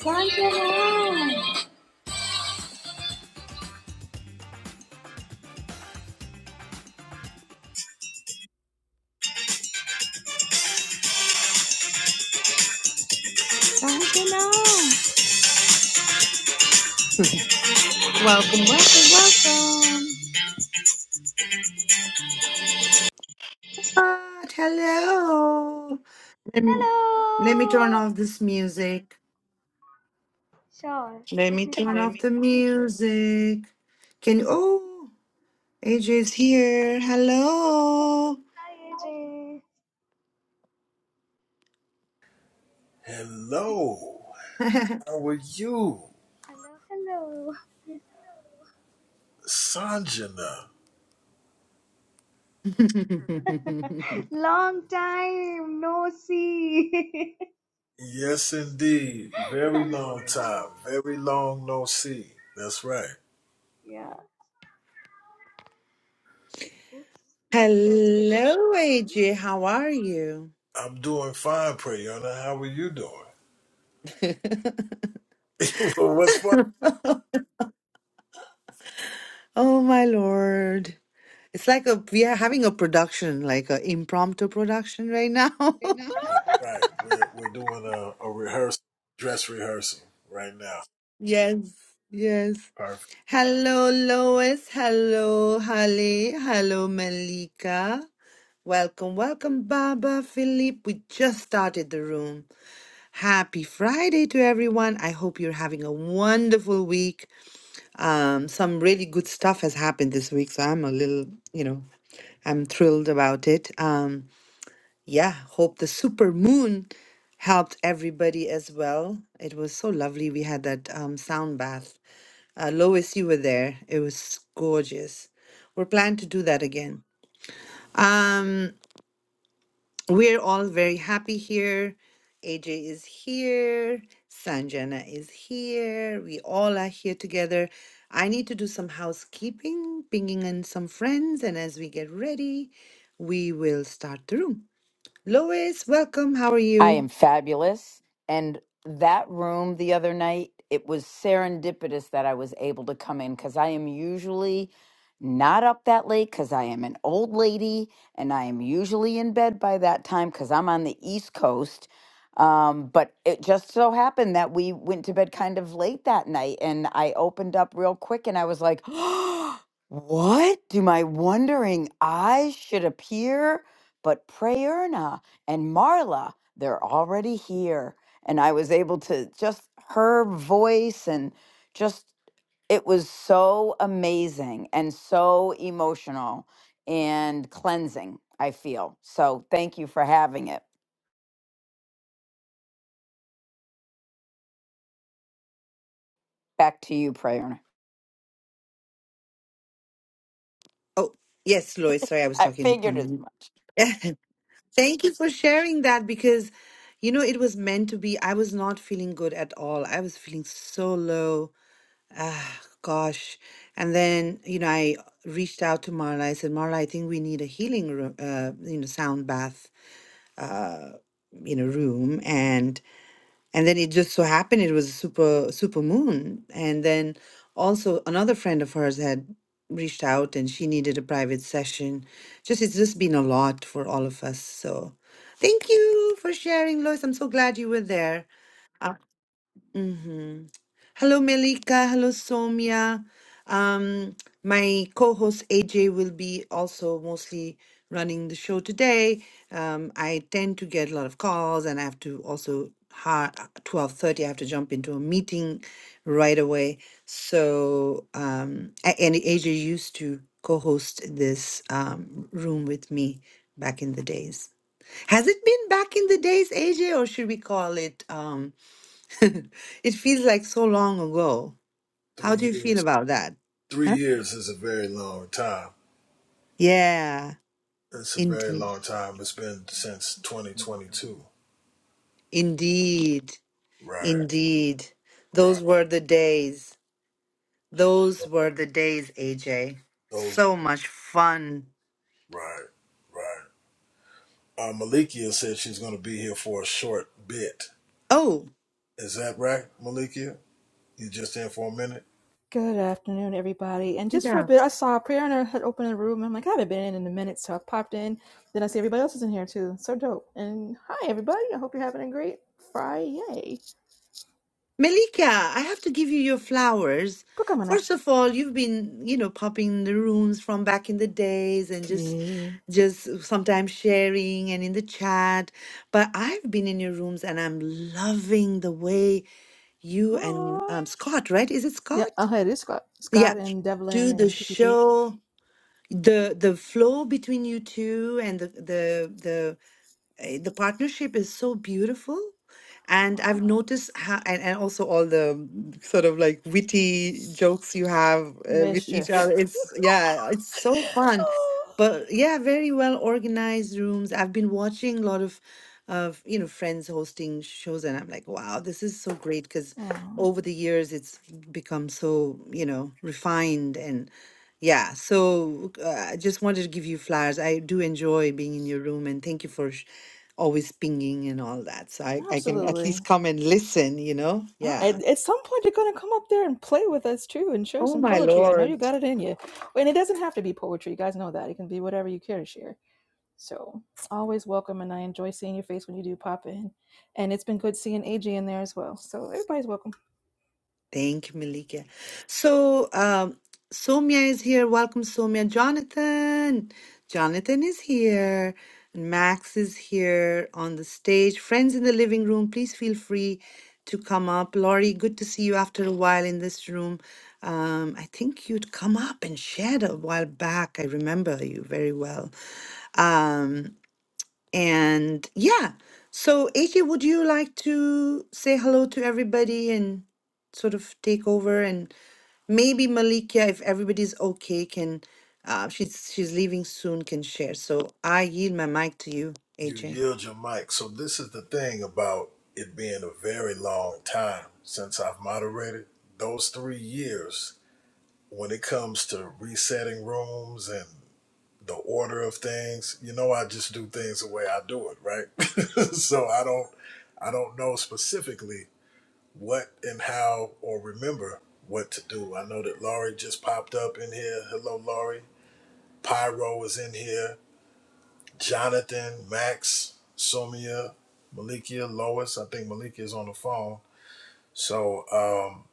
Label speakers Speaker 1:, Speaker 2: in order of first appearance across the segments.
Speaker 1: Shalom. Shalom. Welcome, welcome. Ah, hello. Let me let me turn
Speaker 2: Hello.
Speaker 1: off this music.
Speaker 2: Sure.
Speaker 1: Let me turn
Speaker 2: Let
Speaker 1: off
Speaker 2: me
Speaker 1: the
Speaker 2: think.
Speaker 1: music. Can you oh AJ's here. Hello.
Speaker 2: Hi AJ.
Speaker 3: Hello, how are you,
Speaker 2: Hello, hello.
Speaker 3: Sanjana?
Speaker 2: Long time no see.
Speaker 3: Yes,
Speaker 2: Yes,
Speaker 3: indeed.
Speaker 2: indeed.
Speaker 3: Very
Speaker 2: Very long
Speaker 3: long time.
Speaker 2: time.
Speaker 3: Very long no see. That's right.
Speaker 2: yeah. Oops. That's good to.
Speaker 1: hello, AJ. How are you?
Speaker 3: I'm doing fine, Prayana. How are you doing? well, what's fun?
Speaker 1: oh my lord. It's like a we are having a production, like an impromptu production right now.
Speaker 3: That's right. We're we're doing a, a rehearsal, dress rehearsal right now.
Speaker 1: Yes, yes.
Speaker 3: Perfect.
Speaker 1: Hello, Lois. Hello, Hale. Hello, Malika. Welcome, welcome, Baba, Philip. We just started the room. Happy Friday to everyone. I hope you're having a wonderful week. Um, some really good stuff has happened this week, so I'm a little, you know, I'm thrilled about it. Um, yeah, hope the super moon helped everybody as well. It was so lovely. We had that um, sound bath. Uh, Lois, you were there. It was gorgeous. We're planning to do that again. Um, we're all very happy here. AJ is here. Sanjana is here. We all are here together. I need to do some housekeeping, pinging in some friends, and as we get ready, we will start the room. Lois, welcome. How are
Speaker 4: I
Speaker 1: you?
Speaker 4: am fabulous. And that room the other night, it was serendipitous that I was able to come in because I am usually not up that late because I am an old lady and I am usually in bed by that time because I'm on the East Coast. Um, but it just so happened that we went to bed kind of late that night and I opened up real quick and I was like, What do my wondering eyes should appear but prayer? and Marla, they're already here. And I was able to just her voice and just it was so amazing and so emotional and cleansing, I feel. So thank you for having it. Back to you, Prayerna.
Speaker 1: Oh, yes, Lois. Sorry, I was
Speaker 4: I
Speaker 1: talking
Speaker 4: figured
Speaker 1: on
Speaker 4: as
Speaker 1: mute.
Speaker 4: much.
Speaker 1: Thank you for sharing that because, you know, it was meant to be. I was not feeling good at all. I was feeling so low. Gosh. And then, you know, I reached out to Marla. I said, Marla, I think we need a healing room, uh, you know, sound bath, you know, room. And and then it just so happened it was a super super moon and then also another friend of hers had reached out and she needed a private session just it's just been a lot for all of us so thank you for sharing lois i'm so glad you were there Mm-hmm. Hello, Melika. Hello, Somia. Um, my co-host AJ will be also mostly running the show today. Um, I tend to get a lot of calls, and I have to also ha twelve thirty. I have to jump into a meeting right away. So, um, a- and AJ used to co-host this um, room with me back in the days. Has it been back in the days, AJ, or should we call it? Um, It feels like so long ago. How do
Speaker 3: Three
Speaker 1: you feel
Speaker 3: years.
Speaker 1: about that?
Speaker 3: Three
Speaker 1: Huh?
Speaker 3: years is a very long time.
Speaker 1: Yeah,
Speaker 3: It's a very
Speaker 1: indeed.
Speaker 3: long time. It's been since 2022.
Speaker 1: Indeed.
Speaker 3: Right.
Speaker 1: Indeed.
Speaker 3: Right.
Speaker 1: Those were the days. Those were the days, AJ.
Speaker 3: Those.
Speaker 1: So much fun.
Speaker 3: Right. Right. Uh, Malikia said she's going to be here for a short bit.
Speaker 1: Oh,
Speaker 3: Is that right, Malikia? You just in for a minute?
Speaker 5: Good afternoon, everybody. And just for a bit, I saw Prayer and I had opened a room. And I'm like, I haven't been in in a minute, so I popped in. Then I see everybody else is in here too. So dope. And hi, everybody. I hope you're having a great Friday.
Speaker 1: Malika, I have to give you your flowers.
Speaker 5: Pokemon.
Speaker 1: First of all, you've been, you know, popping in the rooms from back in the days and just
Speaker 5: Yeah.
Speaker 1: just sometimes sharing and in the chat. But I've been in your rooms and I'm loving the way you and
Speaker 5: Aww.
Speaker 1: um, Scott, right? Is it
Speaker 5: Yeah.
Speaker 1: Scott?
Speaker 5: Oh, hey, this is Scott,
Speaker 1: Yeah,
Speaker 5: Scott and Devlin
Speaker 1: do the
Speaker 5: and PPP.
Speaker 1: show, the the flow between you two and the the eh, the partnership is so beautiful and
Speaker 5: Aw,
Speaker 1: i've noticed how and, and also all the mm, sort of like witty jokes you have uh, with each
Speaker 5: mischief.
Speaker 1: other it's yeah it's so fun
Speaker 5: oh.
Speaker 1: but yeah very well organized rooms i've been watching a lot of of you know friends hosting shows and i'm like wow this is so great because
Speaker 5: Aw,
Speaker 1: over the years it's become so you know refined and yeah so uh, i just wanted to give you flowers i do enjoy being in your room and thank you for sh- always pinging and all that. So I, I can at
Speaker 5: Absolutely.
Speaker 1: least come and listen, you know?
Speaker 5: Uh,
Speaker 1: Yeah.
Speaker 5: At, at some point, you're going to come up there and play with us too and share
Speaker 1: Oh
Speaker 5: some
Speaker 1: my
Speaker 5: poetry. I know you
Speaker 1: Lord.
Speaker 5: got it in you. And it doesn't have to be poetry. You guys know that. It can be whatever you care to share. So, always welcome. And I enjoy seeing your face when you do pop in. And it's been good seeing AJ in there as well. So, everybody's welcome.
Speaker 1: Thank you, Malika. So um Somia is here. Welcome, Somia. Jonathan. Jonathan is here. And Max is here on the stage. Friends in the living room, please feel free to come up. Laurie, good to see you after a while in this room. Um, I think you'd come up and shared a while back. I remember you very well. Um, And yeah, so AJ, would you like to say hello to everybody and sort of take over? And maybe Malikia, if everybody's okay, can uh, she's she's leaving soon, can share. So I yield my mic to you,
Speaker 3: You
Speaker 1: AJ.
Speaker 3: yield your mic. So, this is the thing about it being a very long time since I've moderated. Those three years, when it comes to resetting rooms and the order of things, you know, I just do things the way I do it, right? so, I don't. I don't know specifically what and how or remember what to do. I know that Laurie just popped up in here. Hello, Laurie. Pyro is in here. Jonathan, Max, Sumia, Malikia, Lois. I think Malikia is on the phone. So um,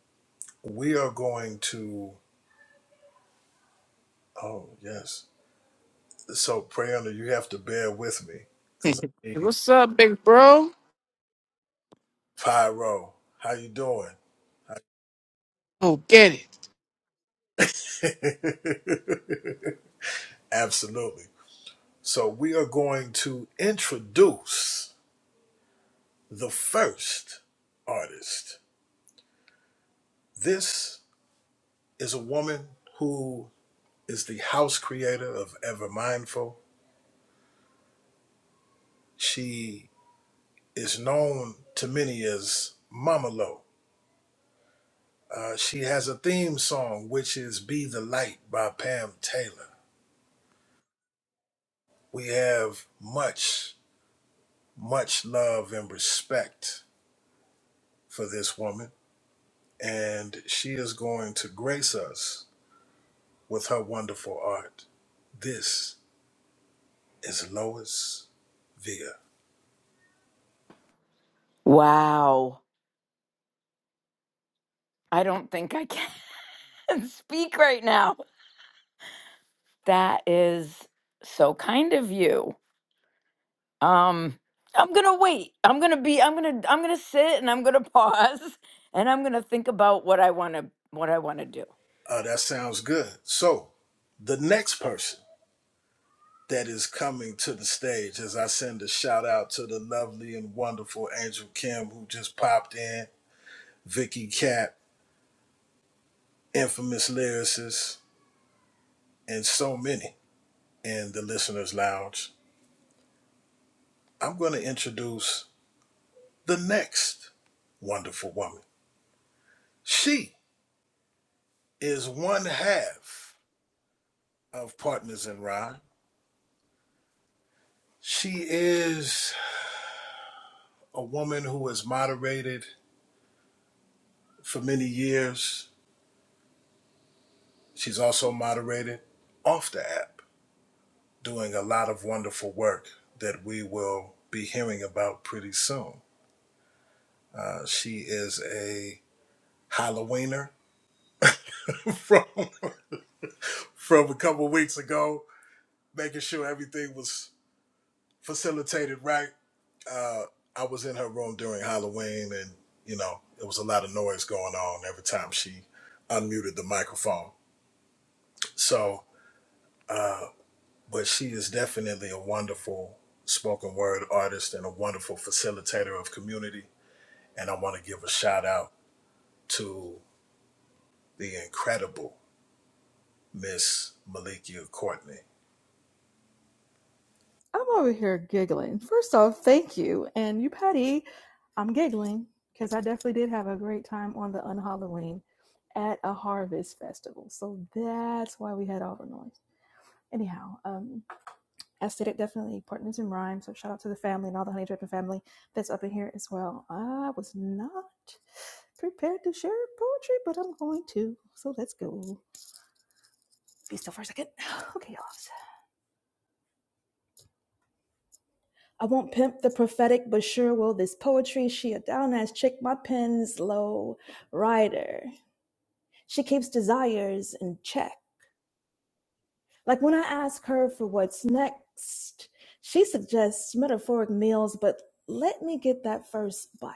Speaker 3: we are going to. Oh yes. So Prayana, you have to bear with me because I
Speaker 6: Hey,
Speaker 3: need
Speaker 6: What's up, big bro?
Speaker 3: Pyro. How you doing?
Speaker 6: Oh, get it.
Speaker 3: Absolutely. So we are going to introduce the first artist. This is a woman who is the house creator of Ever Mindful. She is known to many as Mama Lo. Uh, she has a theme song, which is Be the Light by Pam Taylor. We have much, much love and respect for this woman, and she is going to grace us with her wonderful art. This is Lois Via.
Speaker 4: Wow. I don't think I can speak right now. That is so kind of you. Um, I'm gonna wait. I'm gonna be. I'm gonna. I'm gonna sit and I'm gonna pause and I'm gonna think about what I wanna. What I wanna do.
Speaker 3: Uh, that sounds good. So, the next person that is coming to the stage, as I send a shout out to the lovely and wonderful Angel Kim, who just popped in, Vicky Cat, infamous lyricist, and so many in the listeners' lounge. I'm going to introduce the next wonderful woman. She is one half of Partners in Rhyme. She is a woman who has moderated for many years She's also moderated off the app, doing a lot of wonderful work that we will be hearing about pretty soon. Uh, she is a Halloweener from from a couple of weeks ago, making sure everything was facilitated right. Uh, I was in her room during Halloween, and you know it was a lot of noise going on every time she unmuted the microphone. So. uh, but she is definitely a wonderful spoken word artist and a wonderful facilitator of community. And I want to give a shout out to the incredible Miss Malikia Courtney.
Speaker 5: I'm over here giggling. First off, thank you. And you, Patty, I'm giggling because I definitely did have a great time on the Unhalloween at a harvest festival. So, that's why we had all the noise. Anyhow, um, aesthetic definitely partners in rhyme so shout out to the family and all the honey dripping family that's up in here as well i was not prepared to share poetry but i'm going to so let's go be still for a second okay y'all i won't pimp the prophetic but sure will this poetry she a down ass chick my pen's low rider she keeps desires in check like when i ask her for what's next she suggests metaphoric meals but let me get that first bite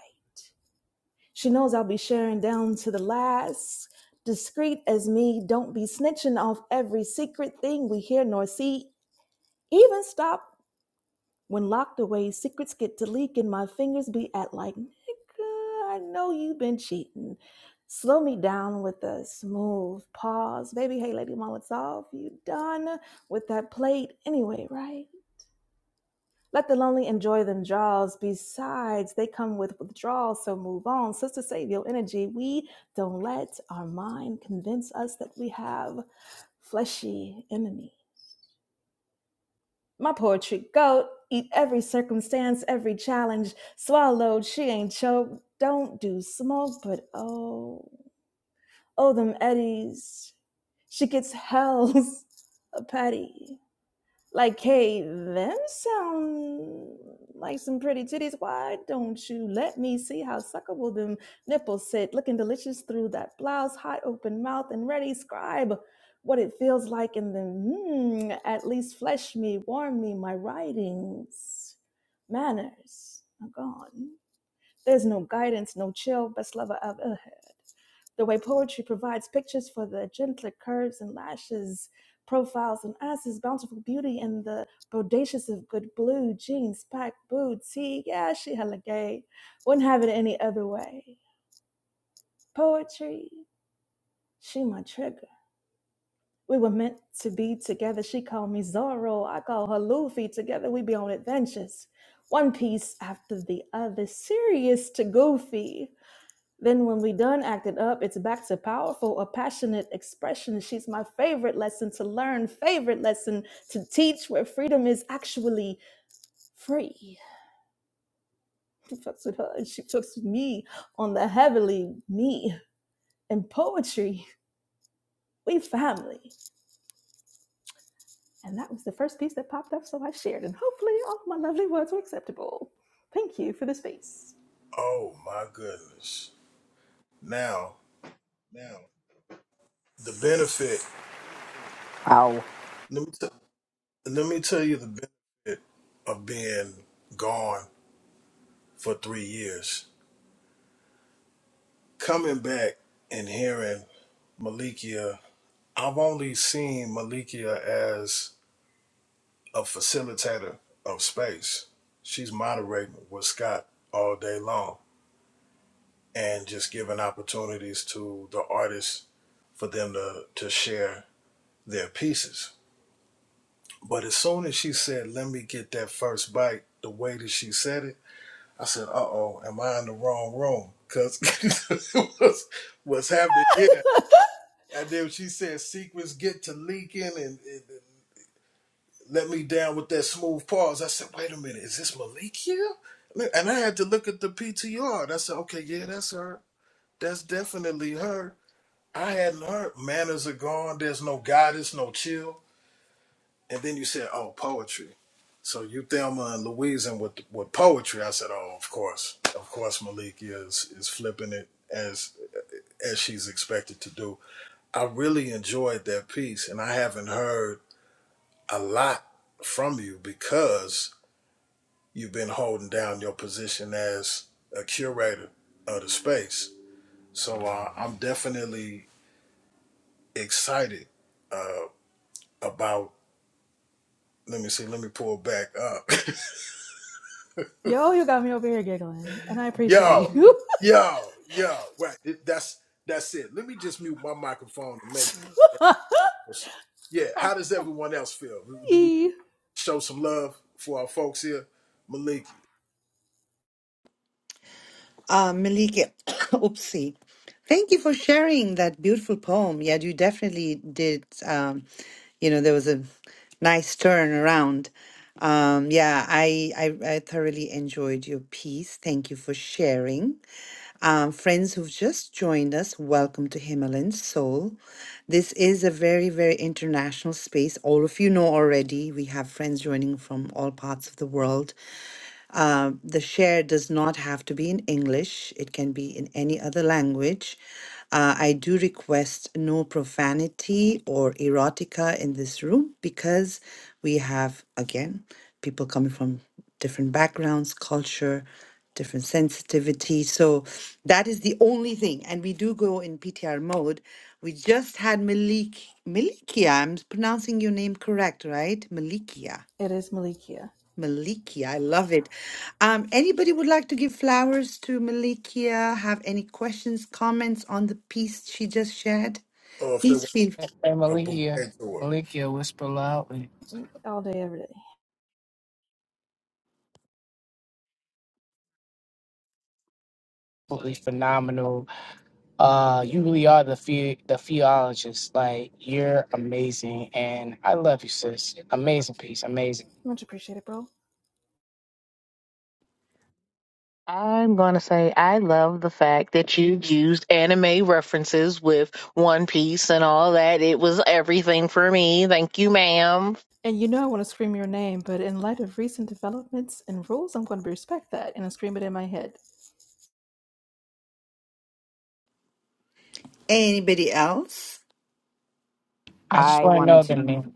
Speaker 5: She knows I'll be sharing down to the last. Discreet as me, don't be snitching off every secret thing we hear nor see. Even stop when locked away, secrets get to leak, and my fingers be at like, nigga, I know you've been cheating. Slow me down with a smooth pause. Baby, hey, Lady Mama, it's off. You done with that plate anyway, right? Let the lonely enjoy them draws. Besides, they come with withdrawals, so move on. Sister, save your energy. We don't let our mind convince us that we have fleshy enemy. My poetry goat, eat every circumstance, every challenge. Swallowed, she ain't choked. Don't do smoke, but oh, oh, them eddies. She gets hells a patty. Like, hey, them sound like some pretty titties. Why don't you let me see how suckable them nipples sit, looking delicious through that blouse, hot open mouth and ready, scribe what it feels like in them. Hmm, at least flesh me, warm me, my writings, manners are gone. There's no guidance, no chill, best lover ever the way poetry provides pictures for the gentler curves and lashes, profiles and asses, bountiful beauty, and the bodacious of good blue, jeans, packed boots. See, yeah, she hella gay. Wouldn't have it any other way. Poetry, she my trigger. We were meant to be together. She called me Zorro. I call her Luffy. Together we be on adventures. One piece after the other, serious to goofy. Then, when we done acted up, it's back to powerful, a passionate expression. She's my favorite lesson to learn, favorite lesson to teach, where freedom is actually free. He fucks with her and she fucks with me on the heavily me. And poetry, we family. And that was the first piece that popped up, so I shared. And hopefully, all my lovely words were acceptable. Thank you for the space.
Speaker 3: Oh my goodness. Now,
Speaker 2: Now,
Speaker 3: the benefit,
Speaker 4: Wow.
Speaker 3: let me, t- let me tell you the benefit of being gone for three years. Coming back and hearing Malikia, I've only seen Malikia as a facilitator of space. She's moderating with Scott all day long and just giving opportunities to the artists for them to, to share their pieces. But as soon as she said, Let me get that first bite, the way that she said it, I said, Uh oh, am I in the wrong room? Because what's, what's happening here? And then she said, Secrets get to leaking and, and let me down with that smooth pause. I said, wait a minute, is this Malikia? And I had to look at the PTR. And I said, okay, yeah, that's her. That's definitely her. I hadn't heard manners are gone. There's no goddess, no chill. And then you said, oh, poetry. So you Thelma and Louise and with with poetry. I said, oh, of course, of course, Malikia is is flipping it as as she's expected to do. I really enjoyed that piece, and I haven't heard a lot from you because You've been holding down your position as a curator of the space. So uh, I'm definitely excited uh, about. Let me see. Let me pull back up.
Speaker 5: Yo, you got me over here giggling, and I appreciate
Speaker 3: yo,
Speaker 5: you.
Speaker 3: yo, yo. Right. That's that's it. Let me just mute my microphone and make. sure. Yeah. How does everyone else feel? Do we
Speaker 5: it
Speaker 3: show some love for our folks here, Maliki,
Speaker 1: Uh, Malika, oopsie. Thank you for sharing that beautiful poem. Yeah, you definitely did. Um, you know, there was a nice turn around. Um, yeah, I, I I thoroughly enjoyed your piece. Thank you for sharing. Um, friends who've just joined us, welcome to Himalayan Soul. This is a very, very international space. All of you know already. We have friends joining from all parts of the world. Uh, the share does not have to be in English, it can be in any other language. Uh, I do request no profanity or erotica in this room because we have, again, people coming from different backgrounds, culture, different sensitivity. So that is the only thing. And we do go in PTR mode. We just had Malik, Malikia, I'm pronouncing your name correct, right? Malikia.
Speaker 5: is Malikia.
Speaker 1: Malikia, I love it. Um, anybody would like to give flowers to Malikia? Have any questions, comments on the piece she just shared?
Speaker 3: or if they
Speaker 1: Please
Speaker 3: want
Speaker 1: feel
Speaker 6: Hey,
Speaker 3: a
Speaker 6: Malikia.
Speaker 3: bouquet tour?
Speaker 6: Malikia, whisper loudly.
Speaker 5: All day, every day.
Speaker 6: Absolutely phenomenal. Uh, you really are the the the theologist. Like you're amazing, and I love you, sis. Amazing piece, amazing.
Speaker 5: Much appreciated, bro.
Speaker 7: I'm going to say I love the fact that you used anime references with One Piece and all that. It was everything for me. Thank you, ma'am.
Speaker 5: And you know I want to scream your name, but in light of recent developments and rules, I'm going to respect that and I scream it in my head.
Speaker 1: anybody else.
Speaker 6: I just
Speaker 4: I
Speaker 6: want to
Speaker 4: wanted
Speaker 6: know the
Speaker 4: to
Speaker 6: name.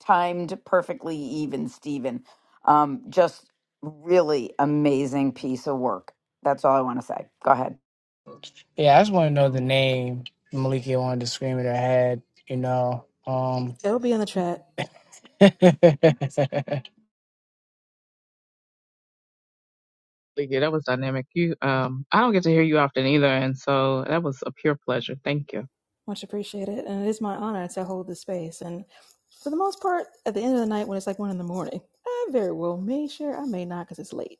Speaker 4: timed perfectly even, Steven. Um, just really amazing piece of work. That's all I want to say. Go ahead.
Speaker 6: Yeah, I just want to know the name. Malikia wanted to scream at her head. You know. Um,
Speaker 5: It'll be in the chat.
Speaker 8: Yeah, that was dynamic. You, um, I don't get to hear you often either, and so that was a pure pleasure. Thank you.
Speaker 5: Much appreciated. And it is my honor to hold this space. And for the most part, at the end of the night when it's like one in the morning, I very well may share. I may not because it's late.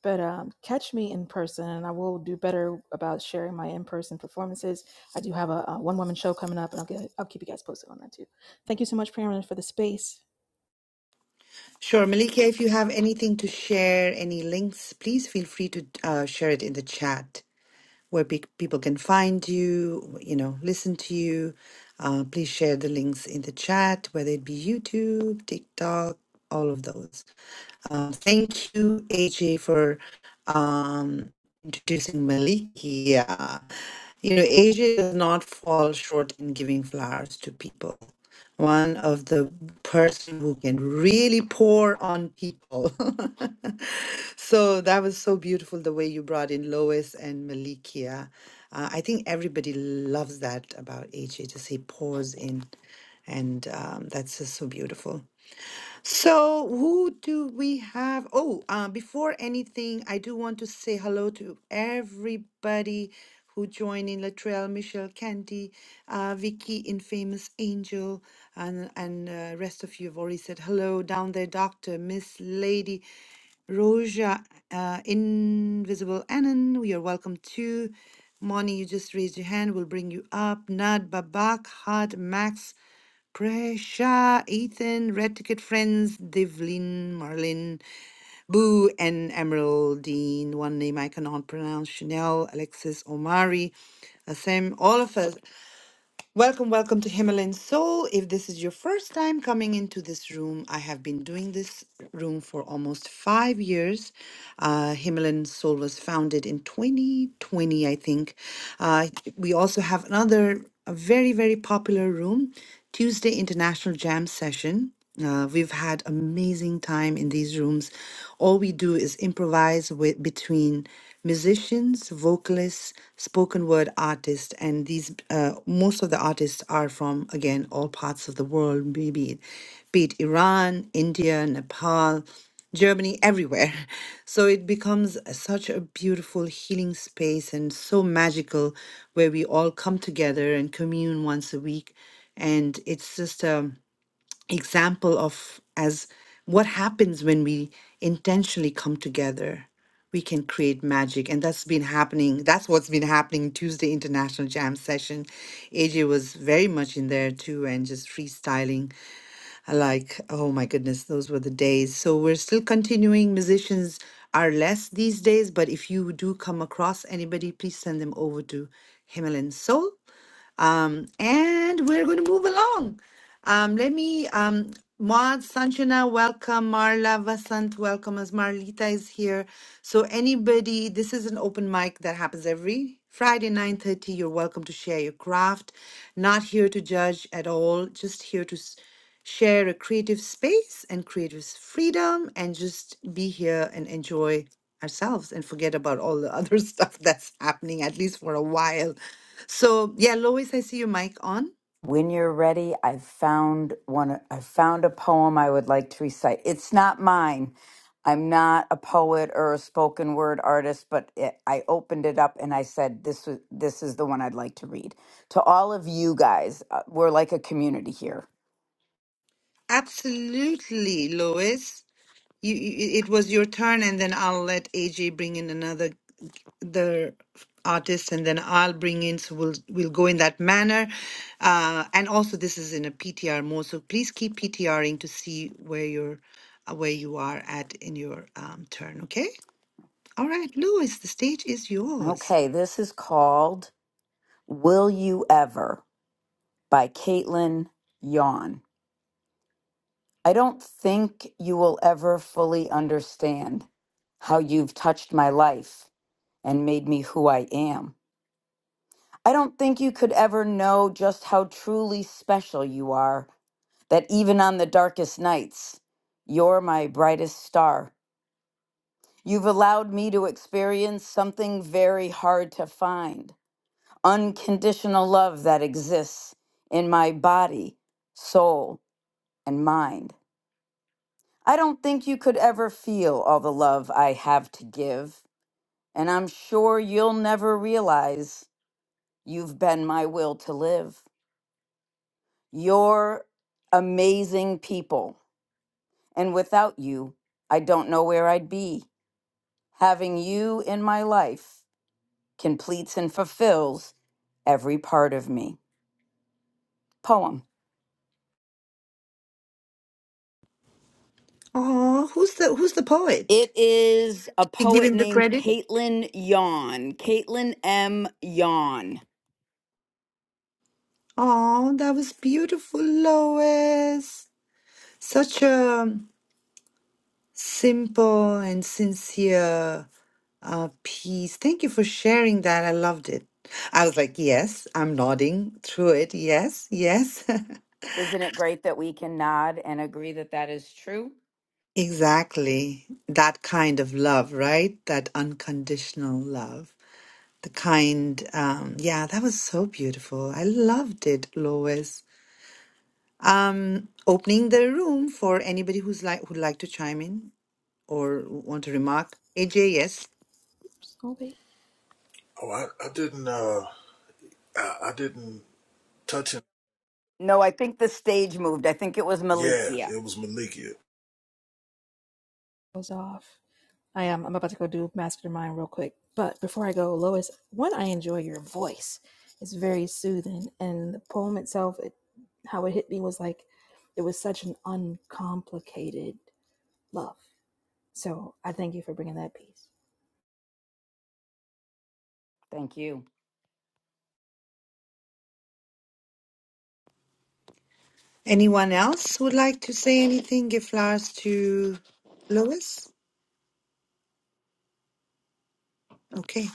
Speaker 5: But um, catch me in person, and I will do better about sharing my in-person performances. I do have a, a one-woman show coming up, and I'll get I'll keep you guys posted on that too. Thank you so much, Priyana, for the space.
Speaker 1: Sure, Malikia, if you have anything to share, any links, please feel free to uh, share it in the chat. where pe- people can find you, you know, listen to you. Uh, please share the links in the chat, whether it be YouTube, TikTok, all of those. Um, thank you, AJ, for um, introducing Malikia. You know, Asia does not fall short in giving flowers to people. One of the person who can really pour on people. so that was so beautiful the way you brought in Lois and Malikia. Uh, I think everybody loves that about AJ, just he pours in. And um, that's just so beautiful. So, who do we have? Oh, uh, before anything, I do want to say hello to everybody who joined in Latrell, Michelle, Candy, uh, Vicky, Infamous Angel, and and uh, rest of you have already said hello down there. Doctor, Miss Lady, Roja, uh, Invisible Annan, you're welcome too. Moni, you just raised your hand. We'll bring you up. Nad, Babak, Had, Max. Pressure. Ethan, Red Ticket Friends, Devlin, Marlin, Boo, and Emeraldine, one name I cannot pronounce, Chanel, Alexis, Omari, Assem, all of us. Welcome, welcome to Himalayan Soul. If this is your first time coming into this room, I have been doing this room for almost five years. Uh, Himalayan Soul was founded in 2020, I think. Uh, we also have another a very, very popular room, Tuesday International Jam Session. Uh, we've had amazing time in these rooms. All we do is improvise with between musicians, vocalists, spoken word artists, and these uh, most of the artists are from again all parts of the world, maybe be it Iran, India, Nepal, Germany, everywhere. So it becomes a- such a beautiful healing space and so magical where we all come together and commune once a week. And it's just um example of as what happens when we intentionally come together we can create magic and that's been happening that's what's been happening tuesday international jam session aj was very much in there too and just freestyling I like oh my goodness those were the days so we're still continuing musicians are less these days but if you do come across anybody please send them over to himalayan soul um, and we're going to move along. Um, let me, um, Maud, Sanjana, welcome. Marla, Vasant, welcome as Marlita is here. So anybody, this is an open mic that happens every Friday, 9.30. You're welcome to share your craft. Not here to judge at all, just here to s- share a creative space and creative freedom and just be here and enjoy ourselves and forget about all the other stuff that's happening, at least for a while. So yeah, Lois, I see your mic on.
Speaker 4: When you're ready, I've found one. I found a poem I would like to recite. It's not mine. I'm not a poet or a spoken word artist, but it, I opened it up and I said, "This was this is the one I'd like to read to all of you guys. Uh, We're like a community here."
Speaker 1: Absolutely, Lois. You, you it was your turn, and then I'll let AJ bring in another the artist, and then I'll bring in. So we'll we'll go in that manner. Uh, and also, this is in a PTR mode, so please keep PTRing to see where you're uh, where you are at in your um, turn. Okay. All right, Lois, the stage is yours.
Speaker 4: Okay, this is called "Will You Ever" by Caitlin Yawn. I don't think you will ever fully understand how you've touched my life and made me who I am. I don't think you could ever know just how truly special you are, that even on the darkest nights, you're my brightest star. You've allowed me to experience something very hard to find unconditional love that exists in my body, soul, and mind. I don't think you could ever feel all the love I have to give, and I'm sure you'll never realize you've been my will to live. You're amazing people. And without you, I don't know where I'd be. Having you in my life completes and fulfills every part of me. Poem.
Speaker 1: Oh, who's the who's the poet?
Speaker 4: It is a
Speaker 1: You give
Speaker 4: poet
Speaker 1: him the
Speaker 4: named
Speaker 1: credit.
Speaker 4: Caitlin Yawn. Caitlin M. Yawn.
Speaker 1: Oh, that was beautiful, Lois. Such a simple and sincere uh, piece. Thank you for sharing that. I loved it. I was like, yes, I'm nodding through it. Yes, yes.
Speaker 4: Isn't it great that we can nod and agree that that is true?
Speaker 1: Exactly. That kind of love, right? That unconditional love. The kind, um, yeah, that was so beautiful. I loved it, Lois. Um, opening the room for anybody who's like who'd like to chime in. or want to remark? AJ, yes.
Speaker 5: Oops, all day.
Speaker 3: Oh, I, I didn't. Uh, I, I didn't touch
Speaker 4: No, I think the stage moved. I think it was
Speaker 3: Yes,
Speaker 4: Malikia.
Speaker 3: it was Malikia.
Speaker 5: goes off. I am. I'm about to go do mastermind real quick. But before I go, Lois, one, I enjoy your voice. It's very soothing. And the poem itself, it, how it hit me was like, it was such an uncomplicated love. So I thank you for bringing that piece.
Speaker 4: Thank you.
Speaker 1: Anyone else would like to say anything? Give flowers to Lois? Okay.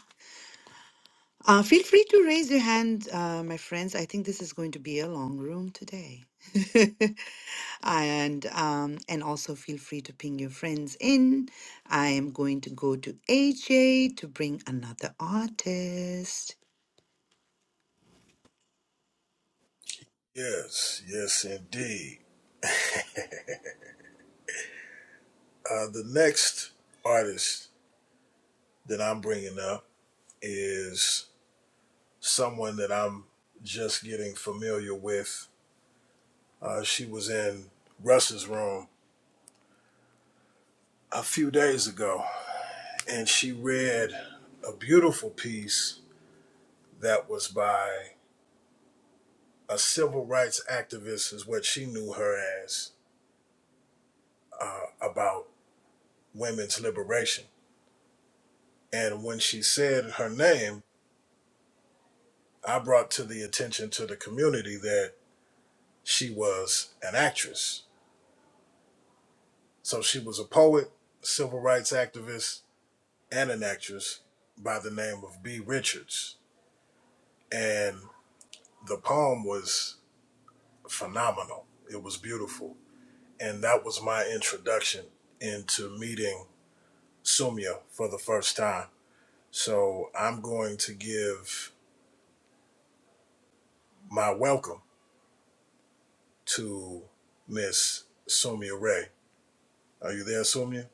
Speaker 1: Uh, feel free to raise your hand, uh, my friends. I think this is going to be a long room today. and um, and also feel free to ping your friends in. I am going to go to AJ to bring another artist.
Speaker 3: Yes, yes, indeed. Uh, the next artist that I'm bringing up is someone that I'm just getting familiar with. Uh, she was in Russ's room a few days ago, and she read a beautiful piece that was by a civil rights activist, is what she knew her as, uh, about women's liberation. And when she said her name, I brought to the attention to the community that she was an actress. So she was a poet, civil rights activist, and an actress by the name of B. Richards. And the poem was phenomenal. It was beautiful. And that was my introduction into meeting Sumya for the first time. So I'm going to give my welcome to Miss Sumya Ray. Are you there, Sumya?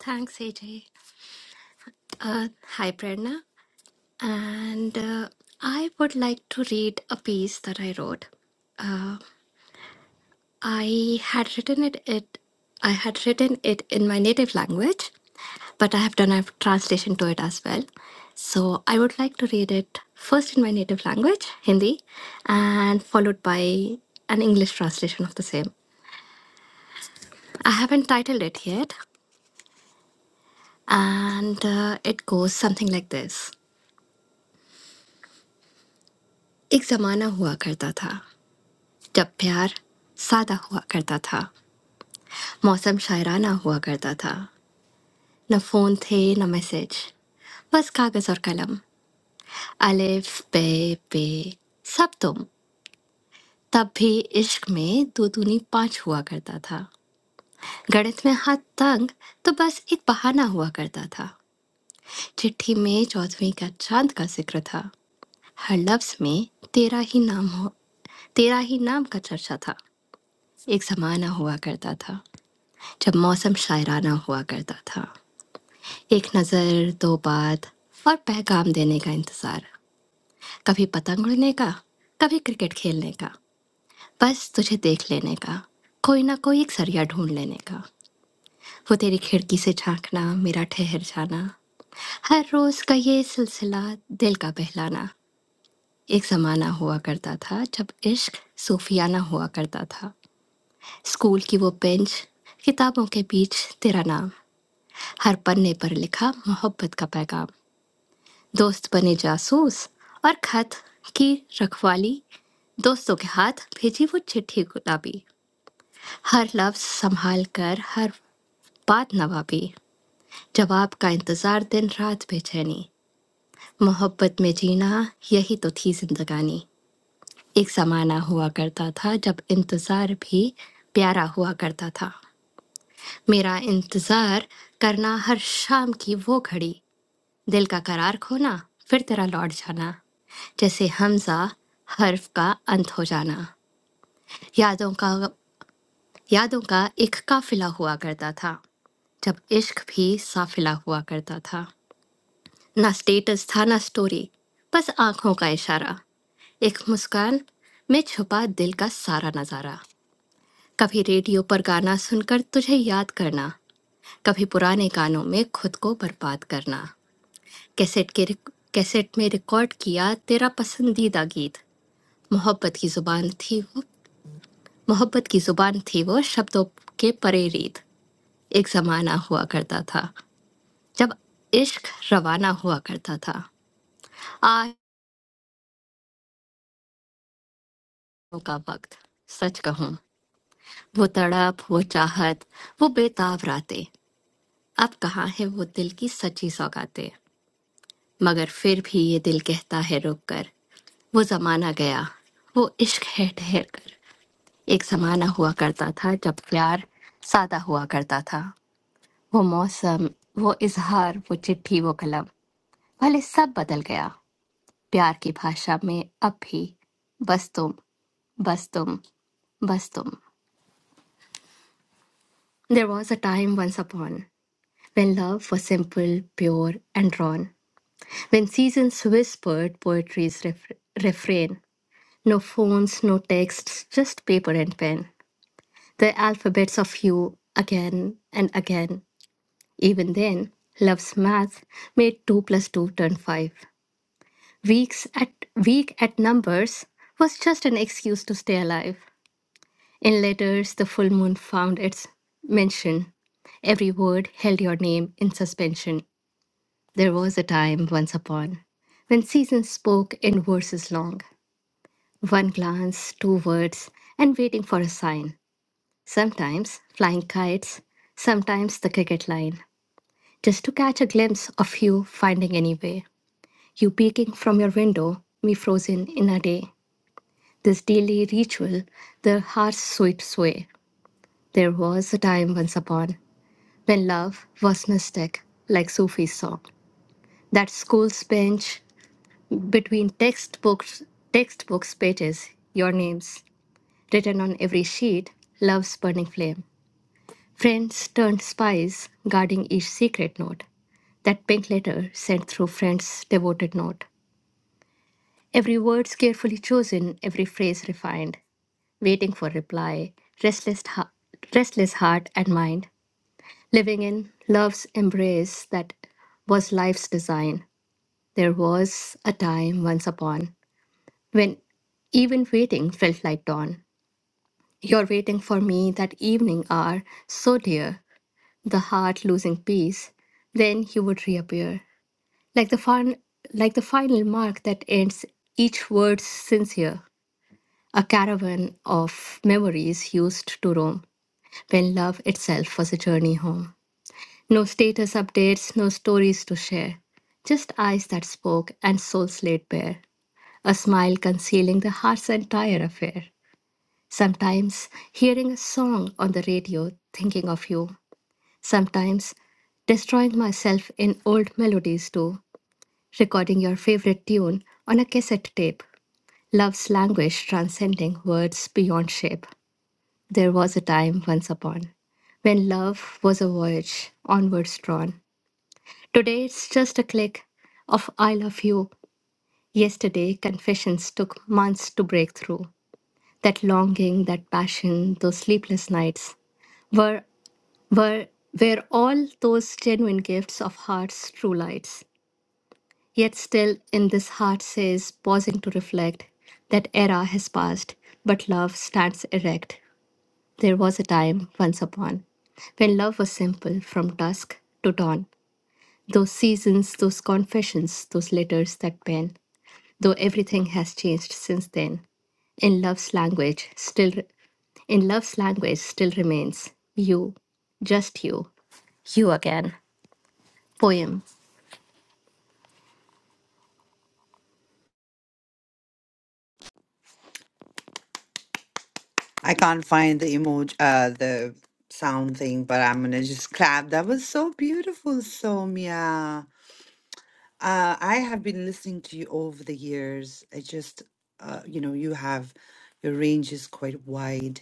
Speaker 9: Thanks, AJ. Uh, hi, Prerna. And uh, I would like to read a piece that I wrote. Uh, I had written it, it. I had written it in my native language, but I have done a translation to it as well. So I would like to read it first in my native language, Hindi, and followed by an English translation of the same. I haven't titled it yet, and uh, it goes something like this. एक जमाना हुआ करता था जब प्यार सादा हुआ करता था मौसम शायराना हुआ करता था न फोन थे न मैसेज बस कागज और कलम अलिफ बे पे सब तुम तब भी इश्क में दो दूनी पाँच हुआ करता था गणित में हाथ तंग तो बस एक बहाना हुआ करता था चिट्ठी में चौदहवीं का चांद का जिक्र था हर लफ्ज में तेरा ही नाम हो तेरा ही नाम का चर्चा था एक जमाना हुआ करता था जब मौसम शायराना हुआ करता था एक नज़र दो बात और पैगाम देने का इंतज़ार कभी पतंग उड़ने का कभी क्रिकेट खेलने का बस तुझे देख लेने का कोई ना कोई एक सरिया ढूंढ लेने का वो तेरी खिड़की से झांकना मेरा ठहर जाना हर रोज़ का ये सिलसिला दिल का बहलाना एक ज़माना हुआ करता था जब इश्क सूफियाना हुआ करता था स्कूल की वो बेंच किताबों के बीच तेरा नाम हर पन्ने पर लिखा मोहब्बत का पैगाम दोस्त बने जासूस और खत की रखवाली दोस्तों के हाथ भेजी वो चिट्ठी गुलाबी हर लफ्ज संभाल कर हर बात नवाबी जवाब का इंतजार दिन रात बेचैनी मोहब्बत में जीना यही तो थी जिंदगानी एक जमाना हुआ करता था जब इंतजार भी प्यारा हुआ करता था मेरा इंतजार करना हर शाम की वो घड़ी दिल का करार खोना फिर तेरा लौट जाना जैसे हमजा हर्फ का अंत हो जाना यादों का यादों का एक काफिला हुआ करता था जब इश्क भी साफिला हुआ करता था ना स्टेटस था ना स्टोरी बस आंखों का इशारा एक मुस्कान में छुपा दिल का सारा नजारा कभी रेडियो पर गाना सुनकर तुझे याद करना कभी पुराने गानों में खुद को बर्बाद करना कैसेट के रिक- कैसेट में रिकॉर्ड किया तेरा पसंदीदा गीत मोहब्बत की जुबान थी वो मोहब्बत की जुबान थी वो शब्दों के परे रीत एक जमाना हुआ करता था जब इश्क रवाना हुआ करता था आज का वक्त सच कहूँ वो तड़प वो चाहत वो बेताब रातें अब कहाँ है वो दिल की सच्ची सौगातें मगर फिर भी ये दिल कहता है रुक कर वो जमाना गया वो इश्क है ठहर कर एक समाना हुआ करता था जब प्यार सादा हुआ करता था वो मौसम वो इजहार वो चिट्ठी वो कलम भले सब बदल गया प्यार की भाषा में अब भी बस तुम बस तुम बस तुम There was a time once upon When love was simple, pure, and drawn. When seasons whispered poetry's ref- refrain. No phones, no texts, just paper and pen. The alphabets of you again and again. Even then, Love's math made 2 plus 2 turn 5. Weeks at, weak at numbers was just an excuse to stay alive. In letters, the full moon found its mention. Every word held your name in suspension. There was a time once upon when seasons spoke in verses long. One glance, two words, and waiting for a sign. Sometimes flying kites, sometimes the cricket line, just to catch a glimpse of you finding any way. You peeking from your window, me frozen in a day. This daily ritual, the heart's sweet sway. There was a time once upon when love was mystic, like Sufi's song. That school's bench between textbooks, textbooks pages, your names written on every sheet, love's burning flame. Friends turned spies, guarding each secret note. That pink letter sent through friend's devoted note. Every word's carefully chosen, every phrase refined. waiting for reply, restless, ha- restless heart and mind, living in love's embrace that was life's design. There was a time once upon when even waiting felt like dawn. Your waiting for me that evening hour, so dear, the heart losing peace. Then you would reappear, like the fun, like the final mark that ends each word sincere, a caravan of memories used to roam. when love itself was a journey home. No status updates, no stories to share, just eyes that spoke and souls laid bare, a smile concealing the heart's entire affair. Sometimes hearing a song on the radio, thinking of you. Sometimes destroying myself in old melodies too, recording your favorite tune on a cassette tape. Love's language transcending words beyond shape. There was a time once upon when love was a voyage onwards drawn. Today it's just a click of I love you. Yesterday, confessions took months to break through. That longing, that passion, those sleepless nights were, were, were all those genuine gifts of heart's true lights. Yet still, in this heart says, pausing to reflect, that era has passed, but love stands erect. There was a time, once upon, when love was simple from dusk to dawn. Those seasons, those confessions, those letters that pen, though everything has changed since then. In love's language, still, in love's language, still remains you, just you, you again. Poem.
Speaker 1: I can't find the emoji, uh, the sound thing, but I'm gonna just clap. That was so beautiful, Somia. Uh, I have been listening to you over the years. I just, uh, you know, you have your range is quite wide.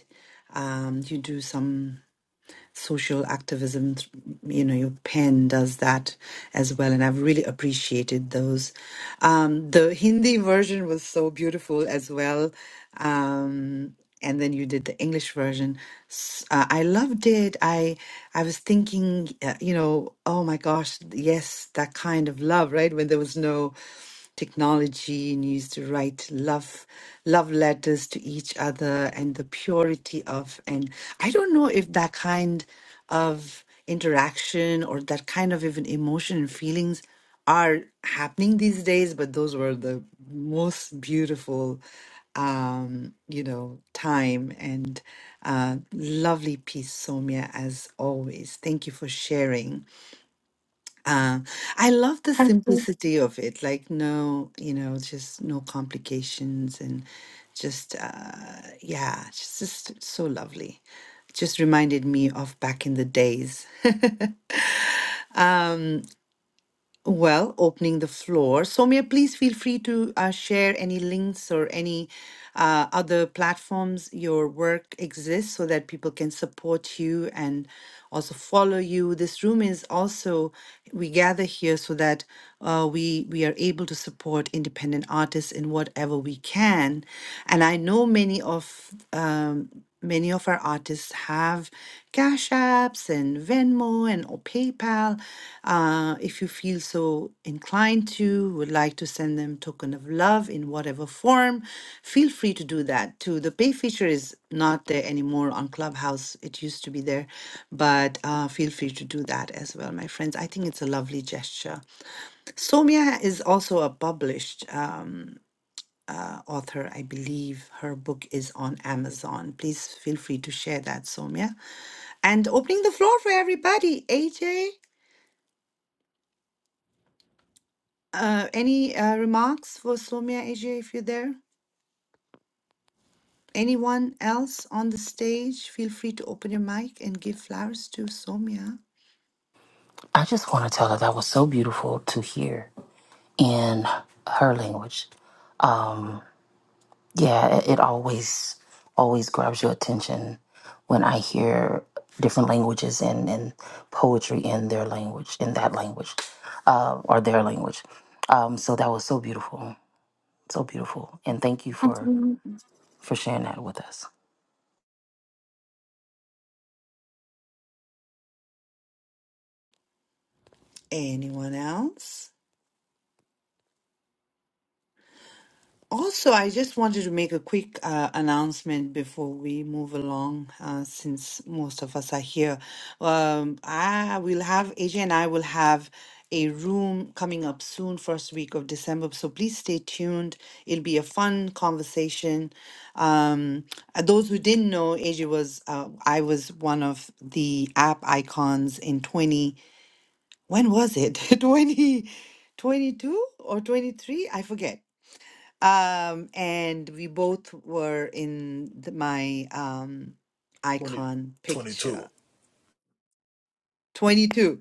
Speaker 1: Um, you do some social activism. You know, your pen does that as well, and I've really appreciated those. Um, the Hindi version was so beautiful as well. Um, and then you did the English version. S- Uh, I loved it. I I was thinking, uh, you know, oh my gosh, yes, that kind of love, right? When there was no technology and used to write love love letters to each other and the purity of and I don't know if that kind of interaction or that kind of even emotion and feelings are happening these days, but those were the most beautiful, um, you know, time and uh, lovely piece, Somia, as always. Thank you for sharing. Uh, I love the
Speaker 9: Thank you.
Speaker 1: simplicity of it, like no, you know, just no complications and just, uh, yeah, it's just so lovely. Just reminded me of back in the days. Well, opening the floor. Soumya, please feel free to uh, share any links or any uh, other platforms your work exists so that people can support you and also follow you. This room is also, we gather here so that uh, we, we are able to support independent artists in whatever we can. And I know many of um, Many of our artists have Cash Apps and Venmo and or PayPal. Uh, if you feel so inclined to, would like to send them token of love in whatever form, feel free to do that too. The pay feature is not there anymore on Clubhouse. It used to be there, but uh, feel free to do that as well, my friends. I think it's a lovely gesture. Somia is also a published. Um, uh, author. I believe her book is on Amazon. Please feel free to share that, Somya. And opening the floor for everybody. AJ, uh, any uh, remarks for Somya, AJ, if you're there? Anyone else on the stage? Feel free to open your mic and give flowers to Somya.
Speaker 10: I just want to tell her that was so beautiful to hear in her language. Um, yeah, it, it always always grabs your attention when I hear different languages and, and poetry in their language, in that language, uh, or their language. Um, so that was so beautiful, so beautiful, and thank you
Speaker 9: Thank
Speaker 10: for
Speaker 9: you.
Speaker 10: for sharing that with us.
Speaker 1: Anyone else? Also, I just wanted to make a quick uh, announcement before we move along, uh, since most of us are here. Um, I will have, AJ and I will have a room coming up soon, first week of December. So please stay tuned. It'll be a fun conversation. Um, uh, those who didn't know, AJ was, uh, I was one of the app icons in 20, when was it? 20, 22 or 23? I forget um, and we both were in the, my um,
Speaker 3: 20,
Speaker 1: icon
Speaker 3: 22.
Speaker 1: picture 22.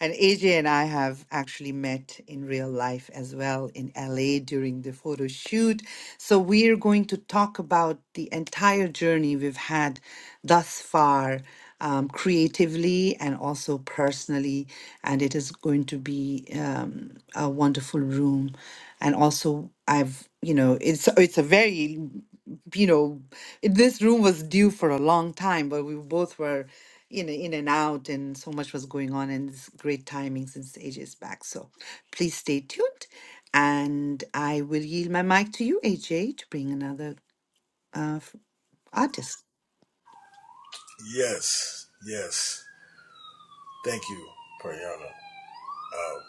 Speaker 1: And AJ and I have actually met in real life as well in LA during the photo shoot. So we're going to talk about the entire journey we've had thus far um, creatively and also personally. And it is going to be um, a wonderful room. And also, I've you know, it's it's a very you know, this room was due for a long time, but we both were in in and out, and so much was going on, and it's great timing since AJ's back. So please stay tuned, and I will yield my mic to you, AJ, to bring another uh, f- artist.
Speaker 3: Yes, yes. Thank you, Priyana. Uh,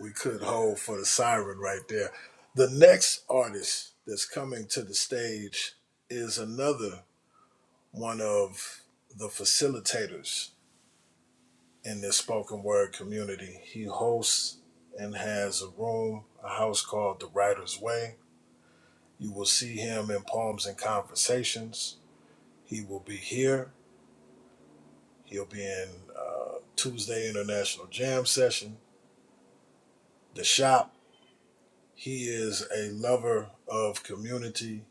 Speaker 3: we could hold for the siren right there. The next artist that's coming to the stage is another one of the facilitators in this spoken word community. He hosts and has a room, a house called The Writer's Way. You will see him in Poems and Conversations. He will be here. He'll be in uh, Tuesday International Jam Session, The Shop He is a lover of community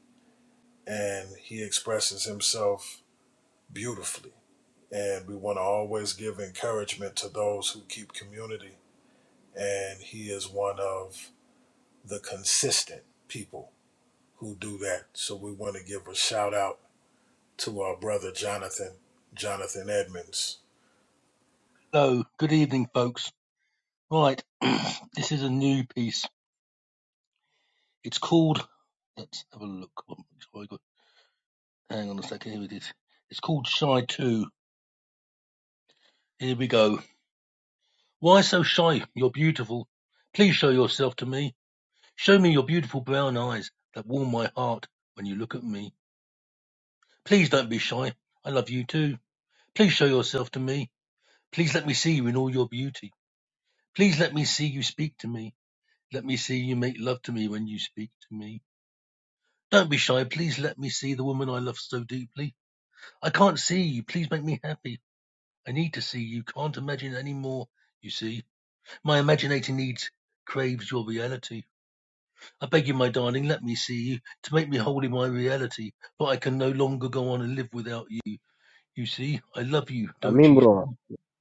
Speaker 3: and he expresses himself beautifully. And we want to always give encouragement to those who keep community. And he is one of the consistent people who do that. So we want to give a shout out to our brother Jonathan, Jonathan Edmonds.
Speaker 11: Hello, good evening, folks. Right, this is a new piece. It's called. Let's have a look. Hang on a second. Here it is. It's called Shy Two. Here we go. Why so shy? You're beautiful. Please show yourself to me. Show me your beautiful brown eyes that warm my heart when you look at me. Please don't be shy. I love you too. Please show yourself to me. Please let me see you in all your beauty. Please let me see you speak to me. Let me see you make love to me when you speak to me. Don't be shy. Please let me see the woman I love so deeply. I can't see you. Please make me happy. I need to see you. Can't imagine any more. You see, my imaginating needs craves your reality. I beg you, my darling, let me see you to make me wholly my reality. But I can no longer go on and live without you. You see, I love you,
Speaker 12: I
Speaker 11: don't
Speaker 12: mean,
Speaker 11: you?
Speaker 12: bro.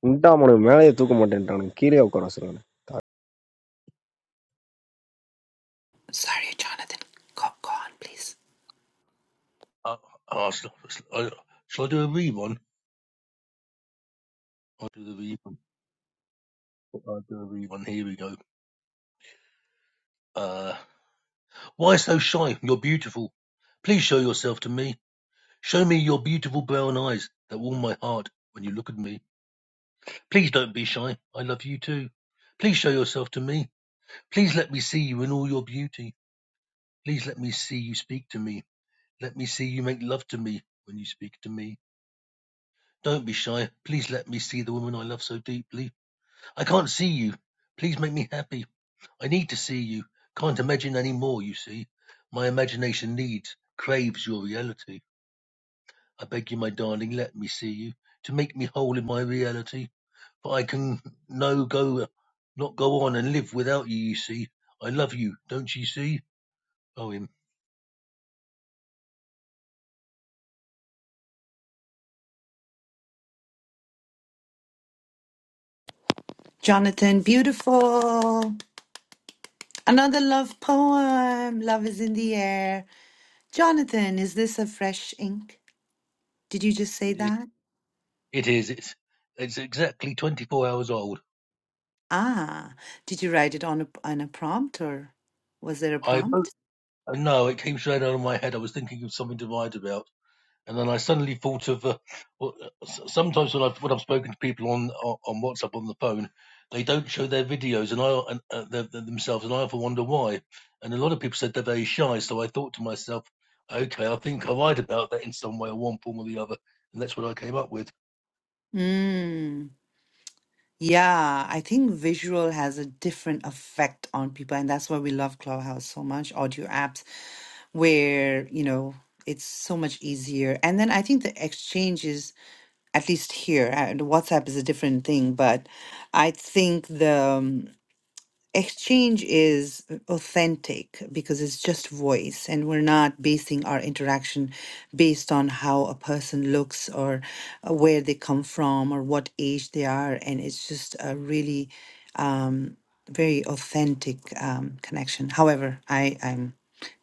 Speaker 12: Unta amanu Malay tuh kumadentran kiri aku rasanya.
Speaker 1: Sorry, Jonathan. Go, go on, please.
Speaker 11: Uh, uh, uh, shall I do a one? I'll do the one. I'll do a one. Here we go. Uh, why so shy? You're beautiful. Please show yourself to me. Show me your beautiful brown eyes that warm my heart when you look at me. Please don't be shy. I love you too. Please show yourself to me. Please let me see you in all your beauty. Please let me see you speak to me. Let me see you make love to me when you speak to me. Don't be shy. Please let me see the woman I love so deeply. I can't see you. Please make me happy. I need to see you. Can't imagine any more, you see. My imagination needs, craves your reality. I beg you, my darling, let me see you to make me whole in my reality. But I can no go, not go on and live without you. You see, I love you, don't you see? Poem.
Speaker 1: Jonathan, beautiful. Another love poem. Love is in the air. Jonathan, is this a fresh ink? Did you just say
Speaker 11: It is.
Speaker 1: that?
Speaker 11: It is. It's. It's exactly 24 hours old.
Speaker 1: Ah, did you write it on a on a prompt or was there a
Speaker 11: I wrote.
Speaker 1: prompt?
Speaker 11: No, it came straight out of my head. I was thinking of something to write about. And then I suddenly thought of uh, well, uh, sometimes when I've when I've spoken to people on on WhatsApp on the phone, they don't show their videos and I and, uh, their- themselves, and I often wonder why. And a lot of people said they're very shy. So I thought to myself, okay, I think I lied about that in some way, or one form or the other, and that's what I came up with.
Speaker 1: Mm. Yeah, I think visual has a different effect on people, and that's why we love Clubhouse so much, audio apps, where, you know, it's so much easier. And then I think the exchange is, at least here, uh, the WhatsApp is a different thing, but I think the um, exchange is authentic because it's just voice and we're not basing our interaction based on how a person looks or uh, where they come from or what age they are and it's just a really um, very authentic um, connection however i i'm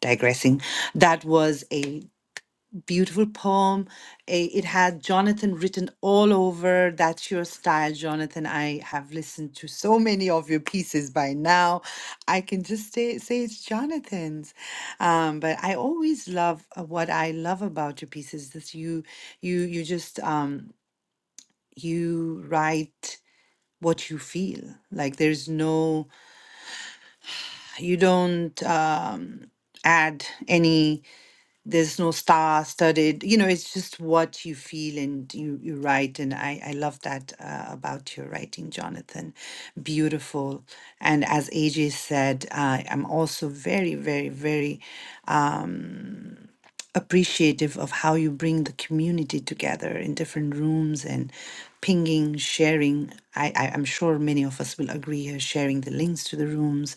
Speaker 1: digressing that was a beautiful poem. Eh, It had Jonathan written all over. That's your style, Jonathan. I have listened to so many of your pieces by now. I can just say, say it's Jonathan's. Um, but I always love uh, what I love about your pieces. That you, you, you just um, you write what you feel. Like there's no, you don't um, add any. there's no star studded you know it's just what you feel and you you write and i i love that uh, about your writing jonathan beautiful and as aj said uh, i'm also very very very appreciative of how you bring the community together in different rooms and pinging, sharing. I, I, I'm sure many of us will agree here, sharing the links to the rooms,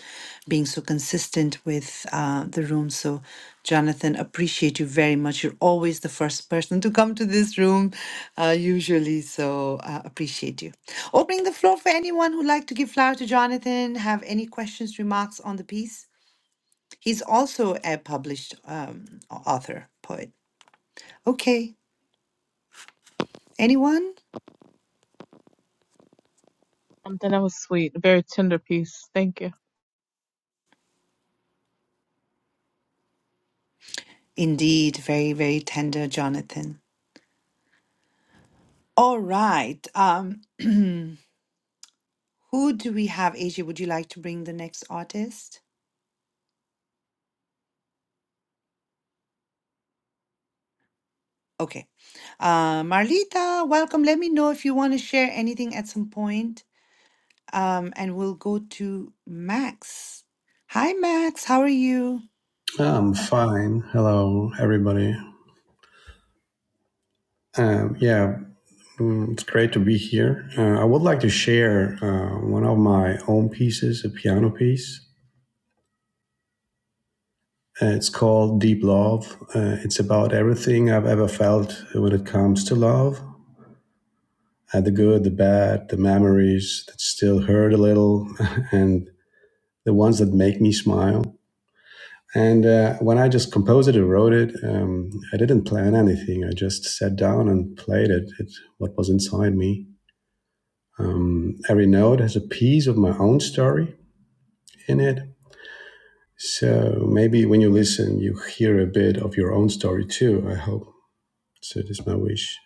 Speaker 1: being so consistent with uh, the rooms. So, Jonathan, appreciate you very much. You're always the first person to come to this room, uh, usually. So, uh, appreciate you. Opening the floor for anyone who'd like to give flower to Jonathan, have any questions, remarks on the piece. He's also a published um, au- author, poet. Okay. Anyone?
Speaker 8: Something that was sweet, a very tender piece. Thank you.
Speaker 1: Indeed, very, very tender, Jonathan. All right. Um, who do we have? Asia, would you like to bring the next artist? Okay. Uh, Marlita, welcome. Let me know if you want to share anything at some point. Um, and we'll go to Max. Hi, Max. How are you?
Speaker 13: I'm fine. Hello, everybody. Um, yeah, mm, it's great to be here. Uh, I would like to share uh, one of my own pieces, a piano piece. Uh, it's called Deep Love. Uh, it's about everything I've ever felt when it comes to love uh, the good, the bad, the memories that still hurt a little, and the ones that make me smile. And uh, when I just composed it and wrote it, um, I didn't plan anything. I just sat down and played it, it what was inside me. Um, every note has a piece of my own story in it. So maybe when you listen, you hear a bit of your own story too, I hope. So it is my wish.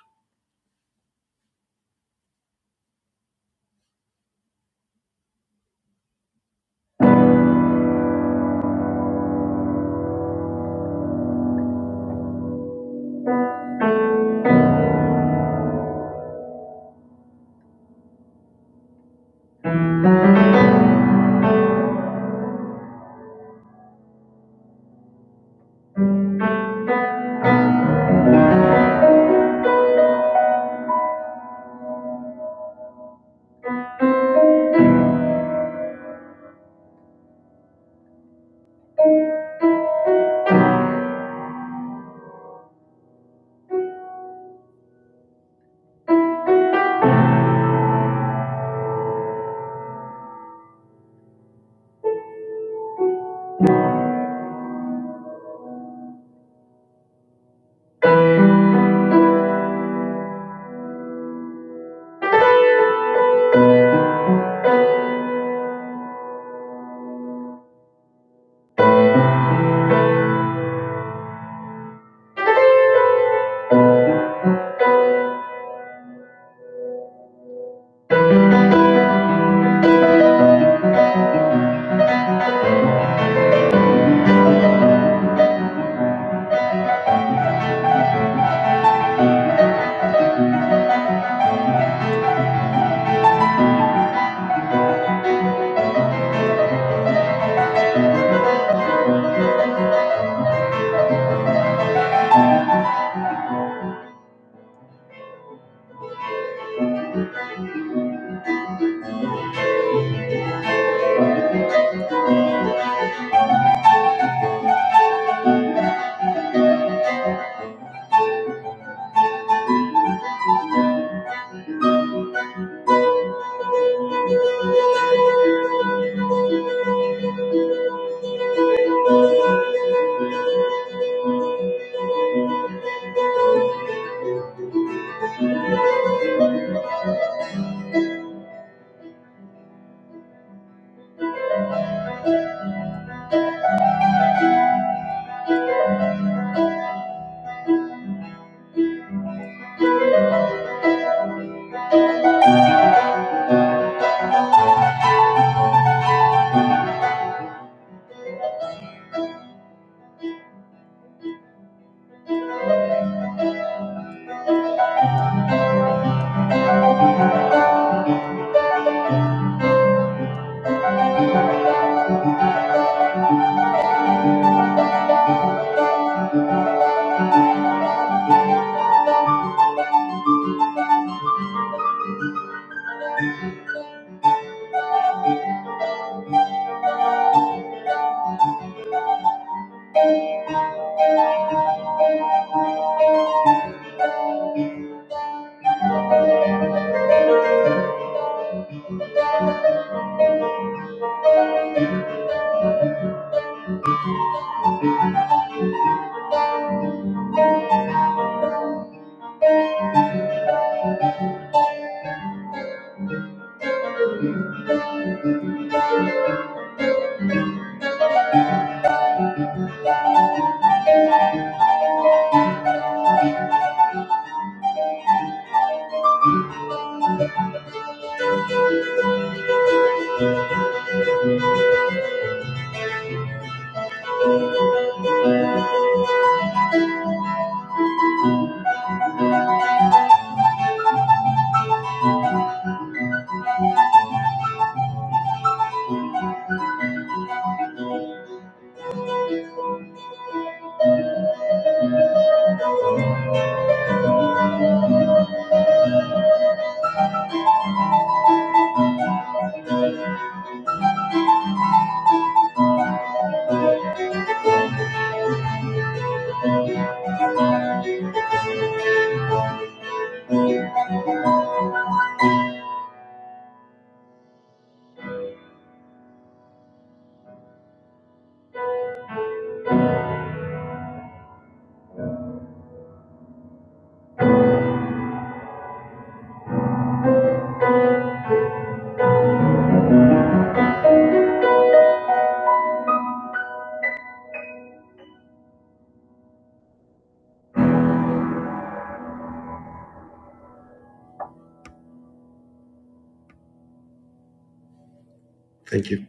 Speaker 13: Thank you.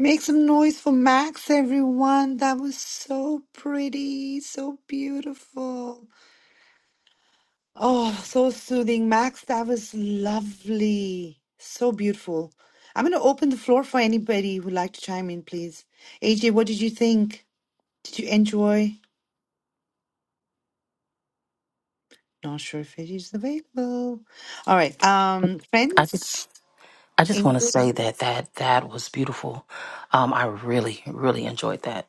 Speaker 1: Make some noise for Max, everyone. That was so pretty, so beautiful. Oh, so soothing. Max, that was lovely. So beautiful. I'm going to open the floor for anybody who'd like to chime in, please. AJ, what did you think? Did you enjoy? Not sure if it is available. All right. Um,
Speaker 10: I
Speaker 1: friends?
Speaker 10: just I just want
Speaker 1: In-
Speaker 10: to say that that that was beautiful. Um, I really really enjoyed that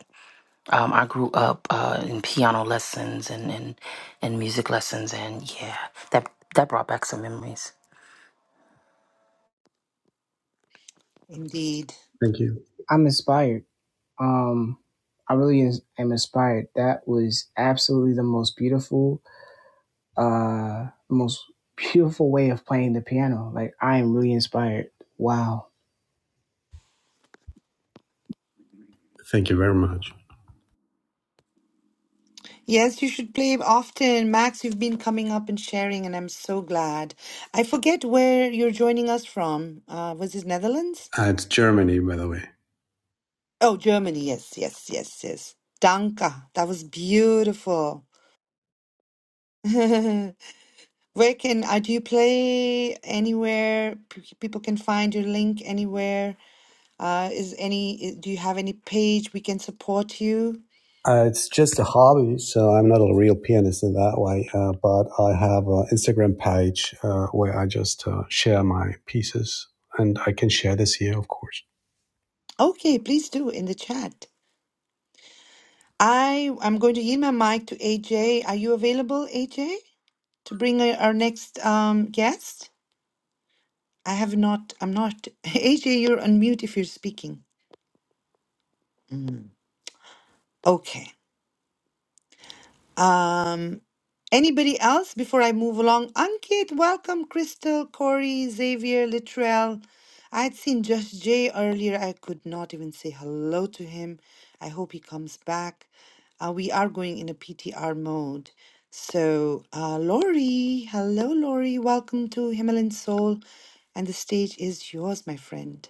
Speaker 10: Um, I grew up uh, in piano lessons and, and and music lessons, and yeah, that that brought back some memories.
Speaker 1: Indeed.
Speaker 13: Thank you.
Speaker 6: I'm inspired. Um, I really is, am inspired. That was absolutely the most beautiful. uh most beautiful way of playing the piano. Like I am really inspired. Wow.
Speaker 13: Thank you very much.
Speaker 1: Yes, you should play often. Max, you've been coming up and sharing, and I'm so glad. I forget where you're joining us from. Uh, was it Netherlands?
Speaker 13: Uh, it's Germany, by the way.
Speaker 1: Oh, Germany. Yes, yes, yes, yes. Danke. That was beautiful. Where can uh, do you play anywhere? P- people can find your link anywhere. Uh, is any i- do you have any page we can support you?
Speaker 13: Uh, it's just a hobby, so I'm not a real pianist in that way. Uh, but I have an Instagram page uh, where I just uh, share my pieces, and I can share this here, of course.
Speaker 1: Okay, please do in the chat. I I'm going to yield my mic to AJ. Are you available, AJ, to bring uh, our next um guest? I have not. I'm not. AJ, you're on mute if you're speaking. Okay. Um. Anybody else before I move along? Ankit, welcome. Crystal, Corey, Xavier, Littrell. I had seen Just Jay earlier. I could not even say hello to him. I hope he comes back. Uh, we are going in a PTR mode. So, uh, Lori, hello, Lori. Welcome to Himalayan Soul. And the stage is yours, my friend.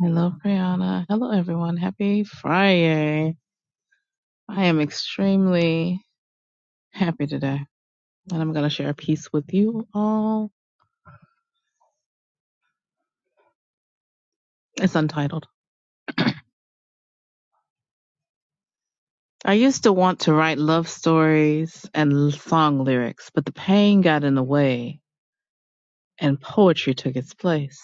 Speaker 8: Hello, Brianna. Hello, everyone. Happy Friday. I am extremely happy today, and I'm going to share a piece with you all. It's untitled. I used to want to write love stories and l- song lyrics, but the pain got in the way, and poetry took its place.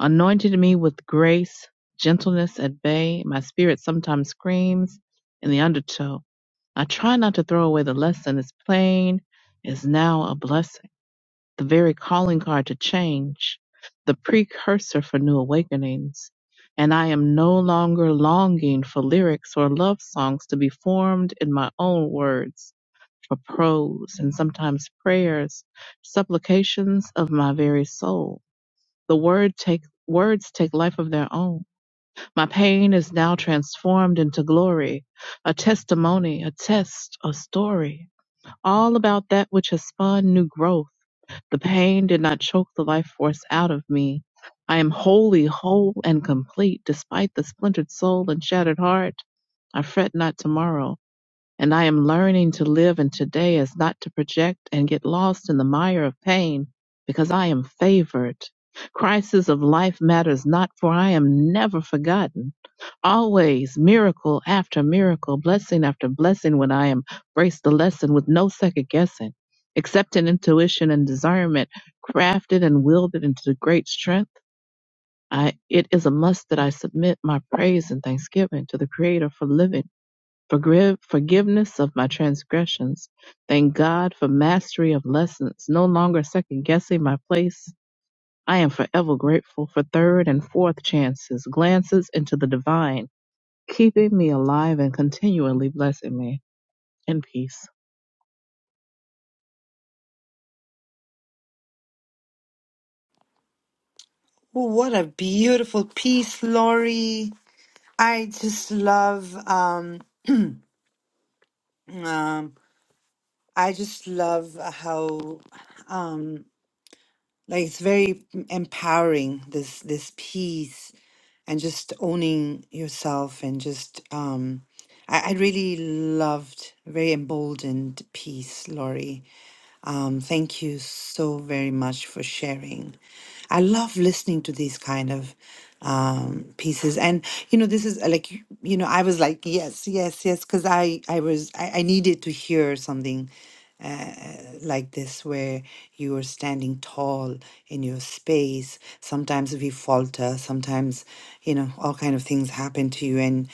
Speaker 8: anointed me with grace, gentleness at bay. My spirit sometimes screams in the undertow. I try not to throw away the lesson. It's plain is now a blessing, the very calling card to change, the precursor for new awakenings. And I am no longer longing for lyrics or love songs to be formed in my own words, for prose and sometimes prayers, supplications of my very soul. The word take, words take life of their own. My pain is now transformed into glory, a testimony, a test, a story. All about that which has spawned new growth. The pain did not choke the life force out of me. I am wholly whole and complete despite the splintered soul and shattered heart. I fret not tomorrow. And I am learning to live in today as not to project and get lost in the mire of pain because I am favored. Crisis of life matters not, for I am never forgotten. Always miracle after miracle, blessing after blessing when I embrace the lesson with no second guessing, accepting intuition and discernment, crafted and wielded into great strength. I, it is a must that I submit my praise and thanksgiving to the Creator for living forgive, forgiveness of my transgressions. Thank God for mastery of lessons, no longer second guessing my place. I am forever grateful for third and fourth chances, glances into the divine, keeping me alive and continually blessing me in peace.
Speaker 1: Oh, what a beautiful piece, Lori. I just love um, um, I just love how um like it's very empowering this this peace and just owning yourself and just um I, I really loved very emboldened piece, Laurie. Um thank you so very much for sharing. I love listening to these kind of um pieces and you know this is uh, like you you know I was like yes yes yes because I I was I, I needed to hear something like this where you are standing tall in your space. Sometimes we falter, sometimes, you know, all kind of things happen to you and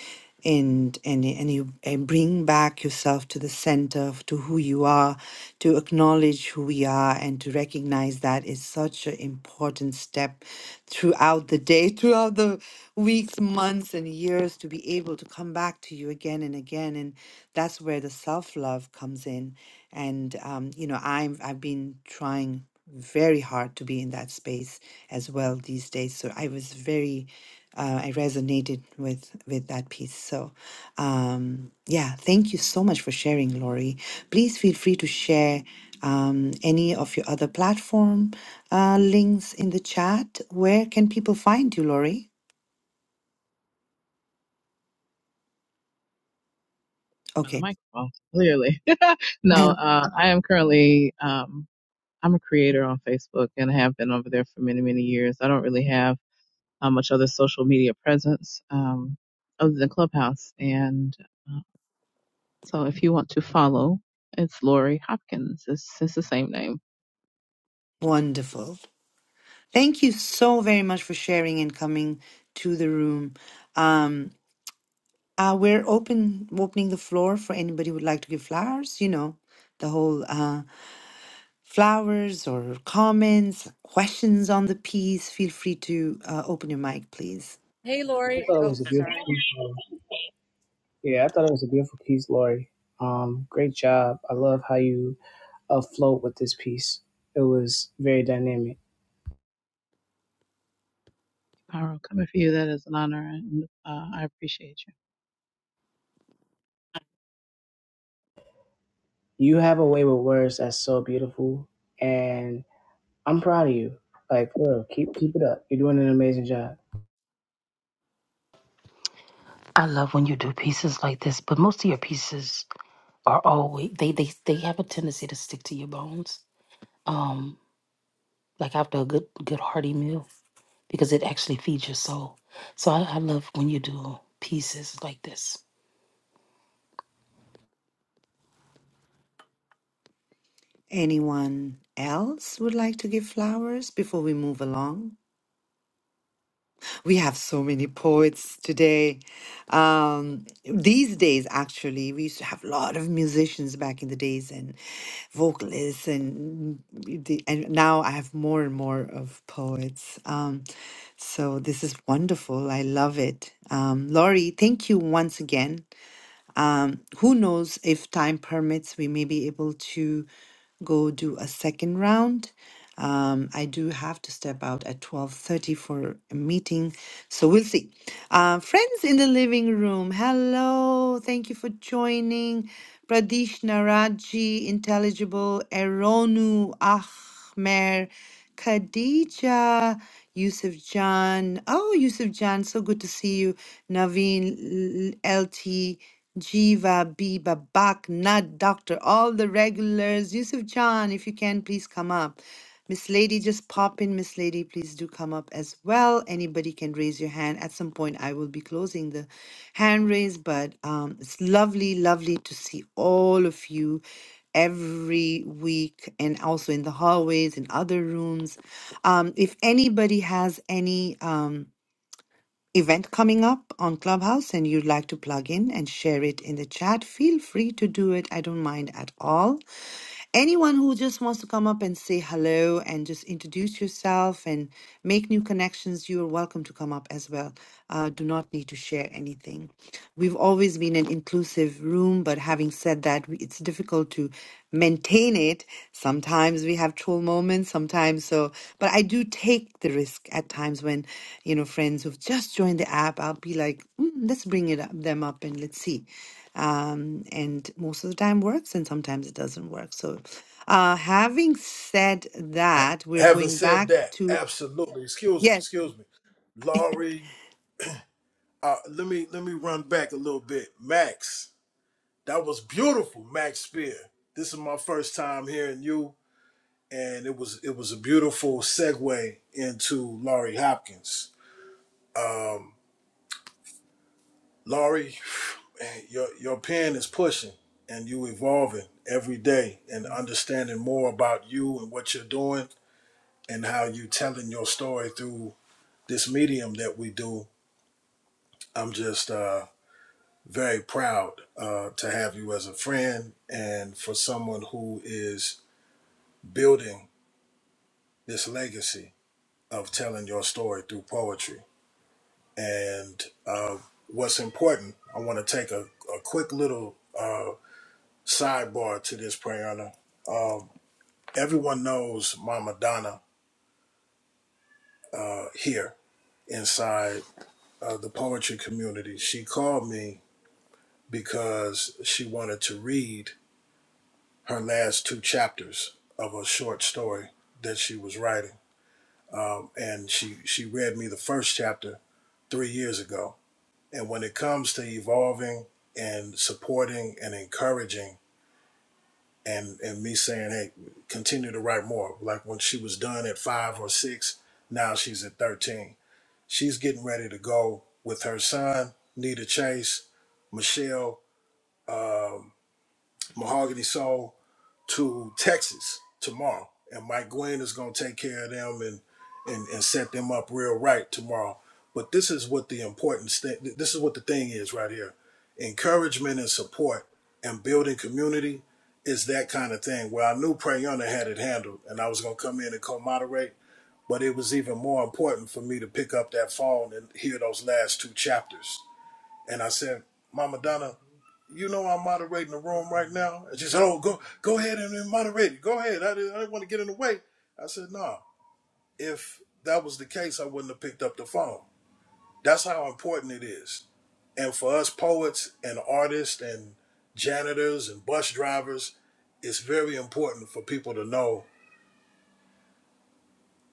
Speaker 1: and and and you and bring back yourself to the center of to who you are to acknowledge who we are and to recognize that is such an important step throughout the day throughout the weeks months and years to be able to come back to you again and again and that's where the self love comes in and um, you know i'm i've been trying very hard to be in that space as well these days so i was very uh, i resonated with with that piece so um yeah thank you so much for sharing lori please feel free to share um, any of your other platform uh, links in the chat where can people find you lori
Speaker 8: On the
Speaker 1: okay
Speaker 8: microphone, clearly. no, uh, I am currently, um, I'm a creator on Facebook and have been over there for many, many years. I don't really have uh, much other social media presence um, other than Clubhouse. And So if you want to follow, it's Lori Hopkins. It's, it's the same name.
Speaker 1: wonderful thank you so very much for sharing and coming to the room Um, Uh, we're open opening the floor for anybody who would like to give flowers, you know, the whole uh, flowers or comments, questions on the piece. Feel free to uh, open your mic, please.
Speaker 14: Hey,
Speaker 6: I
Speaker 14: Lori.
Speaker 6: thought it
Speaker 14: Oh,
Speaker 6: was a beautiful
Speaker 14: sorry.
Speaker 6: piece. Lori. Yeah, I thought it was a beautiful piece, Lori. Um, great job. I love how you afloat with this piece. It was very dynamic.
Speaker 8: Pyro, coming for you. That is an honor, and uh, I appreciate you.
Speaker 6: You have a way with words that's so beautiful, and I'm proud of you. Like, bro, keep keep it up. You're doing an amazing job.
Speaker 10: I love when you do pieces like this, but most of your pieces are always they they they have a tendency to stick to your bones. Um, like after a good good hearty meal, because it actually feeds your soul. So I, I love when you do pieces like this.
Speaker 1: Anyone else would like to give flowers before we move along? We have so many poets today. Um, these days, actually, we used to have a lot of musicians back in the days and vocalists, and the, and now I have more and more of poets. Um, so this is wonderful. I love it. Um, Laurie, thank you once again. Um, who knows if time permits, we may be able to go do a second round. Um, I do have to step out at 12:30 for a meeting, so we'll see. Uh, friends in the living room, hello. Thank you for joining. Pradesh Naraji, Intelligible, Eronu, Ahmer, Khadija, Yusuf Jan. Oh, Yusuf Jan, so good to see you. Naveen, L- LT, Jiva, B, Babak, Nad, Doctor, all the regulars. Yusuf Jan, if you can, please come up. Miss Lady, just pop in. Miss Lady, please do come up as well. Anybody can raise your hand. At some point, I will be closing the hand raise, but um, it's lovely, lovely to see all of you every week and also in the hallways and other rooms. Um, if anybody has any. Um, event coming up on Clubhouse and you'd like to plug in and share it in the chat, feel free to do it. I don't mind at all. Anyone who just wants to come up and say hello and just introduce yourself and make new connections, you're welcome to come up as well uh, do not need to share anything. We've always been an inclusive room, but having said that, we- it's difficult to maintain it. Sometimes we have troll moments, sometimes so. But I do take the risk at times when, you know, friends who've just joined the app, I'll be like, mm, let's bring it up, them up and let's see. Um, and most of the time works, and sometimes it doesn't work. So, uh, having said
Speaker 3: Ha-
Speaker 1: that, we're
Speaker 3: having
Speaker 1: going
Speaker 3: said
Speaker 1: back
Speaker 3: that,
Speaker 1: to
Speaker 3: absolutely, excuse me,
Speaker 1: yes,
Speaker 3: excuse me. Laurie, uh, let me let me run back a little bit. Max, That was beautiful, Max Spear. This is my first time hearing you, and it was it was a beautiful segue into Laurie Hopkins. Um, Laurie, your your pen is pushing, and you evolving every day, and understanding more about you and what you're doing, and how you telling your story through this medium that we do. I'm just uh, very proud uh, to have you as a friend, and for someone who is building this legacy of telling your story through poetry. And uh, what's important, I want to take a, a quick little uh, sidebar to this, Prayana. Um, everyone knows Mama Donna uh, here inside uh, the poetry community. She called me because she wanted to read her last two chapters of a short story that she was writing. Um, and she, she read me the first chapter three years ago And when it comes to evolving and supporting and encouraging, and, and me saying, hey, continue to write more. Like when she was done at five or six, now she's at 13. She's getting ready to go with her son, Nita Chase, Michelle, um, Mahogany Soul, to Texas tomorrow, and Mike Glenn is going to take care of them and, and and set them up real right tomorrow. But this is what the important thing. This is what the thing is right here: encouragement and support and building community is that kind of thing. Where I knew Prayana had it handled, and I was going to come in and co-moderate. But it was even more important for me to pick up that phone and hear those last two chapters. And I said, Mama Donna, you know I'm moderating the room right now. And she said, "Oh, go go ahead and and moderate it. Go ahead. I didn't, I didn't want to get in the way." I said, "No. If that was the case, I wouldn't have picked up the phone. That's how important it is. And for us poets and artists and janitors and bus drivers, it's very important for people to know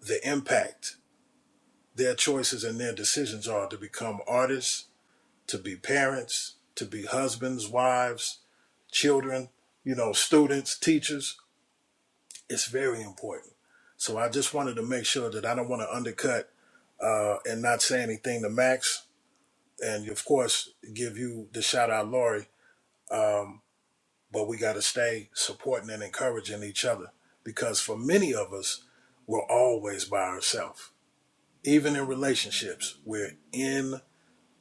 Speaker 3: the impact their choices and their decisions are to become artists, to be parents, to be husbands, wives, children, you know, students, teachers." It's very important. So I just wanted to make sure that I don't want to undercut uh, and not say anything to Max, and of course give you the shout out, Lori. Um, but we got to stay supporting and encouraging each other because for many of us, we're always by ourselves. Even in relationships, we're in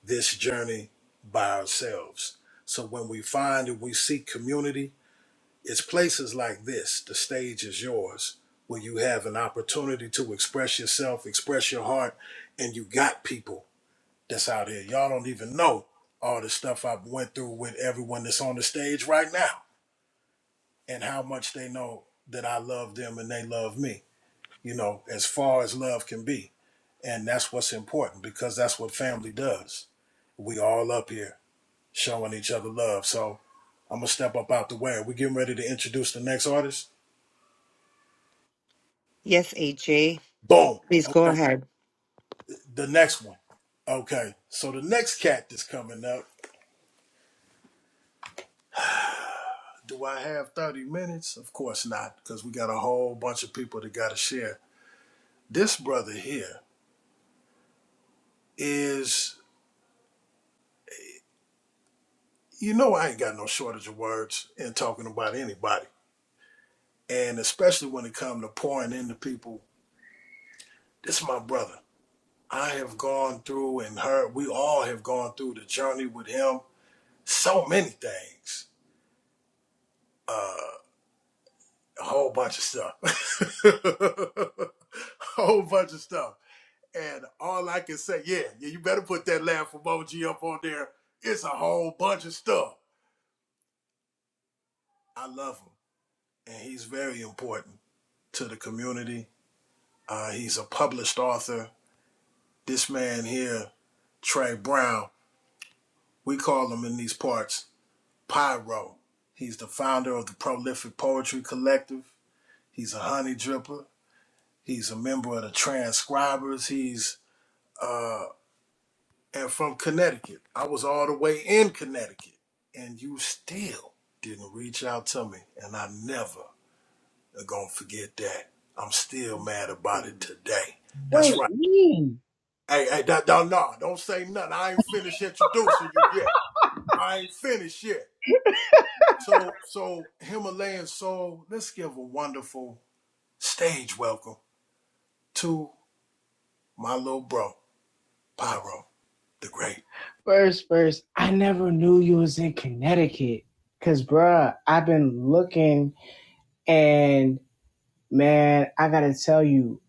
Speaker 3: this journey by ourselves. So when we find and we seek community, It's places like this, the stage is yours, where you have an opportunity to express yourself, express your heart, and you got people that's out here. Y'all don't even know all the stuff I've went through with everyone that's on the stage right now and how much they know that I love them and they love me, you know, as far as love can be. And that's what's important because that's what family does. We all up here showing each other love. So I'm gonna step up out the way. Are we getting ready to introduce the next artist?
Speaker 1: yes, AJ,
Speaker 3: Boom.
Speaker 1: please go
Speaker 3: Okay.
Speaker 1: ahead.
Speaker 3: The next one. Okay. So the next cat that's coming up. Do I have 30 minutes? Of course not, because we got a whole bunch of people that got to share. This brother here is, you know, I ain't got no shortage of words in talking about anybody. And especially when it comes to pouring into people, this is my brother. I have gone through and heard, we all have gone through the journey with him, so many things. a whole bunch of stuff. a whole bunch of stuff. And all I can say, yeah, yeah, you better put that laugh emoji up on there. It's a whole bunch of stuff. I love him. And he's very important to the community. Uh, he's a published author. This man here, Trey Brown, we call him in these parts Pyro. He's the founder of the Prolific Poetry Collective. He's a honey dripper. He's a member of the Transcribers. He's uh, and from Connecticut. I was all the way in Connecticut, and you still didn't reach out to me, and I never are gonna forget that. I'm still mad about it today.
Speaker 6: Wait,
Speaker 3: That's right.
Speaker 6: me
Speaker 3: Hey, hey, that, don't no, don't say nothing. I ain't finished introducing you yet. I ain't finished yet. So, so Himalayan soul, let's give a wonderful stage welcome to my little bro, Pyro the Great.
Speaker 6: first, first. I never knew you was in Connecticut, cause bruh, I've been looking And man, I gotta tell you,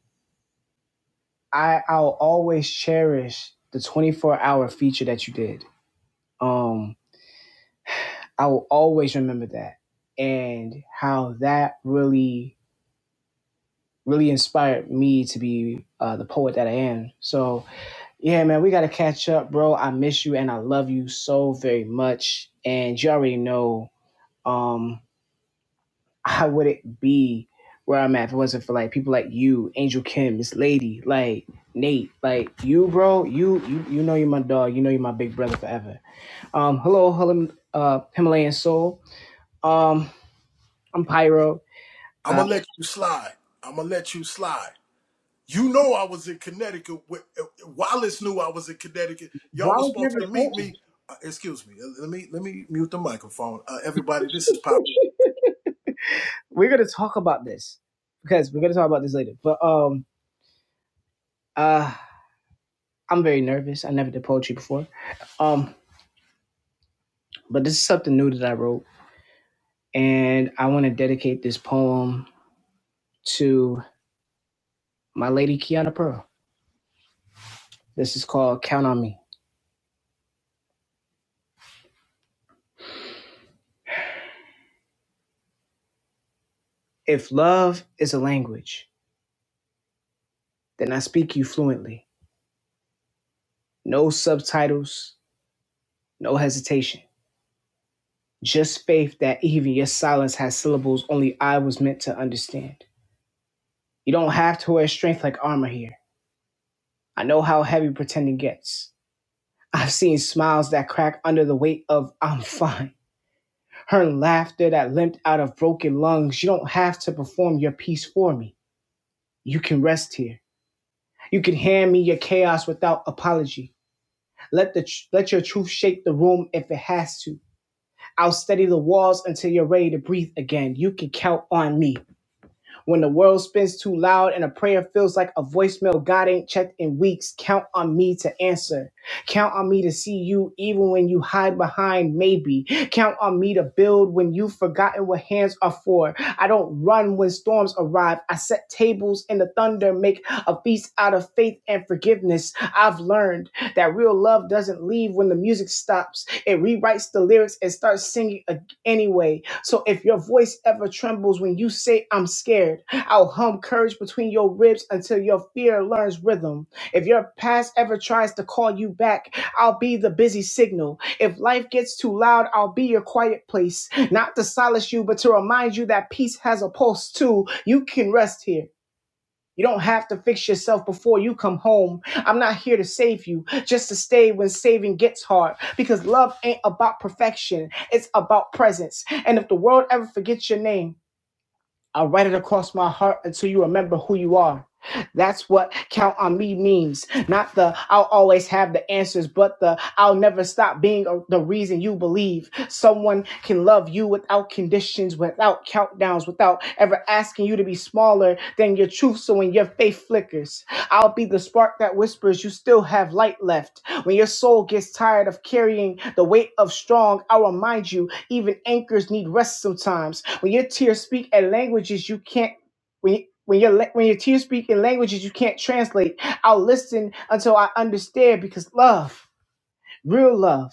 Speaker 6: I I'll always cherish the 24 hour feature that you did. Um, I will always remember that and how that really really inspired me to be uh, the poet that I am. So yeah, man, we gotta catch up, bro. I miss you and I love you so very much. And you already know. Um, I wouldn't be where I'm at if it wasn't for like people like you, Angel Kim, Miss Lady, like Nate, like you, bro. You you you know you're my dog. You know you're my big brother forever. Um, hello, hello, uh, Himalayan soul. Um, I'm Pyro.
Speaker 3: I'm
Speaker 6: Uh,
Speaker 3: gonna let you slide. I'm gonna let you slide. You know I was in Connecticut. with- Wallace knew I was in Connecticut.
Speaker 6: why
Speaker 3: Y'all was
Speaker 6: would you
Speaker 3: supposed
Speaker 6: ever
Speaker 3: to meet
Speaker 6: told
Speaker 3: me. Uh, excuse me. uh, Let me let me mute the microphone. Uh, everybody, this is Pop.
Speaker 6: me? We're gonna talk about this because we're gonna talk about this later. But um, uh, I'm very nervous. I never did poetry before. Um, but this is something new that I wrote, and I want to dedicate this poem to. my lady Kiana Pearl. This is called Count on Me. If love is a language, then I speak you fluently. No subtitles, no hesitation. Just faith that even your silence has syllables only I was meant to understand. You don't have to wear strength like armor here. I know how heavy pretending gets. I've seen smiles that crack under the weight of I'm fine. Her laughter that limped out of broken lungs. You don't have to perform your piece for me. You can rest here You can hand me your chaos without apology. Let the tr- let your truth shake the room if it has to. I'll steady the walls until you're ready to breathe again. You can count on me. When the world spins too loud and a prayer feels like a voicemail God ain't checked in weeks, count on me to answer. Count on me to see you even when you hide behind maybe. Count on me to build when you've forgotten what hands are for. I don't run when storms arrive. I set tables in the thunder, make a feast out of faith and forgiveness. I've learned that real love doesn't leave when the music stops. It rewrites the lyrics and starts singing ag- anyway. So if your voice ever trembles when you say, I'm scared, I'll hum courage between your ribs until your fear learns rhythm. If your past ever tries to call you back, I'll be the busy signal. If life gets too loud, I'll be your quiet place, not to solace you, but to remind you that peace has a pulse too. You can rest here. You don't have to fix yourself before you come home. I'm not here to save you, just to stay when saving gets hard. Because love ain't about perfection, it's about presence. And if the world ever forgets your name, I'll write it across my heart until you remember who you are. That's what count on me means. Not the I'll always have the answers, but the I'll never stop being a- the reason you believe. Someone can love you without conditions, without countdowns, without ever asking you to be smaller than your truth. So when your faith flickers, I'll be the spark that whispers you still have light left. When your soul gets tired of carrying the weight of strong, I'll remind you even anchors need rest sometimes. When your tears speak at languages you can't when when your la- when your tears speak in languages you can't translate, I'll listen until I understand because love, real love,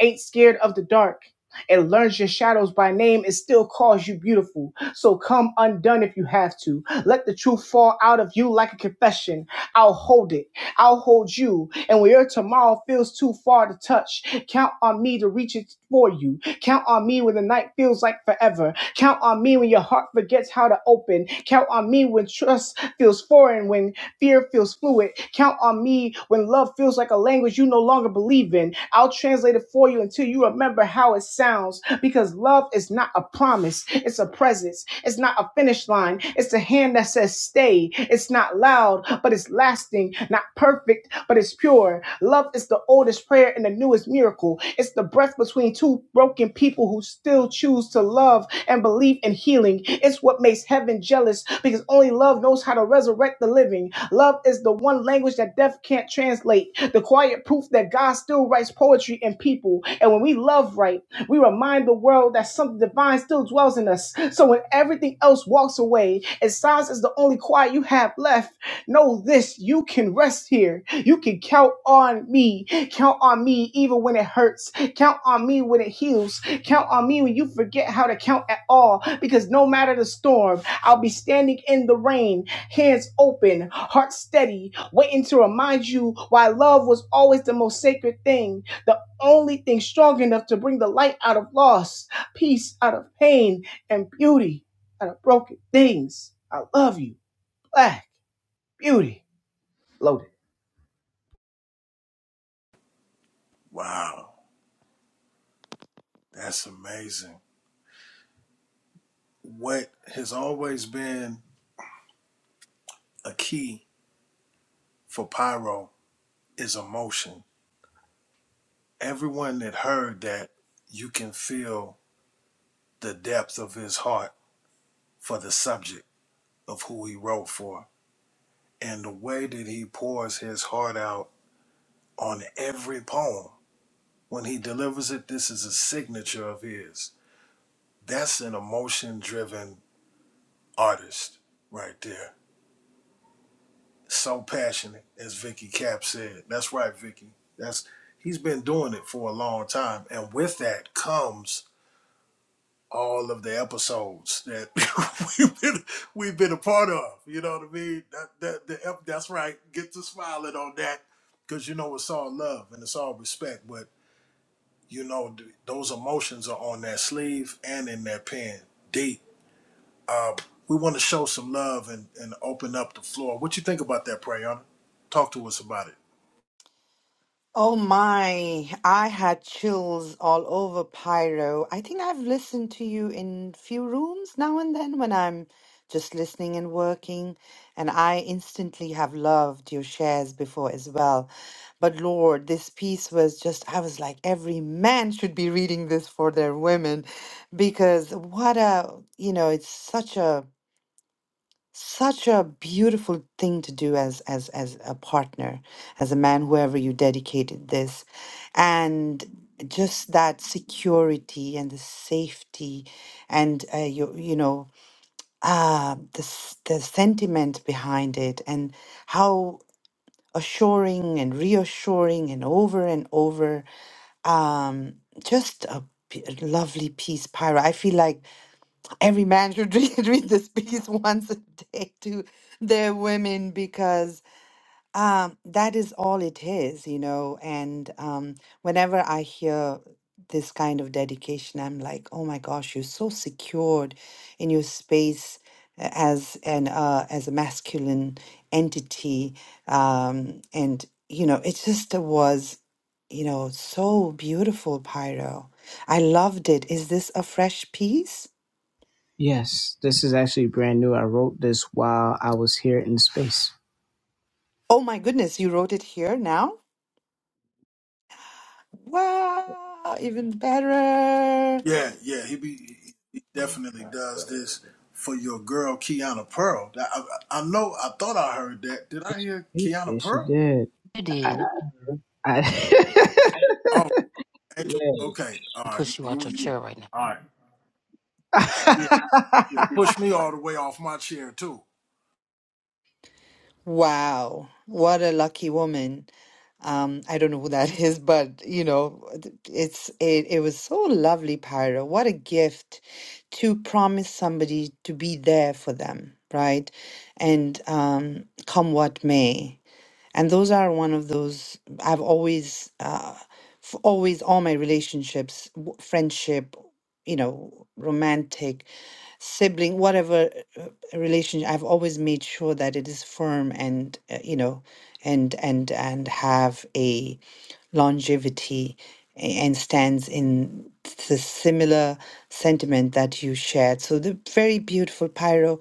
Speaker 6: ain't scared of the dark. It learns your shadows by name and still calls you beautiful. So come undone if you have to. Let the truth fall out of you like a confession. I'll hold it. I'll hold you. And when your tomorrow feels too far to touch, count on me to reach it for you. Count on me when the night feels like forever. Count on me when your heart forgets how to open. Count on me when trust feels foreign, when fear feels fluid. Count on me when love feels like a language you no longer believe in. I'll translate it for you until you remember how it sounds because love is not a promise, it's a presence. It's not a finish finish line. It's the hand that says stay. It's not loud, but it's lasting. Not perfect, but it's pure. Love is the oldest prayer and the newest miracle. It's the breath between two broken people who still choose to love and believe in healing. It's what makes heaven jealous because only love knows how to resurrect the living. Love is the one language that death can't translate. The quiet proof that God still writes poetry in people. And when we love right, we remind the world that something divine still dwells in us. So when everything else walks away and silence is the only quiet you have left, know this you can rest here. You can count on me. Count on me even when it hurts. Count on me when it heals. Count on me when you forget how to count at all. Because no matter the storm, I'll be standing in the rain, hands open, heart steady, waiting to remind you why love was always the most sacred thing. the only thing strong enough to bring the light out of loss, peace out of pain, and beauty out of broken things. I love you, Black Beauty. Loaded.
Speaker 3: Wow, that's amazing. What has always been a key for Pyro is emotion. Everyone that heard that, you can feel the depth of his heart for the subject of who he wrote for, and the way that he pours his heart out on every poem When he delivers it, this is a signature of his. That's an emotion driven artist right there. So passionate, as Vicky Cap said. That's right, Vicky. That's he's been doing it for a long time. And with that comes all of the episodes that we've been we've been a part of. You know what I mean? That that the, ep- that's right. Get to smiling on that. Cause you know it's all love and it's all respect. But You know, th- those emotions are on that sleeve and in that pen, deep. Uh, we want to show some love and, and open up the floor. What you think about that, Prayana? Talk to us about it.
Speaker 1: Oh my, I had chills all over Pyro. I think I've listened to you in few rooms now and then when I'm just listening and working, and I instantly have loved your shares before as well. But Lord, this piece was just, I was like, every man should be reading this for their women because what a, you know, it's such a such a beautiful thing to do as as as a partner as a man whoever you dedicated this and just that security and the safety and uh, you you know uh the s- the sentiment behind it and how assuring and reassuring and over and over um just a p- lovely piece pyra i feel like every man should read, read this piece once a day to their women because um, that is all it is, you know. And um, whenever I hear this kind of dedication, I'm like, oh my gosh, you're so secured in your space a- as an uh, as a masculine entity, um, and you know, it just was, you know, so beautiful, Pyro. I loved it. Is this a fresh piece?
Speaker 6: Yes, this is actually brand new. I wrote this while I was here in space.
Speaker 1: Oh my goodness, you wrote it here now? Wow, even better.
Speaker 3: Yeah, yeah, he be he definitely does this for your girl Kiana Pearl. That- I, I know. I thought I heard that. Did I hear
Speaker 6: Yeah,
Speaker 3: Kiana Pearl?
Speaker 10: You did
Speaker 3: Oh, Angel. Okay. All right. yeah,
Speaker 10: push you out
Speaker 3: You,
Speaker 10: your
Speaker 3: yeah.
Speaker 10: chair right now.
Speaker 3: All right. Yeah. Yeah. Push me all the way off my chair too,
Speaker 1: Wow, what a lucky woman. Um, I don't know who that is, but you know, it's it, it was so lovely, Pyra. What a gift to promise somebody to be there for them, right? And um, come what may. and those are one of those i've always uh f- always all my relationships w- friendship you know romantic sibling whatever uh, uh, relationship i've always made sure that it is firm and uh, you know and and and have a longevity a- and stands in the similar sentiment that you shared so the very beautiful pyro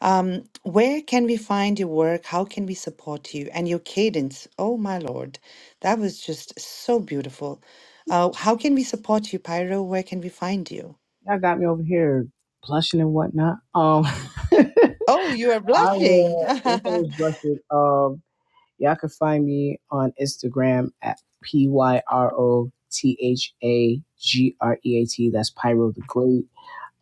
Speaker 1: um, where can we find your work? How can we support you? And your cadence, oh my lord, that was just so beautiful. Uh, how can we support you, Pyro? Where can we find you?
Speaker 6: y'all got me over here blushing and whatnot. Um, I
Speaker 1: Oh, you are blushing.
Speaker 6: will encourage Rusted. Um, y'all can find me on Instagram at p y r o t h a g r e a t. That's Pyro the Great.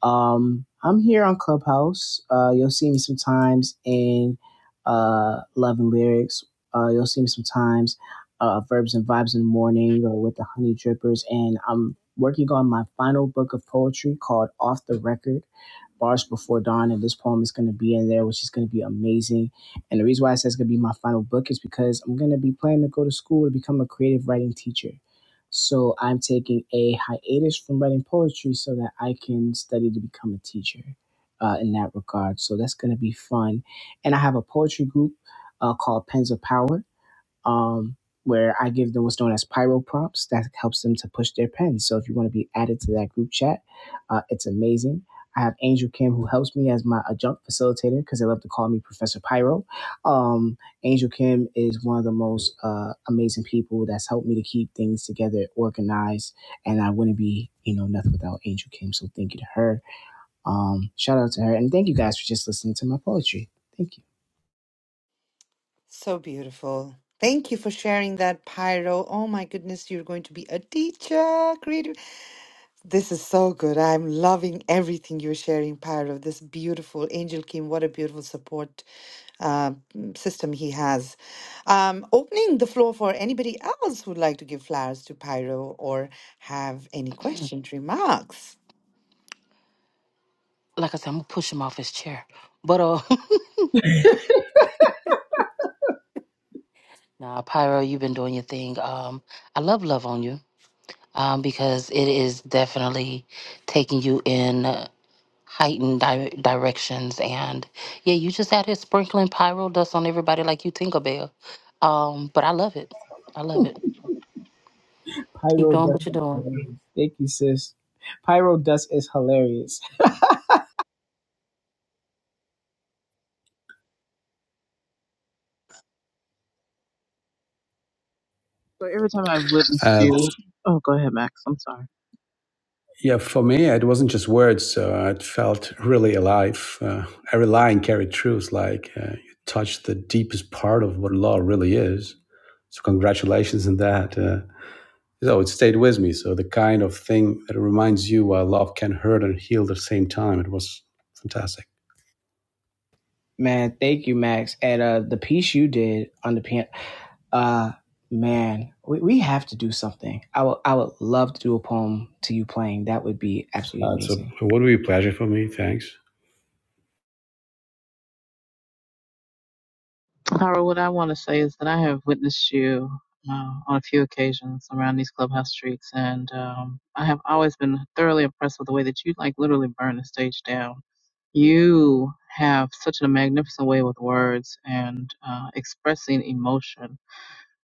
Speaker 6: Um, I'm here on Clubhouse. Uh, you'll see me sometimes in uh, Love and Lyrics. Uh, you'll see me sometimes uh, Verbs and Vibes in the Morning or with the Honey Drippers. And I'm working on my final book of poetry called Off the Record. Bars Before Dawn, and this poem is going to be in there, which is going to be amazing. And the reason why I say it's going to be my final book is because I'm going to be planning to go to school to become a creative writing teacher. So I'm taking a hiatus from writing poetry so that I can study to become a teacher uh, in that regard. So that's going to be fun. And I have a poetry group uh, called Pens of Power um, where I give them what's known as pyro prompts that helps them to push their pens. So if you want to be added to that group chat, uh, it's amazing. I have Angel Kim who helps me as my adjunct facilitator because they love to call me Professor Pyro. Um, Angel Kim is one of the most uh, amazing people that's helped me to keep things together, organized, and I wouldn't be, you know, nothing without Angel Kim. So thank you to her. Um, shout out to her, and thank you guys for just listening to my poetry. Thank you.
Speaker 1: so beautiful. Thank you for sharing that, Pyro. Oh my goodness, you're going to be a teacher, creative. This is so good. I'm loving everything you're sharing, Pyro. This beautiful Angel Kim, what a beautiful support uh, mm, system he has. Um, opening the floor for anybody else who'd like to give flowers to Pyro or have any questions, remarks.
Speaker 10: Like I said, I'm gonna push him off his chair, but uh. Nah, Pyro, you've been doing your thing. Um, I love Love on You um, because it is definitely taking you in uh, heightened di- directions. And yeah, you just out here sprinkling Pyro dust on everybody like you Tinkerbell. Um, but I love it. I love it. Keep
Speaker 6: Pyro
Speaker 10: doing
Speaker 6: Dust
Speaker 10: what you're
Speaker 6: is
Speaker 10: doing.
Speaker 6: hilarious. Thank you, sis. Pyro Dust is hilarious.
Speaker 8: So every time I've witnessed
Speaker 13: Uh,
Speaker 8: you, oh, go ahead, Max. I'm sorry.
Speaker 13: yeah, for me, it wasn't just words. Uh, it felt really alive. Uh, every line carried truth, like uh, you touched the deepest part of what law really is. So, congratulations on that. Uh, so, it stayed with me. So, the kind of thing that reminds you why love can hurt and heal at the same time. It was fantastic.
Speaker 6: Man, thank you, Max. And uh the piece you did on the piano uh man, we, we have to do something. I would I would love to do a poem to you playing. That would be absolutely
Speaker 13: Uh, so
Speaker 6: amazing.
Speaker 13: what do you pleasure for me? Thanks.
Speaker 8: Pyro, what I want to say is that I have witnessed you uh, on a few occasions around these clubhouse streets, and um, I have always been thoroughly impressed with the way that you like literally burn the stage down. You have such a magnificent way with words and uh, expressing emotion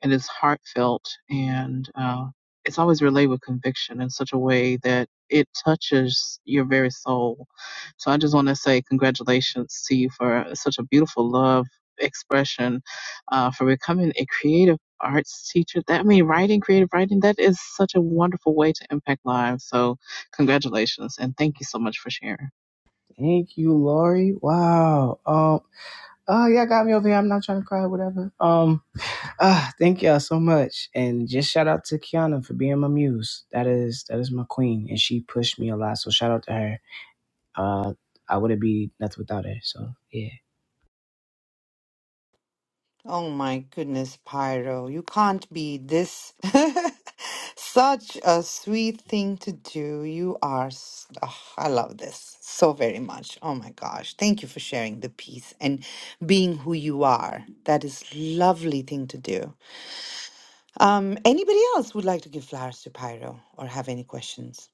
Speaker 8: and it's heartfelt and uh, it's always relayed with conviction in such a way that it touches your very soul. So I just want to say congratulations to you for such a beautiful love expression, uh, for becoming a creative arts teacher. That I mean, writing, creative writing, that is such a wonderful way to impact lives. So congratulations and thank you so much for sharing.
Speaker 6: Thank you, Lori. Wow. Um oh yeah, got me over here. I'm not trying to cry, whatever. Um ah, thank y'all so much. And just shout out to Kiana for being my muse. That is that is my queen. And she pushed me a lot. So shout out to her. uh, I wouldn't be nothing without her. So yeah.
Speaker 1: Oh my goodness, Pyro, you can't be this. Such a sweet thing to do. You are, s- oh, I love this so very much. Oh my gosh. Thank you for sharing the piece and being who you are. That is lovely thing to do. Um, anybody else would like to give flowers to Pyro or have any questions?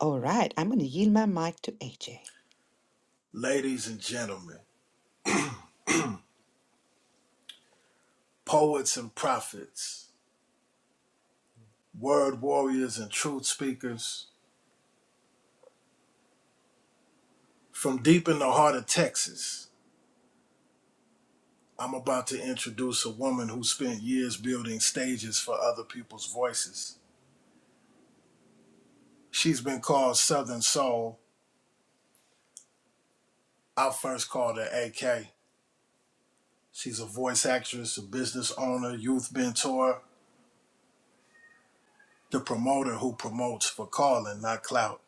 Speaker 1: All right, I'm going to yield my mic to AJ.
Speaker 3: ladies and gentlemen, poets and prophets. word warriors and truth speakers. From deep in the heart of Texas, I'm about to introduce a woman who spent years building stages for other people's voices. She's been called Southern Soul. I first called her AK. She's a voice actress, a business owner, youth mentor, the promoter who promotes for calling, not clout.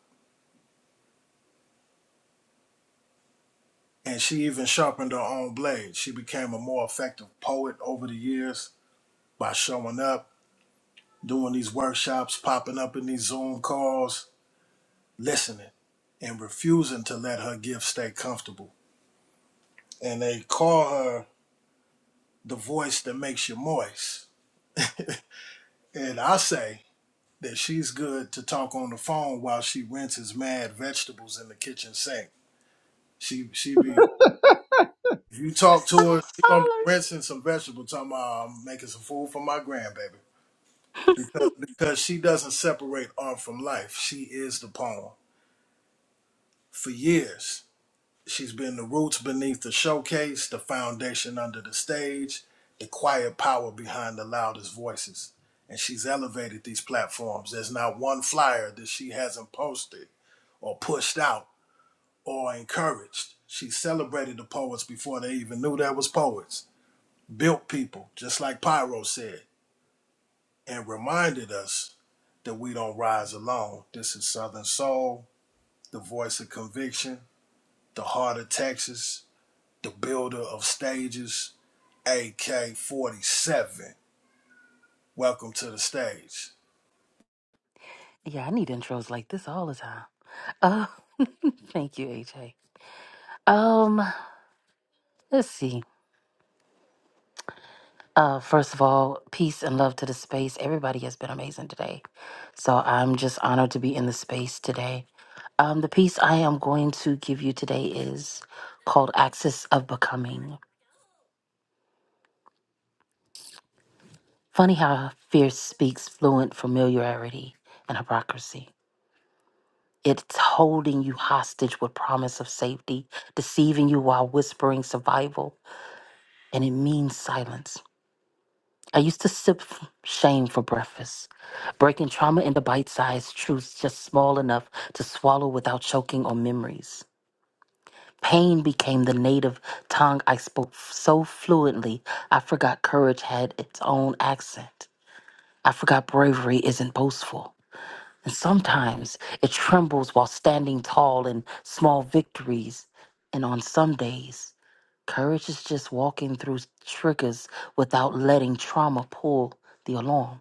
Speaker 3: And she even sharpened her own blade. She became a more effective poet over the years by showing up doing these workshops, popping up in these Zoom calls, listening and refusing to let her gift stay comfortable. And they call her the voice that makes you moist. And I say that she's good to talk on the phone while she rinses mad vegetables in the kitchen sink. She she be if you talk to her, she gonna be
Speaker 10: Holler.
Speaker 3: rinsing some vegetables talking about I'm making some food for my grandbaby. Because because she doesn't separate art from life. She is the poem. For years. She's been the roots beneath the showcase, the foundation under the stage, the quiet power behind the loudest voices. And she's elevated these platforms. There's not one flyer that she hasn't posted or pushed out or encouraged. She celebrated the poets before they even knew there was poets, built people, just like Pyro said, and reminded us that we don't rise alone. This is Southern Soul, the voice of conviction, the heart of Texas, the builder of stages, AK 47. Welcome to the stage.
Speaker 10: Yeah, I need intros like this all the time. Uh, thank you, AJ. Um, let's see. Uh, first of all, peace and love to the space. Everybody has been amazing today. So I'm just honored to be in the space today. Um, the piece I am going to give you today is called Axis of Becoming. Funny how fear speaks fluent familiarity and hypocrisy. It's holding you hostage with promise of safety, deceiving you while whispering survival, and it means silence. I used to sip f- shame for breakfast, breaking trauma into bite sized truths just small enough to swallow without choking on memories. Pain became the native tongue I spoke f- so fluently, I forgot courage had its own accent. I forgot bravery isn't boastful. And sometimes it trembles while standing tall in small victories. And on some days, courage is just walking through triggers without letting trauma pull the alarm.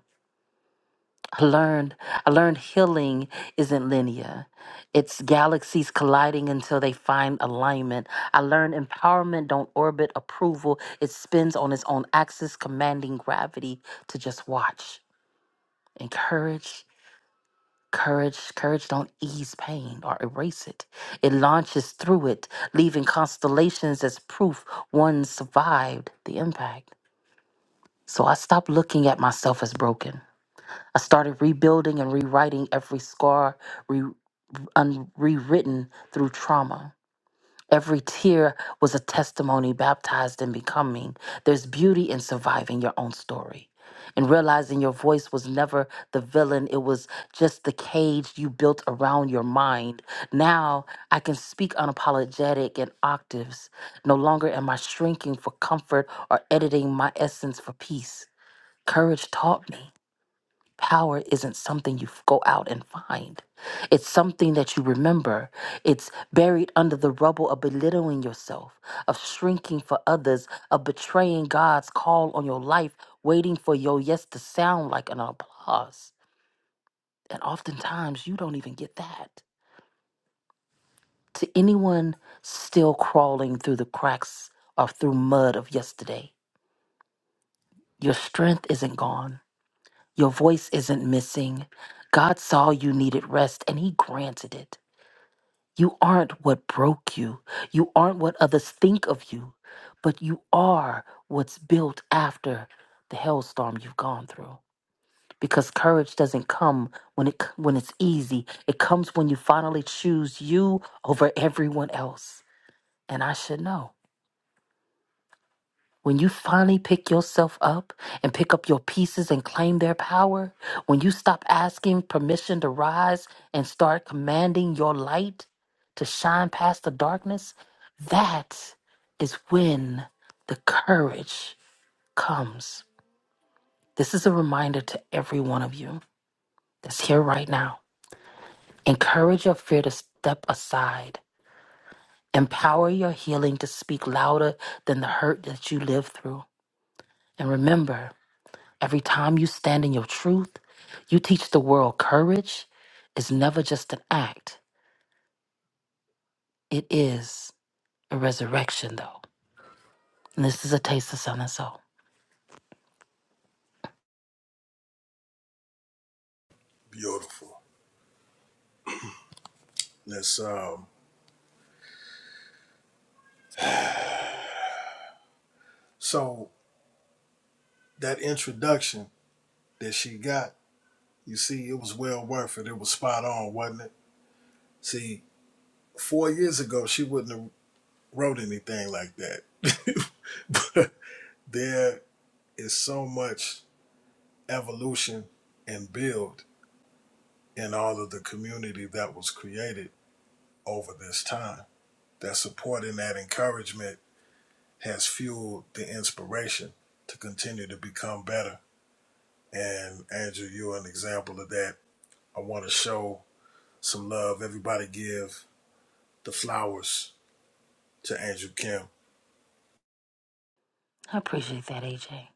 Speaker 10: I learned I learned healing isn't linear. It's galaxies colliding until they find alignment. I learned empowerment don't orbit approval. It spins on its own axis, commanding gravity to just watch. And courage, courage, courage don't ease pain or erase it. It launches through it, leaving constellations as proof one survived the impact. So I stopped looking at myself as broken. I started rebuilding and rewriting every scar re- un- rewritten through trauma. Every tear was a testimony baptized in becoming. There's beauty in surviving your own story and realizing your voice was never the villain, it was just the cage you built around your mind. Now I can speak unapologetic in octaves. No longer am I shrinking for comfort or editing my essence for peace. Courage taught me. Power isn't something you f- go out and find. It's something that you remember. It's buried under the rubble of belittling yourself, of shrinking for others, of betraying God's call on your life, waiting for your yes to sound like an applause. And oftentimes you don't even get that. To anyone still crawling through the cracks or through mud of yesterday, your strength isn't gone. Your voice isn't missing. God saw you needed rest and He granted it. You aren't what broke you. You aren't what others think of you, but you are what's built after the hellstorm you've gone through. Because courage doesn't come when it when it's easy. It comes when you finally choose you over everyone else. And I should know. When you finally pick yourself up and pick up your pieces and claim their power, when you stop asking permission to rise and start commanding your light to shine past the darkness, that is when the courage comes. This is a reminder to every one of you that's here right now. Encourage your fear to step aside. Empower your healing to speak louder than the hurt that you live through. And remember, Every time you stand in your truth, you teach the world courage is never just an act, it is a resurrection, though. And this is a taste of sun and soul.
Speaker 3: Beautiful. Let's um so that introduction that she got, you see, it was well worth it. It was spot on, wasn't it? See, four years ago she wouldn't have wrote anything like that. but there is so much evolution and build in all of the community that was created over this time. That support and that encouragement has fueled the inspiration to continue to become better. And Andrew, you're an example of that. I want to show some love. Everybody give the flowers to Andrew Kim.
Speaker 10: I appreciate that, AJ.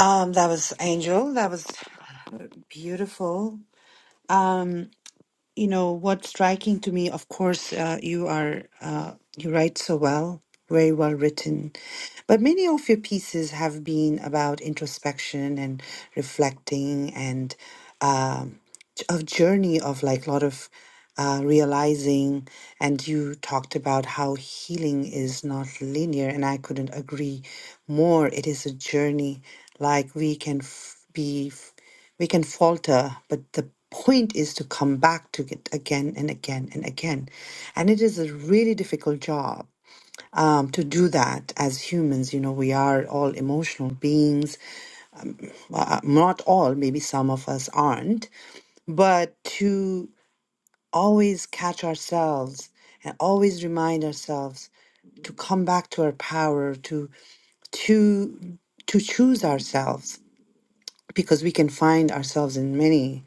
Speaker 1: Um, that was Angel. That was beautiful. Um, you know, what's striking to me, of course, uh, you are, uh, you write so well, very well written. But many of your pieces have been about introspection and reflecting and. um, a journey of like a lot of uh, realizing and you talked about how healing is not linear and i couldn't agree more it is a journey like we can f- be f- we can falter but the point is to come back to it again and again and again and it is a really difficult job um, to do that as humans. You know, we are all emotional beings. Uh, not all, maybe some of us aren't, but to always catch ourselves and always remind ourselves to come back to our power to to to choose ourselves because we can find ourselves in many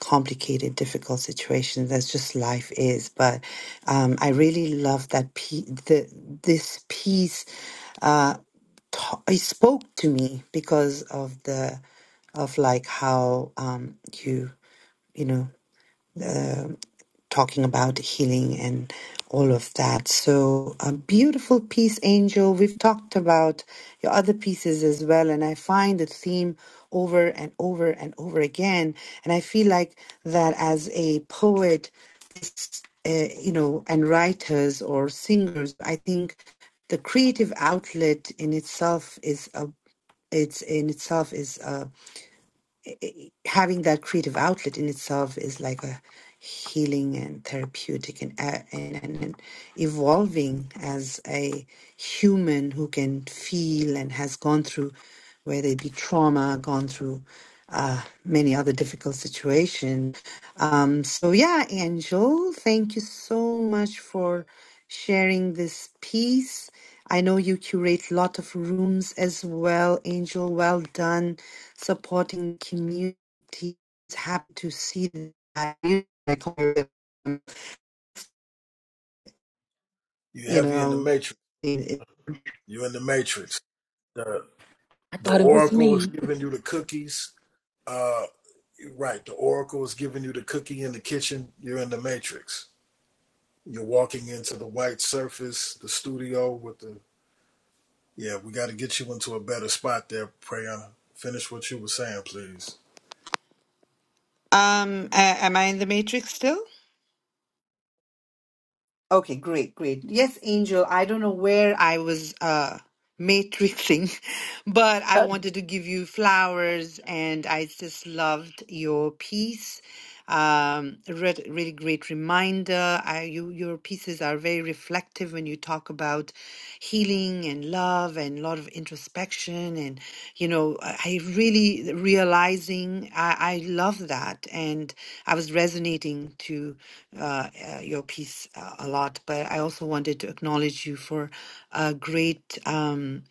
Speaker 1: complicated difficult situations that's just life is but um, i really love that piece the, this piece uh, ta- it spoke to me because of the of like how um, you you know uh, talking about healing and all of that. So, a beautiful piece, Angel. We've talked about your other pieces as well, and I find the theme over and over and over again. And I feel like that as a poet, uh, you know, and writers or singers, I think the creative outlet in itself is a it's in itself is having that creative outlet in itself is like a healing and therapeutic and, uh, and, and and evolving as a human who can feel and has gone through whether it be trauma gone through uh, many other difficult situations um, so yeah angel thank you so much for sharing this piece i know you curate a lot of rooms as well angel well done supporting community he's happy to see that
Speaker 3: You are
Speaker 1: you
Speaker 3: heavy in the
Speaker 1: know
Speaker 3: matrix.
Speaker 1: it-
Speaker 3: You're in the matrix. The
Speaker 10: I
Speaker 3: the
Speaker 10: thought it was
Speaker 3: oracle is
Speaker 10: me.
Speaker 3: giving you the cookies. Uh right, the oracle is giving you the cookie in the kitchen. You're in the matrix. You're walking into the white surface, the studio with the Yeah, we got to get you into a better spot there, Prayana. Finish what you were saying, please.
Speaker 1: um a- am i in the matrix still Okay, great, great. Yes, Angel, I don't know where I was uh matrixing, but I
Speaker 10: Uh,
Speaker 1: wanted to give you flowers and I just loved your piece. Um, re really great reminder. I, you, your pieces are very reflective when you talk about about healing and love and a lot of introspection and you know i I really realizing i, I love that and i was resonating to uh, uh, your piece uh, a lot but i also wanted to acknowledge you for a great um,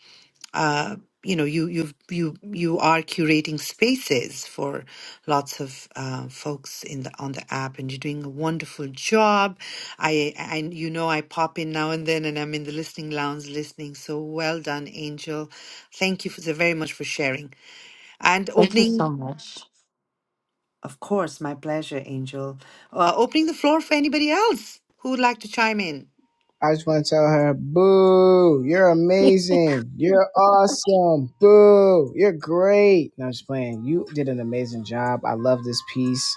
Speaker 1: uh, you know you you you you are curating spaces for lots of uh, folks in the on the app and you're doing a wonderful job i I you know i pop in now and then and i'm in the listening lounge listening so well done angel thank you for, so very much for sharing and
Speaker 10: thank you
Speaker 1: opening
Speaker 10: so much.
Speaker 1: of course my pleasure angel uh, opening the floor for anybody else who would like to chime in
Speaker 6: I just want to tell her, boo, you're amazing. You're awesome. Boo, you're great. No, I'm just playing. You did an amazing job. I love this piece.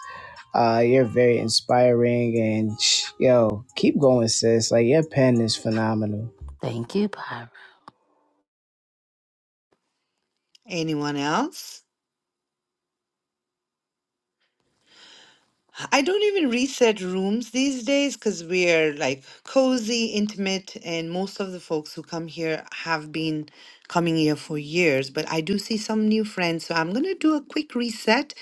Speaker 6: Uh, you're very inspiring and sh- yo, keep going, sis. Like your pen is phenomenal.
Speaker 10: Thank you, Byron.
Speaker 1: anyone else I don't even reset rooms these days because we're like cozy, intimate, and most of the folks who come here have been coming here for years. But I do see some new friends, so I'm gonna do a quick reset.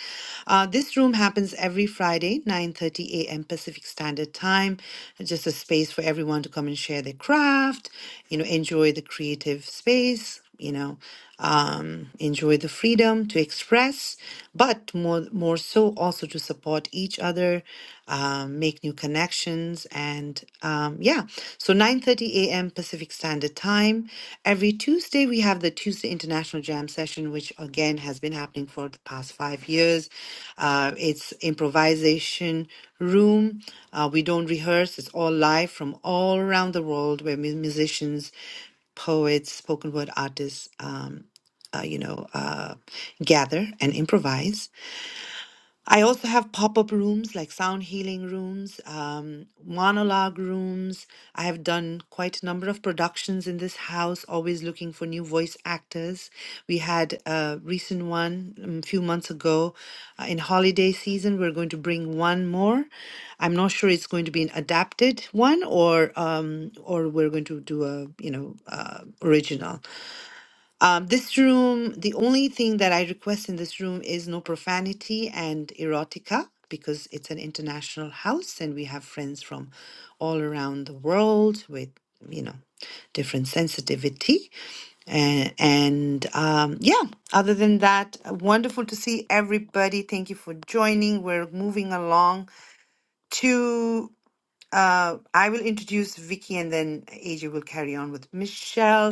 Speaker 1: Uh, this room happens every Friday, 9:30 a.m. Pacific Standard Time. Just a space for everyone to come and share their craft, you know, enjoy the creative space, you know um, enjoy the freedom to express, but more more so also to support each other, um, make new connections, and um, yeah. So 9:30 a.m. Pacific Standard Time every Tuesday we have the Tuesday International Jam session, which again has been happening for the past five years. Uh, it's improvisation room. Uh, we don't rehearse; it's all live from all around the world, where mu- musicians poets, spoken word artists. um, uh, you know, uh, gather and improvise. I also have pop up rooms like sound healing rooms, um, monologue rooms. I have done quite a number of productions in this house, always looking for new voice actors. We had a recent one um, a few months ago uh, in holiday season. We're going to bring one more. I'm not sure it's going to be an adapted one or um, or we're going to do a you know uh, original. Um, this room, the only thing that I request in this room is no profanity and erotica because it's an international house and we have friends from all around the world with, you know, different sensitivity. And, and um, yeah, other than that, uh, wonderful to see everybody. Thank you for joining. We're moving along to. Uh, I will introduce Vicky and then Asia will carry on with Michelle.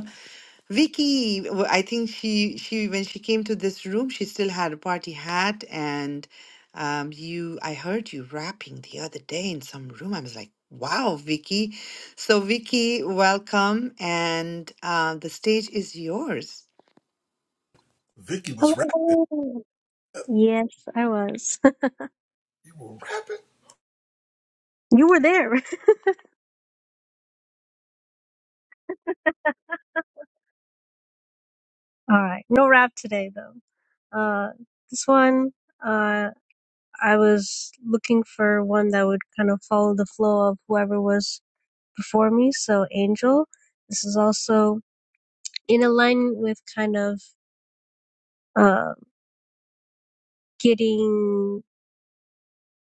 Speaker 1: Vicky, w- I think she she when she came to this room, she still had a party hat, and um, you, I heard you rapping the other day in some room. I was like, "Wow, Vicky!" So, Vicky, welcome, and uh, the stage is yours.
Speaker 3: Vicky was rapping.
Speaker 15: Hello. Yes, I was.
Speaker 3: You were rapping?
Speaker 15: You were there. All right. No rap today though. Uh, this one, uh, I was looking for one that would kind of follow the flow of whoever was before me. So Angel. This is also in alignment with kind of uh, getting.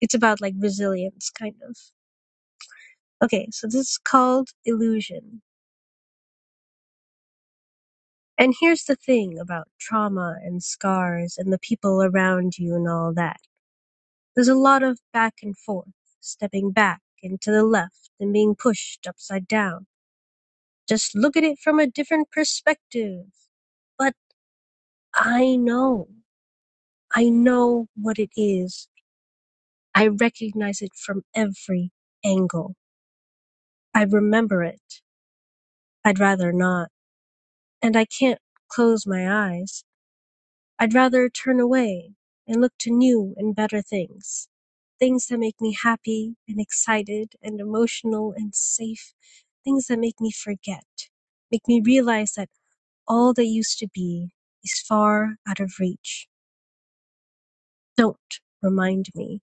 Speaker 15: It's about like resilience, kind of. Okay, so this is called illusion. And here's the thing about trauma and scars and the people around you and all that There's a lot of back and forth, stepping back and to the left and being pushed upside down. Just look at it from a different perspective. But I know. I know what it is. I recognize it from every angle. I remember it. I'd rather not. And I can't close my eyes. I'd rather turn away and look to new and better things. Things that make me happy and excited and emotional and safe. Things that make me forget, make me realize that all that used to be is far out of reach. Don't remind me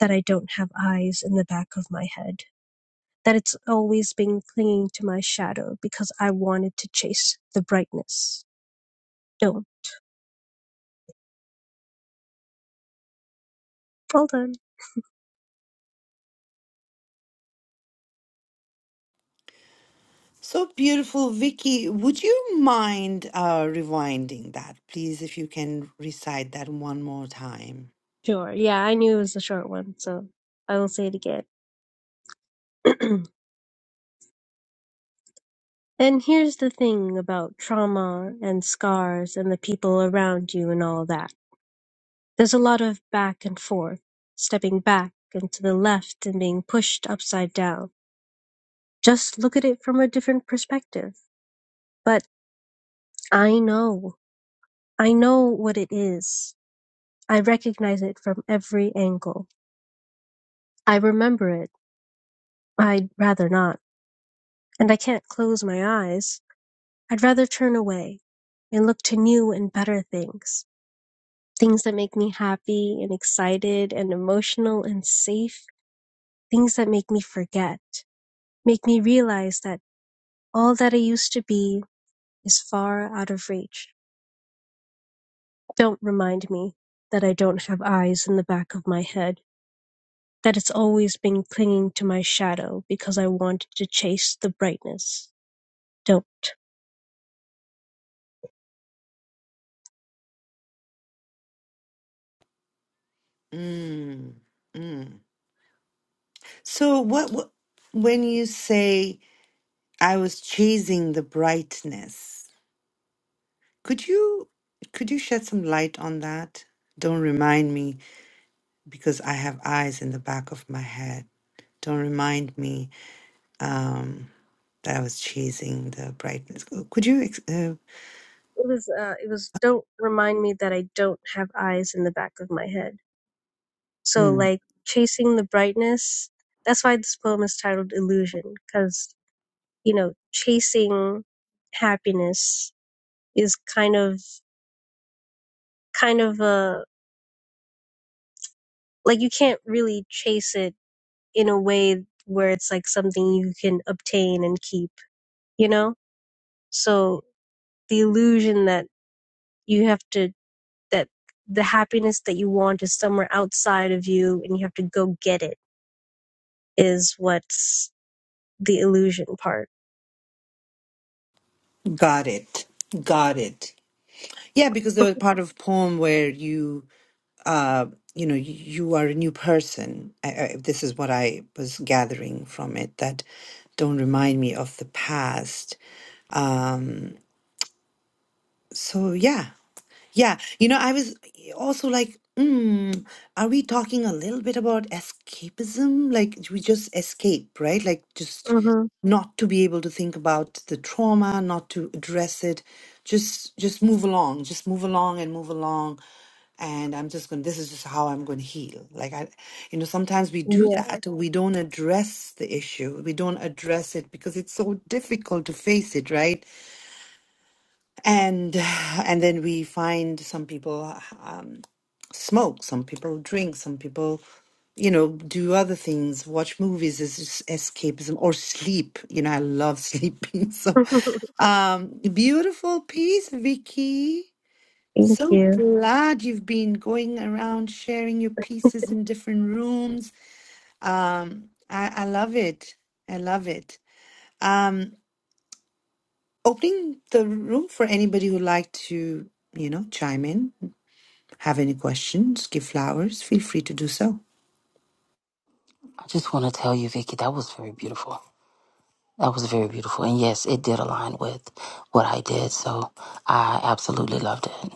Speaker 15: that I don't have eyes in the back of my head, that it's always been clinging to my shadow because I wanted to chase the brightness. Don't. Hold on.
Speaker 1: So beautiful, Vicky. Would you mind uh, rewinding that, please, if you can recite that one more time?
Speaker 15: Sure. Yeah, I knew it was a short one, so I will say it again. and here's the thing about trauma and scars and the people around you and all that. There's a lot of back and forth, stepping back and to the left and being pushed upside down. Just look at it from a different perspective. But I know. I know what it is. I recognize it from every angle. I remember it. I'd rather not. And I can't close my eyes. I'd rather turn away and look to new and better things. things that make me happy and excited and emotional and safe, things that make me forget, make me realize that all that I used to be is far out of reach. Don't remind me that I don't have eyes in the back of my head, that it's always been clinging to my shadow because I wanted to chase the brightness. Don't.
Speaker 1: Mm, mm. So, what, what when you say? I was chasing the brightness. Could you could you shed some light on that? Don't remind me because I have eyes in the back of my head. Don't remind me um, that I was chasing the brightness. Could you? ex- Uh,
Speaker 15: It was, uh, it was, don't remind me that I don't have eyes in the back of my head So
Speaker 1: mm,
Speaker 15: like chasing the brightness, that's why this poem is titled Illusion, because you know, chasing happiness is kind of kind of a like you can't really chase it in a way where it's like something you can obtain and keep, you know? So the illusion that you have to that the happiness that you want is somewhere outside of you and you have to go get it is what's the illusion part.
Speaker 1: got it. Got it. Yeah, because there was part of poem where you, uh, you know, you, you are a new person. I, I, this is what I was gathering from it. That don't remind me of the past Um, so yeah, yeah. You know, I was also like, mm, are we talking a little bit about escapism? Like we just escape, right? Like just
Speaker 15: hmm
Speaker 1: not to be able to think about the trauma, not to address it, just just move along, just move along and move along. And I'm just going, to this is just how I'm going to heal. Like I, you know, sometimes we do that. We don't address the issue. We don't address it because it's so difficult to face it, right? and and then we find some people um, smoke some people drink some people you know do other things watch movies as es- escapism or sleep you know i love sleeping so um beautiful piece vicky
Speaker 15: Thank
Speaker 1: so
Speaker 15: you.
Speaker 1: glad you've been going around sharing your pieces in different rooms um i i love it i love it um opening the room for anybody who'd like to you know chime in have any questions, give flowers, feel free to do so.
Speaker 10: I just want to tell you, Vicky, that was very beautiful. That was very beautiful. And yes, it did align with what I did. So I absolutely loved it.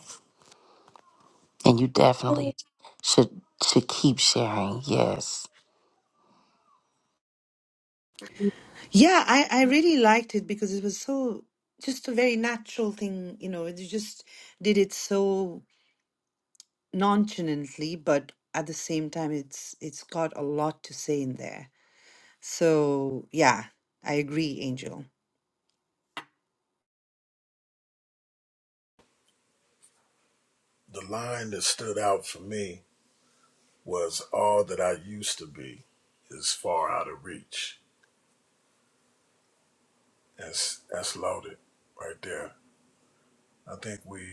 Speaker 10: And you
Speaker 15: Yay.
Speaker 10: definitely should should keep sharing. Yes.
Speaker 1: Yeah, I, I really liked it because it was so just a very natural thing, you know, it just did it so nonchalantly, but at the same time it's it's got a lot to say in there. So yeah, I agree, Angel.
Speaker 3: The line that stood out for me was all that I used to be is far out of reach. That's, that's loaded right there. I think we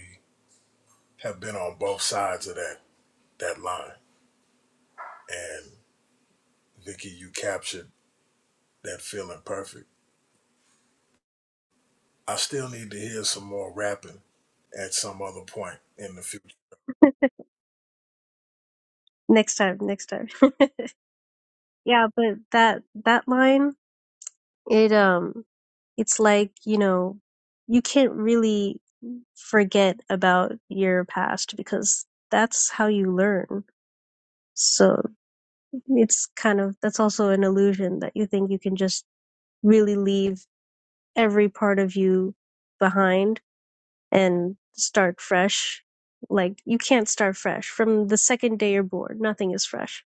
Speaker 3: have been on both sides of that, that line. And Vicky, you captured that feeling perfect. I still need to hear some more rapping at some other point in the future.
Speaker 15: Next time, next time. yeah, but that that line, it um it's like, you know, you can't really forget about your past because that's how you learn. So it's kind of that's also an illusion that you think you can just really leave every part of you behind and start fresh. Like you can't start fresh. From the second day you're born, nothing is fresh.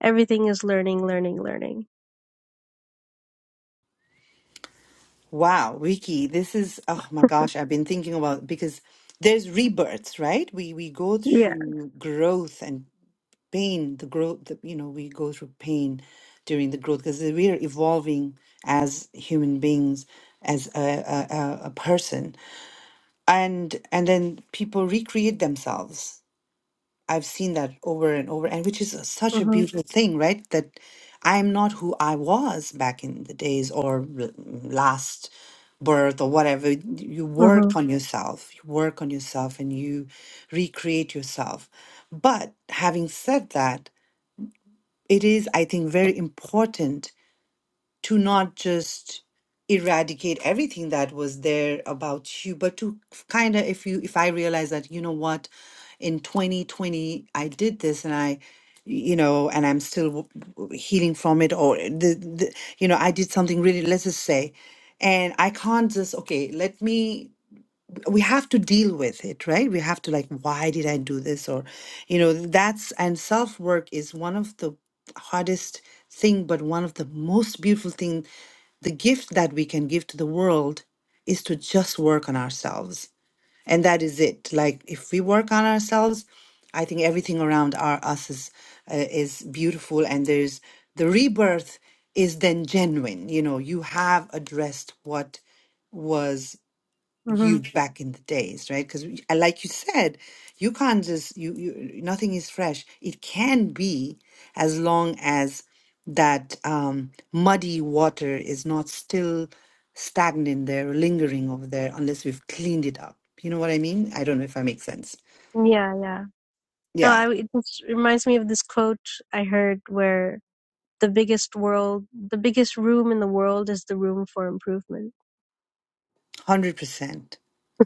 Speaker 15: Everything is learning, learning, learning.
Speaker 1: Wow, Vicky, this is oh my gosh, I've been thinking about because there's rebirths, right? We we go
Speaker 15: Yeah.
Speaker 1: through growth and. pain, the growth that you know we go through pain during the growth because we are evolving as human beings, as a, a, a a person, and and then people recreate themselves. I've seen that over and over, and which is a- such a
Speaker 15: Mhm.
Speaker 1: beautiful thing, right? That I'm not who I was back in the days or l- last birth or whatever. You work
Speaker 15: Mhm.
Speaker 1: on yourself, you work on yourself, and you recreate yourself. But having said that, it is, I think, very important to not just eradicate everything that was there about you, but to kind of, if you, if I realize that, you know what, in 2020, I did this and I, you know, and I'm still w- w- healing from it, or the, the, you know, I did something really, let's just say, and I can't just, okay, let me we have to deal with it right we have to like why did i do this or you know that's and self work is one of the hardest thing but one of the most beautiful thing the gift that we can give to the world is to just work on ourselves and that is it like if we work on ourselves i think everything around our us is uh, is beautiful and there's the rebirth is then genuine you know you have addressed what was
Speaker 15: Mhm.
Speaker 1: huge back in the days, right? Because like you said, you can't just you you nothing is fresh. It can be as long as that um, muddy water is not still stagnant there, lingering over there, unless we've cleaned it up. You know what I mean? I don't know if I make sense.
Speaker 15: Yeah. Yeah. No,
Speaker 1: Yeah,
Speaker 15: I, it just reminds me of this quote I heard where the biggest world, the biggest room in the world is the room for improvement.
Speaker 1: hundred percent,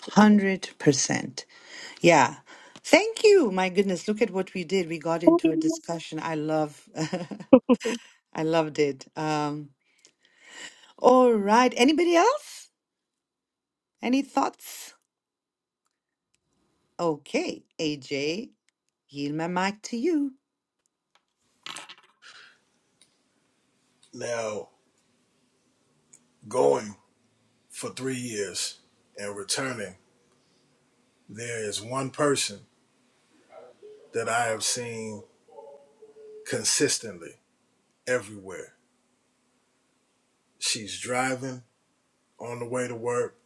Speaker 1: hundred percent. Yeah. Thank you. My goodness, look at what we did. We got into a discussion. I love I loved it. Um All right. Anybody else? Any thoughts? Okay, AJ, yield my mic to you.
Speaker 3: Now, going for three years and returning, there is one person that I have seen consistently everywhere. She's driving on the way to work,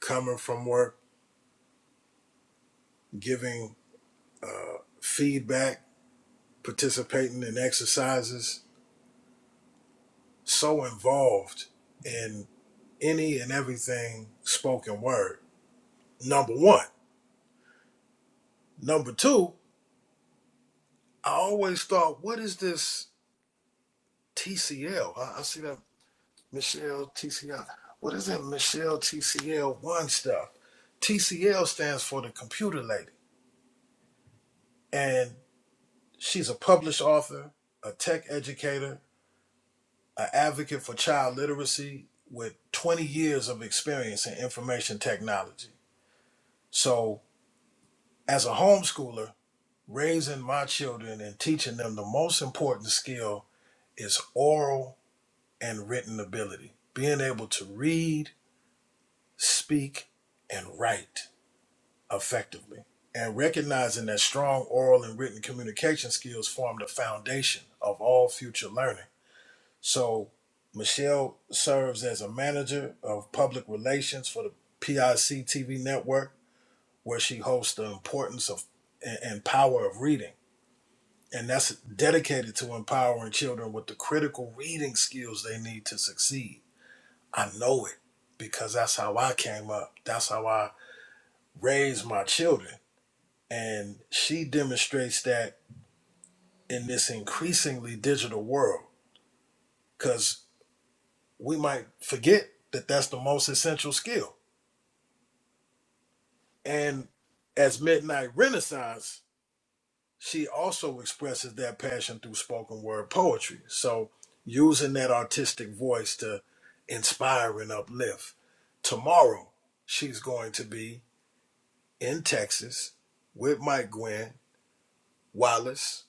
Speaker 3: coming from work, giving feedback, participating in exercises, so involved in any and everything spoken word. Number one. Number two, I always thought, what is this TCL? I, I see that Michelle TCL. What is that Michelle TCL one stuff? TCL stands for the computer lady. And she's a published author, a tech educator, an advocate for child literacy with 20 years of experience in information technology. So, as a homeschooler, raising my children and teaching them the most important skill is oral and written ability, being able to read, speak, and write effectively. And recognizing that strong oral and written communication skills form the foundation of all future learning. So, Michelle serves as a manager of public relations for the PIC TV network, where she hosts the importance of and, and power of reading. And that's dedicated to empowering children with the critical reading skills they need to succeed. I know it because that's how I came up. That's how I raised my children And she demonstrates that in this increasingly digital world, because we might forget that that's the most essential skill. And as Midnight Renaissance, she also expresses that passion through spoken word poetry. So using that artistic voice to inspire and uplift. Tomorrow, she's going to be in Texas with Mike Gwen, Wallace,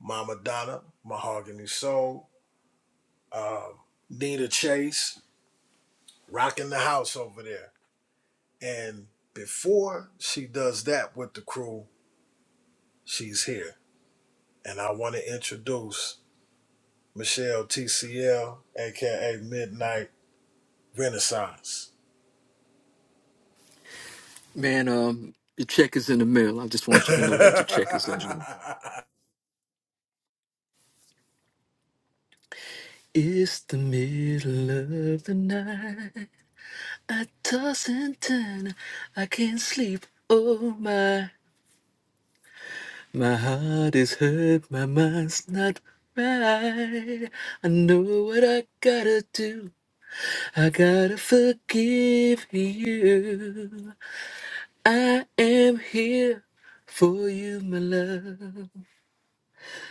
Speaker 3: Mama Donna, Mahogany Soul, um, Nina Chase rocking the house over there. And before she does that with the crew, she's here. And I want to introduce Michelle TCL, aka Midnight Renaissance.
Speaker 16: Man, um, your check is in the mail. I just want you to know that your check is in the mail. It's the middle of the night. I toss and turn. I can't sleep. Oh my, my heart is hurt. My mind's not right. I know what I gotta do. I gotta forgive you. I am here for you, my love.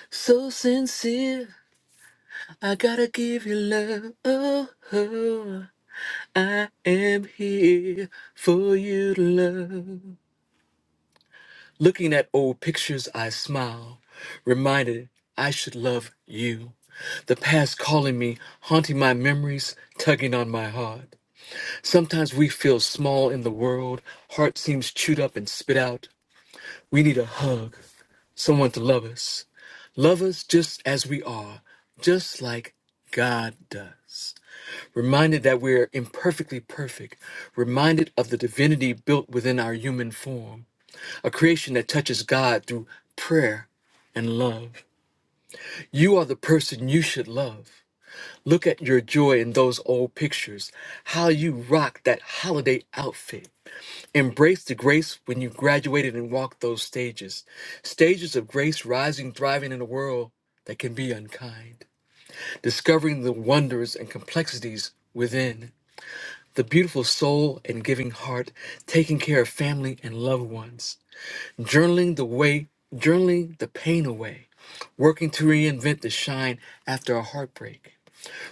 Speaker 16: So sincere. I gotta give you love. Oh, oh. I am here for you to love. Looking at old pictures, I smile, reminded I should love you. The past calling me, haunting my memories, tugging on my heart. Sometimes we feel small in the world, heart seems chewed up and spit out. We need a hug, someone to love us. Love us just as we are, just like God does. reminded that we're imperfectly perfect, reminded of the divinity built within our human form, a creation that touches God through prayer and love. You are the person you should love. Look at your joy in those old pictures, how you rocked that holiday outfit. Embrace the grace when you graduated and walked those stages. Stages of grace rising, thriving in a world that can be unkind. Discovering the wonders and complexities within. the beautiful soul and giving heart, taking care of family and loved ones, journaling the way, journaling the pain away, working to reinvent the shine after a heartbreak.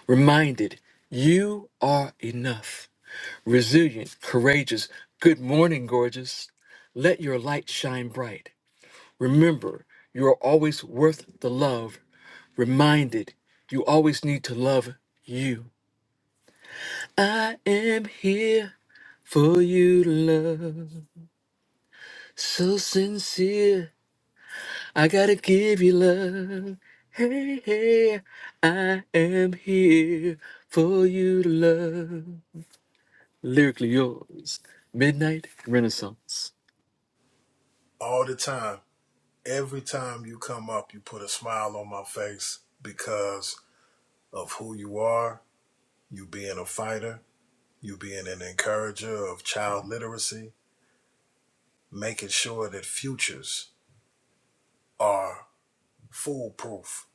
Speaker 16: Reminded, you are enough. Resilient, courageous. Good morning, gorgeous. Let your light shine bright. Remember, you are always worth the love. Reminded, you always need to love you. I am here for you to love. So sincere, I gotta give you love. Hey, hey, I am here for you to love. Lyrically yours, Midnight Renaissance.
Speaker 3: All the time. Every time you come up, you put a smile on my face because of who you are, you being a fighter, you being an encourager of child literacy, making sure that futures are foolproof,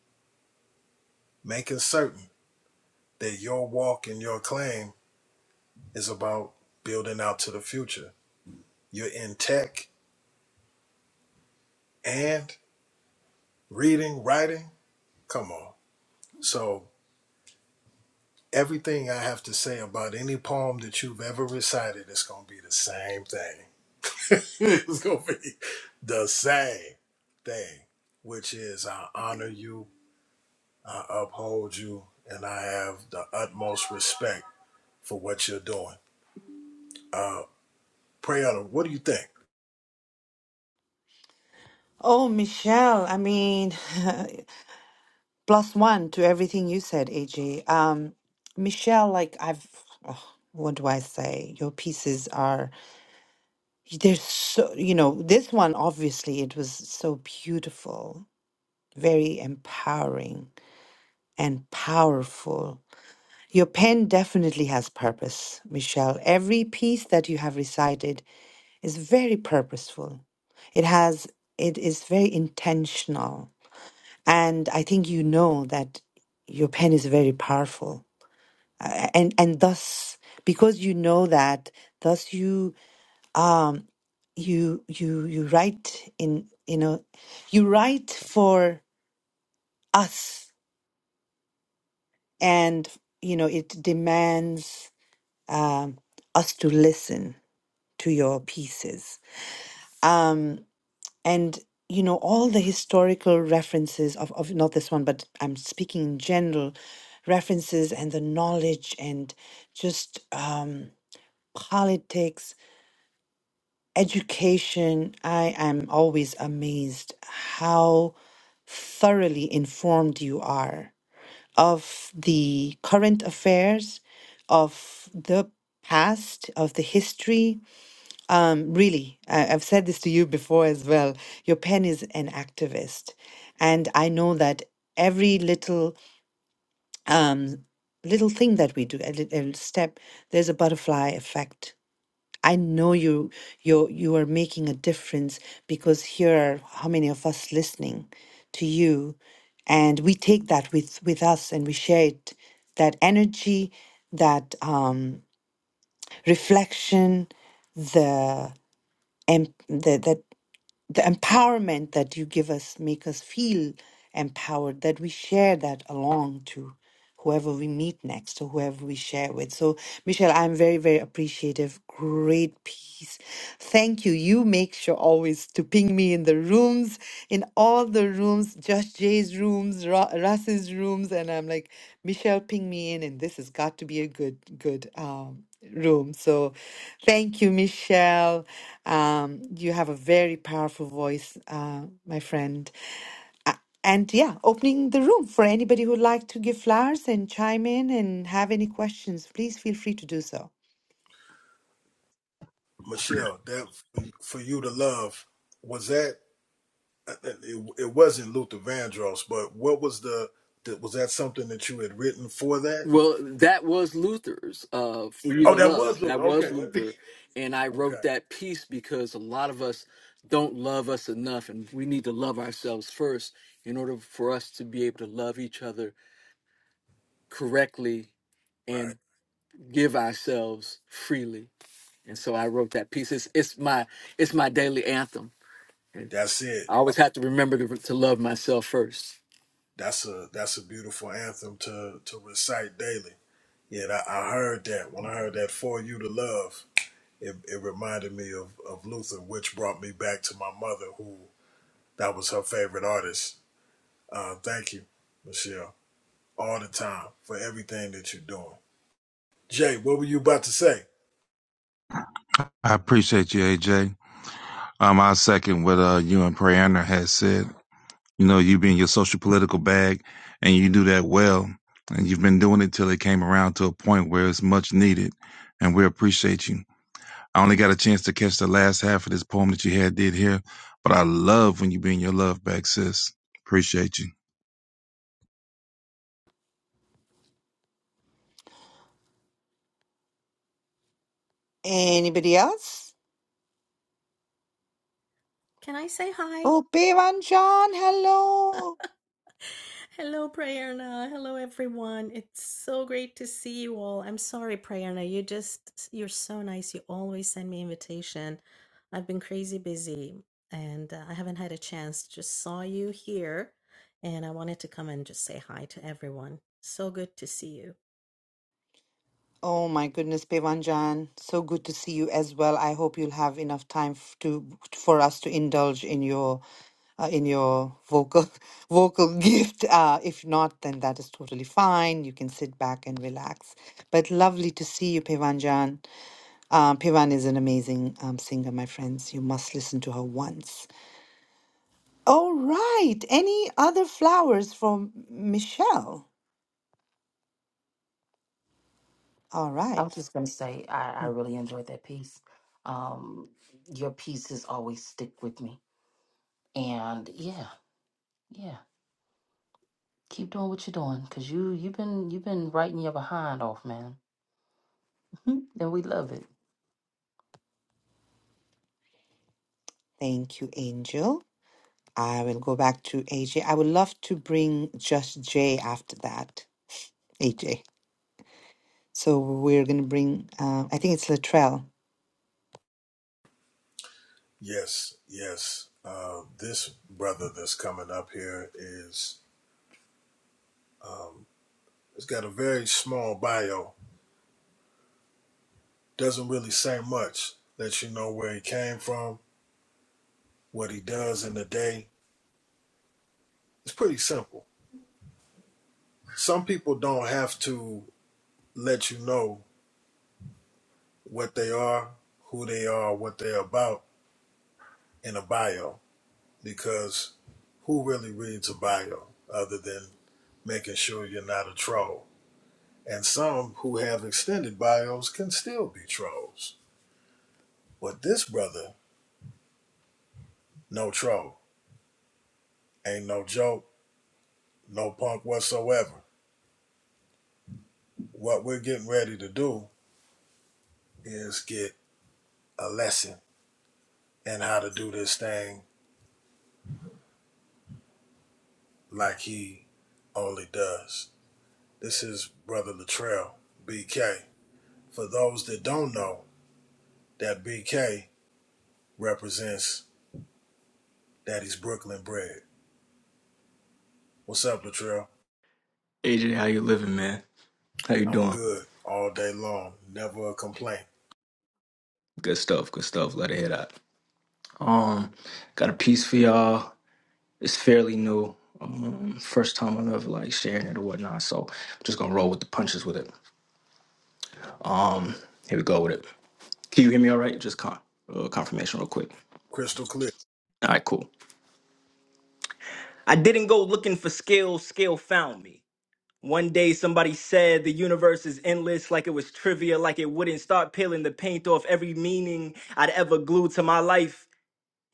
Speaker 3: making certain that your walk and your claim is about building out to the future. You're in tech and reading, writing. Come on. So, everything I have to say about any poem that you've ever recited is going to be the same thing. it's going to be the same thing, which is I honor you, I uphold you, and I have the utmost respect for what you're doing Uh, Prayana, what do you think,
Speaker 1: Oh, Michelle, I mean, plus one to everything you said, AJ. Um, Michelle, like I've, oh, what do I say? Your pieces are there's so you know this one obviously it was so beautiful, very empowering and powerful. Your pen definitely has purpose, Michelle. Every piece that you have recited Is very purposeful. It has it is very intentional. And I think you know that your pen is very powerful. Uh, And and thus because you know that, thus you um you you you write in you know you write for us and you know it demands um us to listen to your pieces. Um and you know all the historical references of, of not this one but i'm speaking in general references and the knowledge and just um politics education i am always amazed how thoroughly informed you are of the current affairs of the past of the history um, really, I, I've said this to you before as well. Your pen is an activist, and I know that every little um, little thing that we do, a little step, there's a butterfly effect. I know you you you are making a difference because here are how many of us listening to you, and we take that with with us and we share it. That energy, that um, reflection, the em- the that the empowerment that you give us make us feel empowered that we share that along to whoever we meet next or whoever we share with so michelle i'm very very appreciative great piece thank you you make sure always to ping me in the rooms in all the rooms just jay's rooms Ra- russ's rooms and i'm like michelle ping me in and this has got to be a good good um room. So thank you, Michelle. Um, you have a very powerful voice, uh, my friend. Uh, and yeah, opening the room for anybody who'd like to give flowers and chime in and have any questions, please feel free to do so.
Speaker 3: Michelle? That for you to love was that uh, uh, it, it wasn't Luther Vandross, but what was the that was that something that you had written for that?
Speaker 16: Well, that was Luther's uh, For You
Speaker 3: Oh,
Speaker 16: to
Speaker 3: that was
Speaker 16: Love.
Speaker 3: Luther.
Speaker 16: That was
Speaker 3: Okay,
Speaker 16: Luther. And I
Speaker 3: okay,
Speaker 16: wrote that piece because a lot of us don't love us enough, and we need to love ourselves first in order for us to be able to love each other correctly and.
Speaker 3: right.
Speaker 16: give ourselves freely. And so I wrote that piece. It's, it's my it's my daily anthem. And
Speaker 3: That's it.
Speaker 16: I
Speaker 3: Oh,
Speaker 16: always have to remember to, to love myself first.
Speaker 3: that's a that's a beautiful anthem to to recite daily. Yeah, that- I heard that when I heard that for you to love. It, it reminded me of, of Luther, which brought me back to my mother, who that was her favorite artist. Uh, thank you, Michelle. all the time for everything that you're doing. Jay, what were you about to say?
Speaker 17: I appreciate you, AJ. Um, I second what uh, you and Prayana has said. You know, you be in your social political bag, and you do that well, and you've been doing it till it came around to a point where it's much needed, and we appreciate you. I only got a chance to catch the last half of this poem that you had did here, but I love when you bring your love back, sis. Appreciate you.
Speaker 1: Anybody else?
Speaker 18: Can I say hi?
Speaker 1: Oh, Jan, hello.
Speaker 18: Hello, Prayerna. Hello, everyone. It's so great to see you all. I'm sorry, Prayerna. You just, you're so nice. You always send me invitation. I've been crazy busy and uh, I haven't had a chance. Just saw you here and I wanted to come and just say hi to everyone. So good to see you.
Speaker 1: Oh my goodness, Jan, so good to see you as well. I hope you'll have enough time f- to for us to indulge in your uh, in your vocal vocal gift. Uh, if not, then that is totally fine. You can sit back and relax. But lovely to see you, Pevan Jan. Um, Pevan is an amazing um, singer, my friends. You must listen to her once. All right. Any other flowers from Michelle? All
Speaker 10: I
Speaker 1: right.
Speaker 10: was just going to say, I, I really enjoyed that piece. Um, your pieces always stick with me, and yeah, yeah, keep doing what you're doing, cause you you've been you've been writing your behind off, man, and we love it.
Speaker 1: Thank you, Angel. I will go back to AJ. I would love to bring just J after that. AJ. So we're going to bring, uh, I think it's Latrell.
Speaker 3: Yes, yes. Uh, this brother that's coming up here is, um, it's got a very small bio. Doesn't really say much. Lets you know where he came from, what he does in the day. It's pretty simple. Some people don't have to let you know what they are, who they are, what they're about in a bio because who really reads a bio other than making sure you're not a troll. And some who have extended bios can still be trolls. But this brother, no troll, ain't no joke, no punk whatsoever. What we're getting ready to do is get a lesson in how to do this thing like he only does. This is Brother Latrell, BK. For those that don't know, that BK represents Daddy's Brooklyn bread. What's up, Latrell?
Speaker 19: AJ, how you living, man? How you
Speaker 3: I'm
Speaker 19: doing?
Speaker 3: good all day long. Never a complaint.
Speaker 19: Good stuff, good stuff. Let it hit out. Um, got a piece for y'all. It's fairly new. Um, first time I'm ever like sharing it or whatnot. So I'm just gonna roll with the punches with it. Um, here we go with it. Can you hear me all right? Just con- uh, confirmation real quick.
Speaker 3: Crystal clear.
Speaker 19: All right, cool. I didn't go looking for skill, skill found me. One day somebody said the universe is endless, like it was trivia, like it wouldn't start peeling the paint off every meaning I'd ever glued to my life.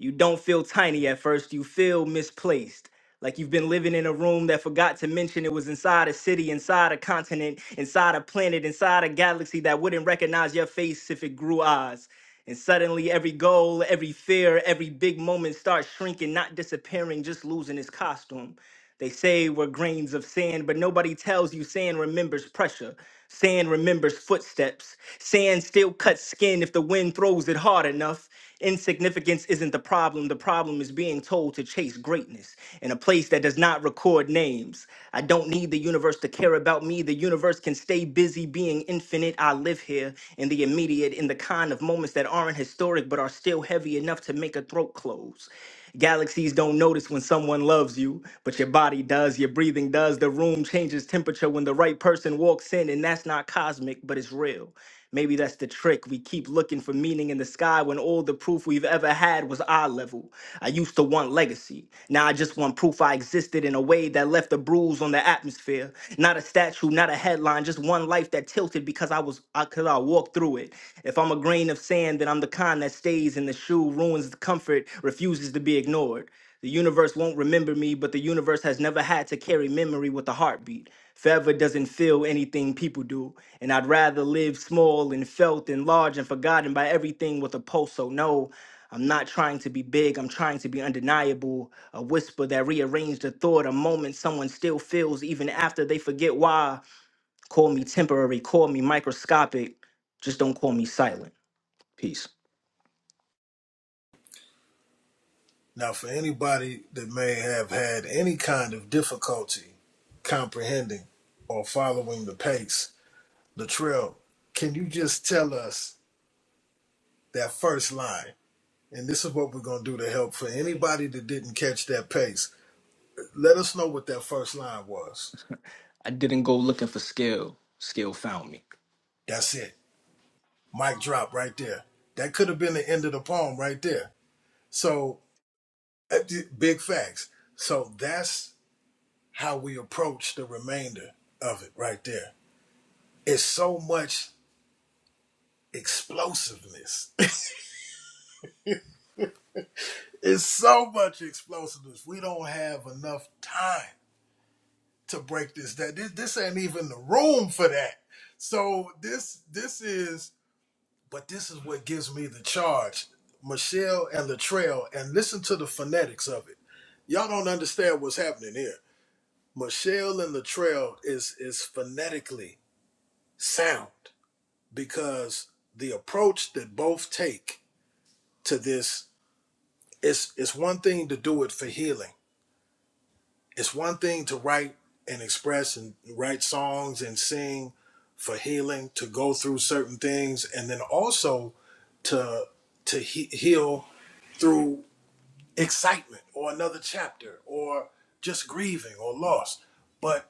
Speaker 19: You don't feel tiny at first, you feel misplaced. Like you've been living in a room that forgot to mention it was inside a city, inside a continent, inside a planet, inside a galaxy that wouldn't recognize your face if it grew eyes. And suddenly, every goal, every fear, every big moment starts shrinking, not disappearing, just losing its costume. They say we're grains of sand, but nobody tells you sand remembers pressure. Sand remembers footsteps. Sand still cuts skin if the wind throws it hard enough. Insignificance isn't the problem. The problem is being told to chase greatness in a place that does not record names. I don't need the universe to care about me. The universe can stay busy being infinite. I live here in the immediate, in the kind of moments that aren't historic but are still heavy enough to make a throat close. Galaxies don't notice when someone loves you, but your body does, your breathing does. The room changes temperature when the right person walks in, and that's not cosmic, but it's real. Maybe that's the trick. We keep looking for meaning in the sky when all the proof we've ever had was eye level. I used to want legacy. Now I just want proof I existed in a way that left a bruise on the atmosphere. Not a statue, not a headline, just one life that tilted because I was I cause I walked through it. If I'm a grain of sand, then I'm the kind that stays in the shoe, ruins the comfort, refuses to be ignored. The universe won't remember me, but the universe has never had to carry memory with a heartbeat. Forever doesn't feel anything people do, and I'd rather live small and felt and large and forgotten by everything with a pulse. So, no, I'm not trying to be big, I'm trying to be undeniable. A whisper that rearranged a thought, a moment someone still feels even after they forget why. Call me temporary, call me microscopic, just don't call me silent. Peace.
Speaker 3: Now, for anybody that may have had any kind of difficulty comprehending or following the pace, Latrell, can you just tell us that first line? And this is what we're going to do to help for anybody that didn't catch that pace. Let us know what that first line was.
Speaker 19: I didn't go looking for skill, skill found me.
Speaker 3: That's it. Mic drop right there. That could have been the end of the poem right there. So, uh, big facts. So that's how we approach the remainder of it right there. It's so much explosiveness. it's so much explosiveness. We don't have enough time to break this down. This, this ain't even the room for that. So this this is but this is what gives me the charge. Michelle and Latrell, and listen to the phonetics of it. Y'all don't understand what's happening here. Michelle and Latrell is is phonetically sound. because the approach that both take to this is it's one thing to do it for healing. It's one thing to write and express and write songs and sing for healing, to go through certain things and then also to to he- heal through excitement or another chapter or just grieving or loss. But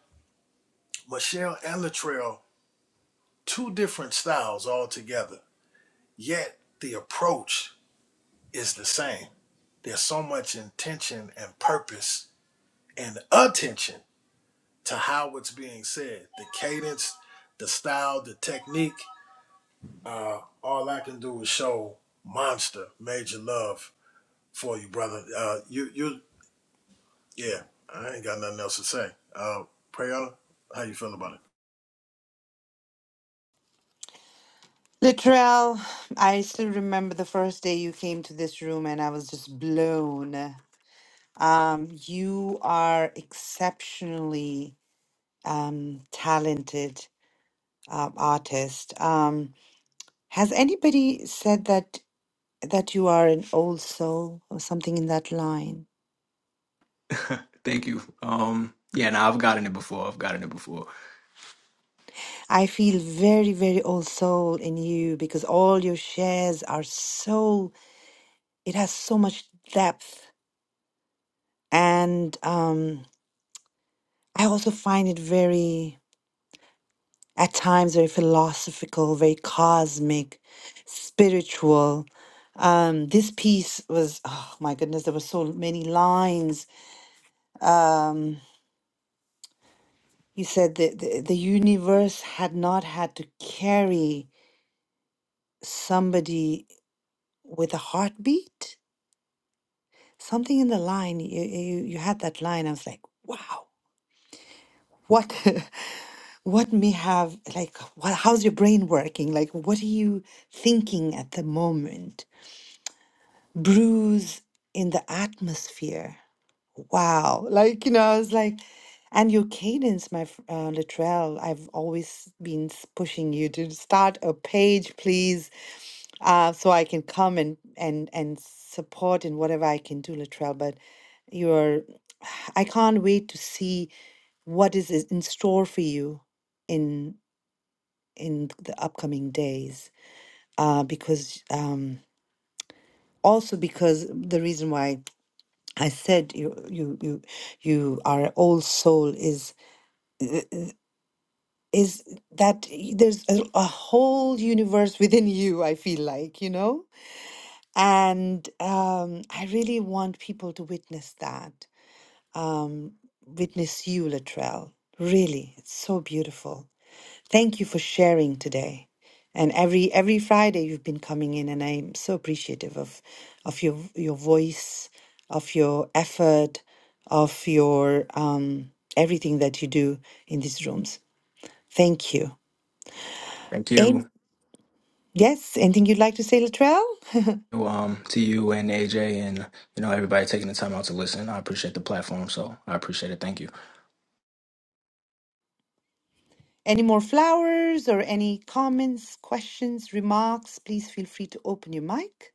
Speaker 3: Michelle and Latrell, two different styles altogether. Yet the approach is the same there's so much intention and purpose and attention to how it's being said the cadence the style the technique uh, all i can do is show monster major love for you brother uh, you you yeah i ain't got nothing else to say uh, prayana how you feel about it
Speaker 1: Latrell, I still remember the first day you came to this room and I was just blown. Um, you are exceptionally um, talented uh, artist. Um, has anybody said that that you are an old soul or something in that line?
Speaker 19: Thank you. Um, yeah, no, I've gotten it before. I've gotten it before.
Speaker 1: I feel very, very old soul in you because all your shares are so, it has so much depth. And um, I also find it very at times very philosophical, very cosmic, spiritual. Um, this piece was, oh my goodness, there were so many lines. Um, you said that the, the universe had not had to carry somebody with a heartbeat. Something in the line, you, you, you had that line. I was like, wow, what? What may have, like, what, how's your brain working? Like, what are you thinking at the moment? Bruise in the atmosphere. Wow. Like, you know, I was like, and your cadence, my fr- uh, Latrell, I've always been s- pushing you to start a page, please, uh, so I can come and and and support in whatever I can do, Latrell. But you're, I can't wait to see what is is in store for you in in the upcoming days. Uh, because um, also because the reason why. I said you you you you our old soul is is that there's a, a whole universe within you I feel like you know and um I really want people to witness that um witness you Latrell really it's so beautiful Thank you for sharing today. And every every Friday you've been coming in and I'm so appreciative of of your your voice, of your effort, of your um everything that you do in these rooms. Thank you.
Speaker 19: Thank
Speaker 1: And
Speaker 19: you.
Speaker 1: yes, anything you'd like to say, Latrell?
Speaker 19: Um, to you and AJ and you know everybody taking the time out to listen. I appreciate the platform, so I appreciate it. Thank you.
Speaker 1: Any more flowers or any comments, questions, remarks, please feel free to open your mic.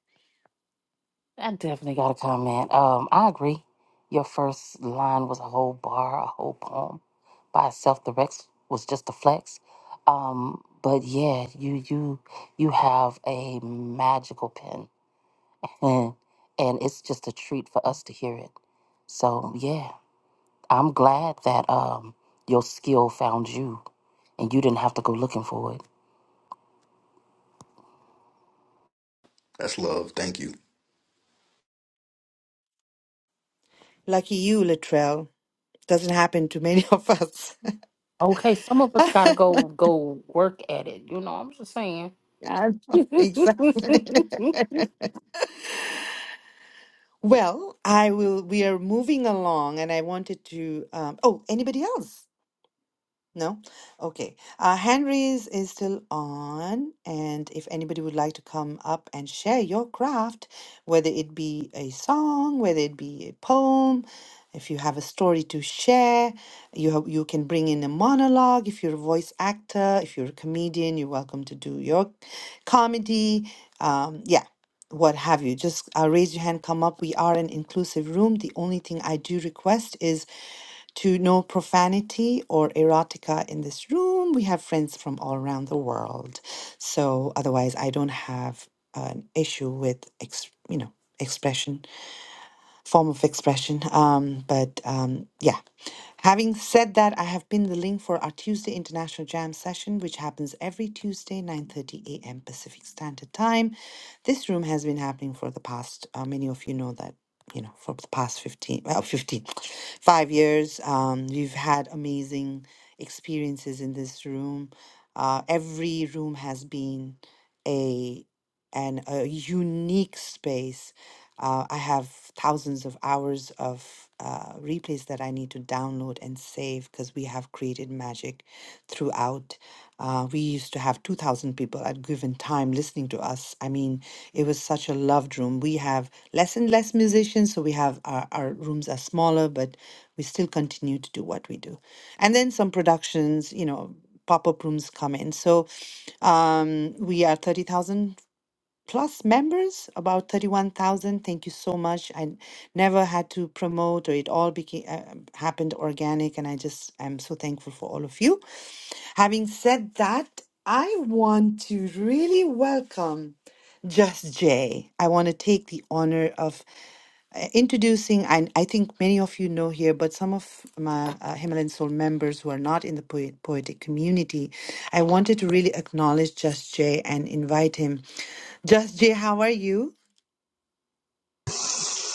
Speaker 10: I definitely got a comment. Um, I agree. Your first line was a whole bar, a whole poem by itself. The Rex was just a flex. Um, but yeah, you you you have a magical pen and and it's just a treat for us to hear it. So yeah, I'm glad that um your skill found you and you didn't have to go looking for it.
Speaker 19: That's love.
Speaker 1: Lucky you, Latrell. Doesn't happen to many of us.
Speaker 10: Okay, some of us gotta go go work at it. You know, I'm just saying.
Speaker 1: Yeah, exactly. Well, I will. We are moving along, and I wanted to. Um, oh, anybody else? No? Okay. Uh, Henry's is still on, and if anybody would like to come up and share your craft, whether it be a song, whether it be a poem, if you have a story to share, you have, you can bring in a monologue. If you're a voice actor, if you're a comedian, you're welcome to do your comedy. Um, yeah, what have you. Just uh, raise your hand, come up. We are an inclusive room. The only thing I do request is to no profanity or erotica in this room. We have friends from all around the world. So otherwise, I don't have an issue with, ex- you know, expression, form of expression. Um, but um, yeah, Having said that, I have pinned the link for our Tuesday International Jam session, which happens every Tuesday, 9.30 a.m. Pacific Standard Time. This room has been happening for the past, uh, many of you know that, you know, for the past 15, well, 15, five years. Um, we've had amazing experiences in this room. Uh, every room has been a, an, a unique space uh, I have thousands of hours of uh, replays that I need to download and save because we have created magic throughout. Uh, we used to have 2,000 people at given time listening to us. I mean, it was such a loved room. We have less and less musicians, so we have our, our rooms are smaller, but we still continue to do what we do. And then some productions, you know, pop up rooms come in. So um, we are 30,000 plus members, about 31,000. Thank you so much. I n- never had to promote, or it all became uh, um, happened organic, and I just am so thankful for all of you. Having said that, I want to really welcome Just Jay. I want to take the honor of uh, introducing, and I think many of you know here, but some of my uh, Himalayan Soul members who are not in the poet, poetic community, I wanted to really acknowledge Just Jay and invite him just Jay, how are you?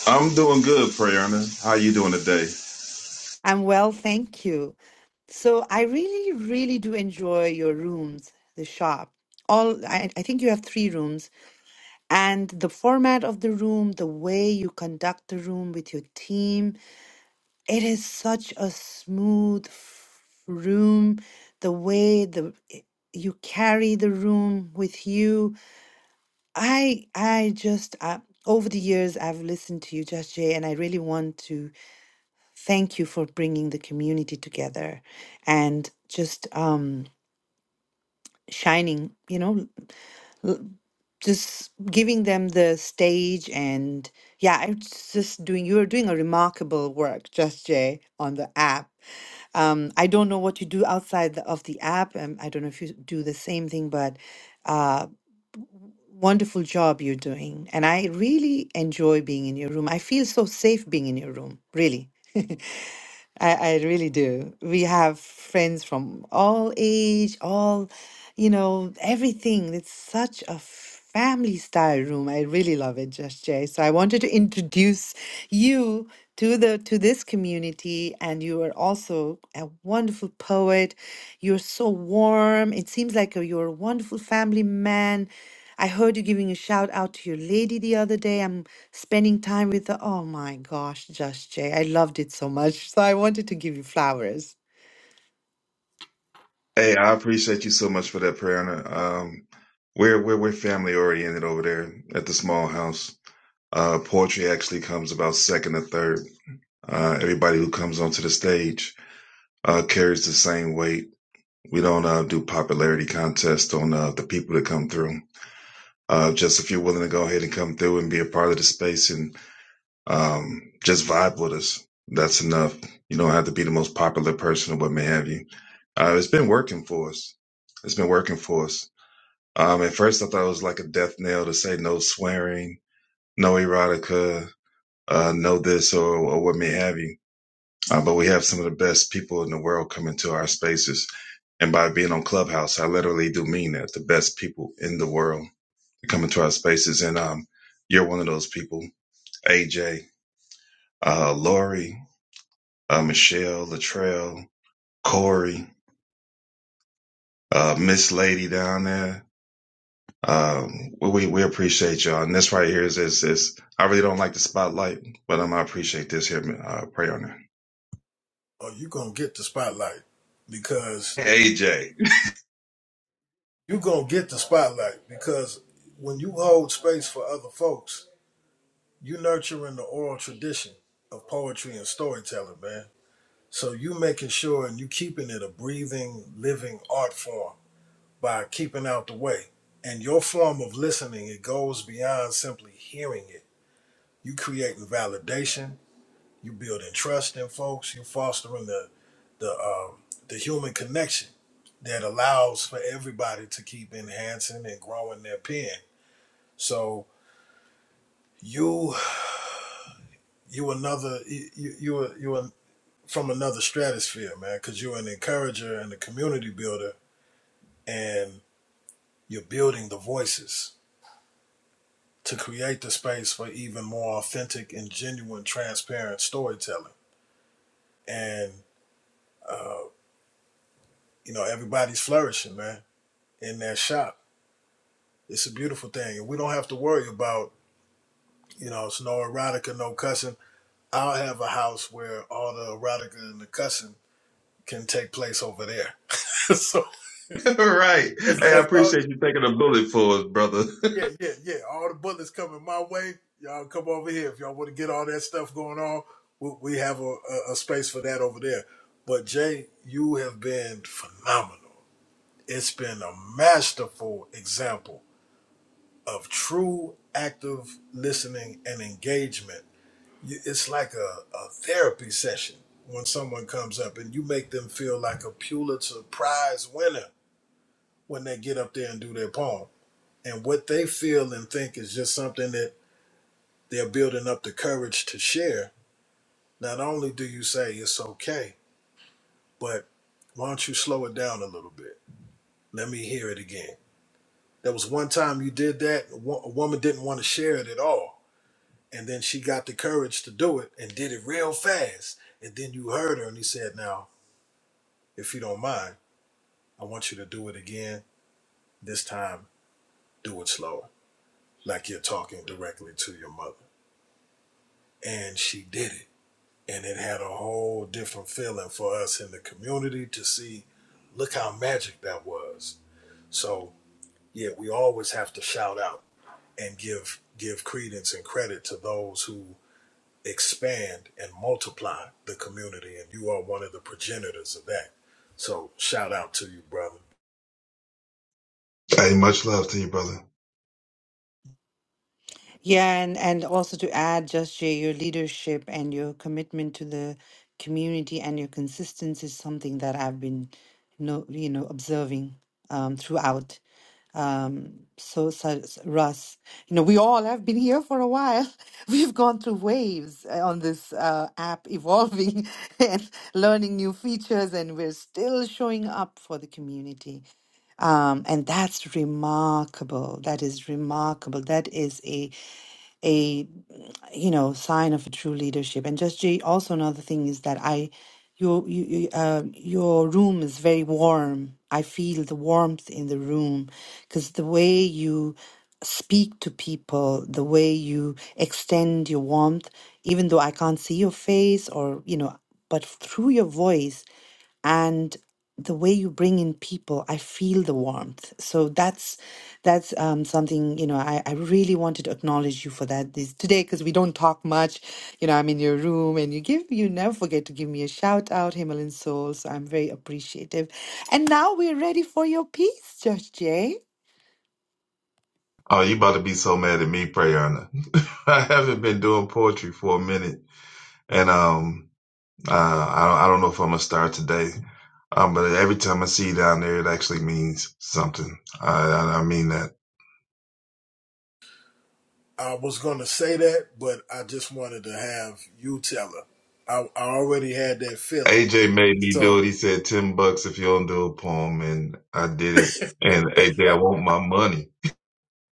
Speaker 17: I'm doing good, Prayana. How you doing today?
Speaker 1: I'm well, thank you. So I really, really do enjoy your rooms, the shop. All I, I think you have three rooms, and the format of the room, the way you conduct the room with your team, it is such a smooth f- room. The way the i- you carry the room with you, I I just uh, over the years I've listened to you, Just Jay, and I really want to. Thank you for bringing the community together and just um, shining, you know, just giving them the stage. And yeah, I'm just doing, you're doing a remarkable work, Just Jay, on the app. Um, I don't know what you do outside the, of the app. Um, I don't know if you do the same thing, but uh, wonderful job you're doing. And I really enjoy being in your room. I feel so safe being in your room, really. I, I really do. We have friends from all age, all, you know, everything. It's such a family style room. I really love it, Just Jay. So I wanted to introduce you to the to this community, and you are also a wonderful poet. You're so warm. It seems like you're a wonderful family man. I heard you giving a shout out to your lady the other day. I'm spending time with her. Oh my gosh, Just Jay. I loved it so much. So I wanted to give you flowers.
Speaker 17: Hey, I appreciate you so much for that, Prayana. Um, we're we're we're family oriented over there at the small house. Uh, poetry actually comes about second or third. Uh, everybody who comes onto the stage uh, carries the same weight. We don't uh, do popularity contests on uh, the people that come through. Uh, just if you're willing to go ahead and come through and be a part of the space and um, just vibe with us, that's enough. You don't have to be the most popular person or what may have you. Uh, it's been working for us. It's been working for us. Um, at first, I thought it was like a death knell to say no swearing, no erotica, uh, know this or, or what may have you. Uh, but we have some of the best people in the world come into our spaces. And by being on Clubhouse, I literally do mean that the best people in the world come into our spaces. And um, you're one of those people AJ, uh, Lori, uh, Michelle, Latrell, Corey, uh, Miss Lady down there. Um, we, we appreciate y'all. And this right here is, is, is I really don't like the spotlight, but um, I appreciate this here. Uh, pray on
Speaker 3: oh you gonna get the spotlight because
Speaker 17: it. AJ.
Speaker 3: you gonna get the spotlight because when you hold space for other folks you nurturing the oral tradition of poetry and storytelling, man. So you making sure and you keeping it a breathing, living art form by keeping out the way. And your form of listening, it goes beyond simply hearing it. You creating validation, you building trust in folks, you fostering the the um, the human connection that allows for everybody to keep enhancing and growing their pen. So you you another you you you from another stratosphere, man, because you're an encourager and a community builder, and you're building the voices to create the space for even more authentic and genuine, transparent storytelling. And, uh, you know, everybody's flourishing, man, in that shop. It's a beautiful thing. And we don't have to worry about, you know, it's no erotica, no cussing. I'll have a house where all the erotica and the cussing can take place over there. so,
Speaker 17: right.
Speaker 3: as,
Speaker 17: Hey, I
Speaker 3: as long
Speaker 17: appreciate you taking a bullet for us, brother.
Speaker 3: Yeah, yeah, yeah. All the bullets coming my way. Y'all come over here if y'all want to get all that stuff going on. We, we have a, a, a space for that over there. But Jay, you have been phenomenal. It's been a masterful example of true active listening and engagement. You- It's like a, a therapy session when someone comes up and you make them feel like a Pulitzer Prize winner when they get up there and do their poem. And what they feel and think is just something that they're building up the courage to share, not only do you say it's okay, but why don't you slow it down a little bit? Let me hear it again. There was one time you did that, a wo- a woman didn't want to share it at all. And then she got the courage to do it and did it real fast. And then you heard her and he said, Now, if you don't mind, I want you to do it again. This time, do it slower, like you're talking directly to your mother. And she did it and it had a whole different feeling for us in the community to see look how magic that was so yeah we always have to shout out and give give credence and credit to those who expand and multiply the community and you are one of the progenitors of that so shout out to you brother
Speaker 17: Hey, much love to you, brother.
Speaker 1: Yeah, and, and also to add, Just Jay, your leadership and your commitment to the community and your consistency is something that I've been no, you know, observing um, throughout. So, so, so, Russ, you know, we all have been here for a while. We've gone through waves uh, on this uh, app, evolving and learning new features, and we're still showing up for the community. Um, and that's remarkable. That is remarkable. That is a a you know sign of a true leadership and just Jay, also another thing is that i your you, you, uh, your room is very warm i feel the warmth in the room because the way you speak to people the way you extend your warmth even though i can't see your face or you know but through your voice and the way you bring in people i feel the warmth so that's that's um, something you know I, I really wanted to acknowledge you for that this today because we don't talk much you know i'm in your room and you give you never forget to give me a shout out himalayan soul so i'm very appreciative and now we're ready for your piece josh jay
Speaker 17: Oh, you about to be so mad at me, Prayerna. I haven't been doing poetry for a minute, and um, uh, I don't, I don't know if I'm gonna start today. Um, but every time I see you down there, it actually means something. I, I, I mean that.
Speaker 3: i was going to say that but i just wanted to have you tell her i, I already had that feeling
Speaker 17: AJ made me
Speaker 3: so
Speaker 17: do it. He said ten bucks if you don't do a poem, and I did it. And AJ, I want my money.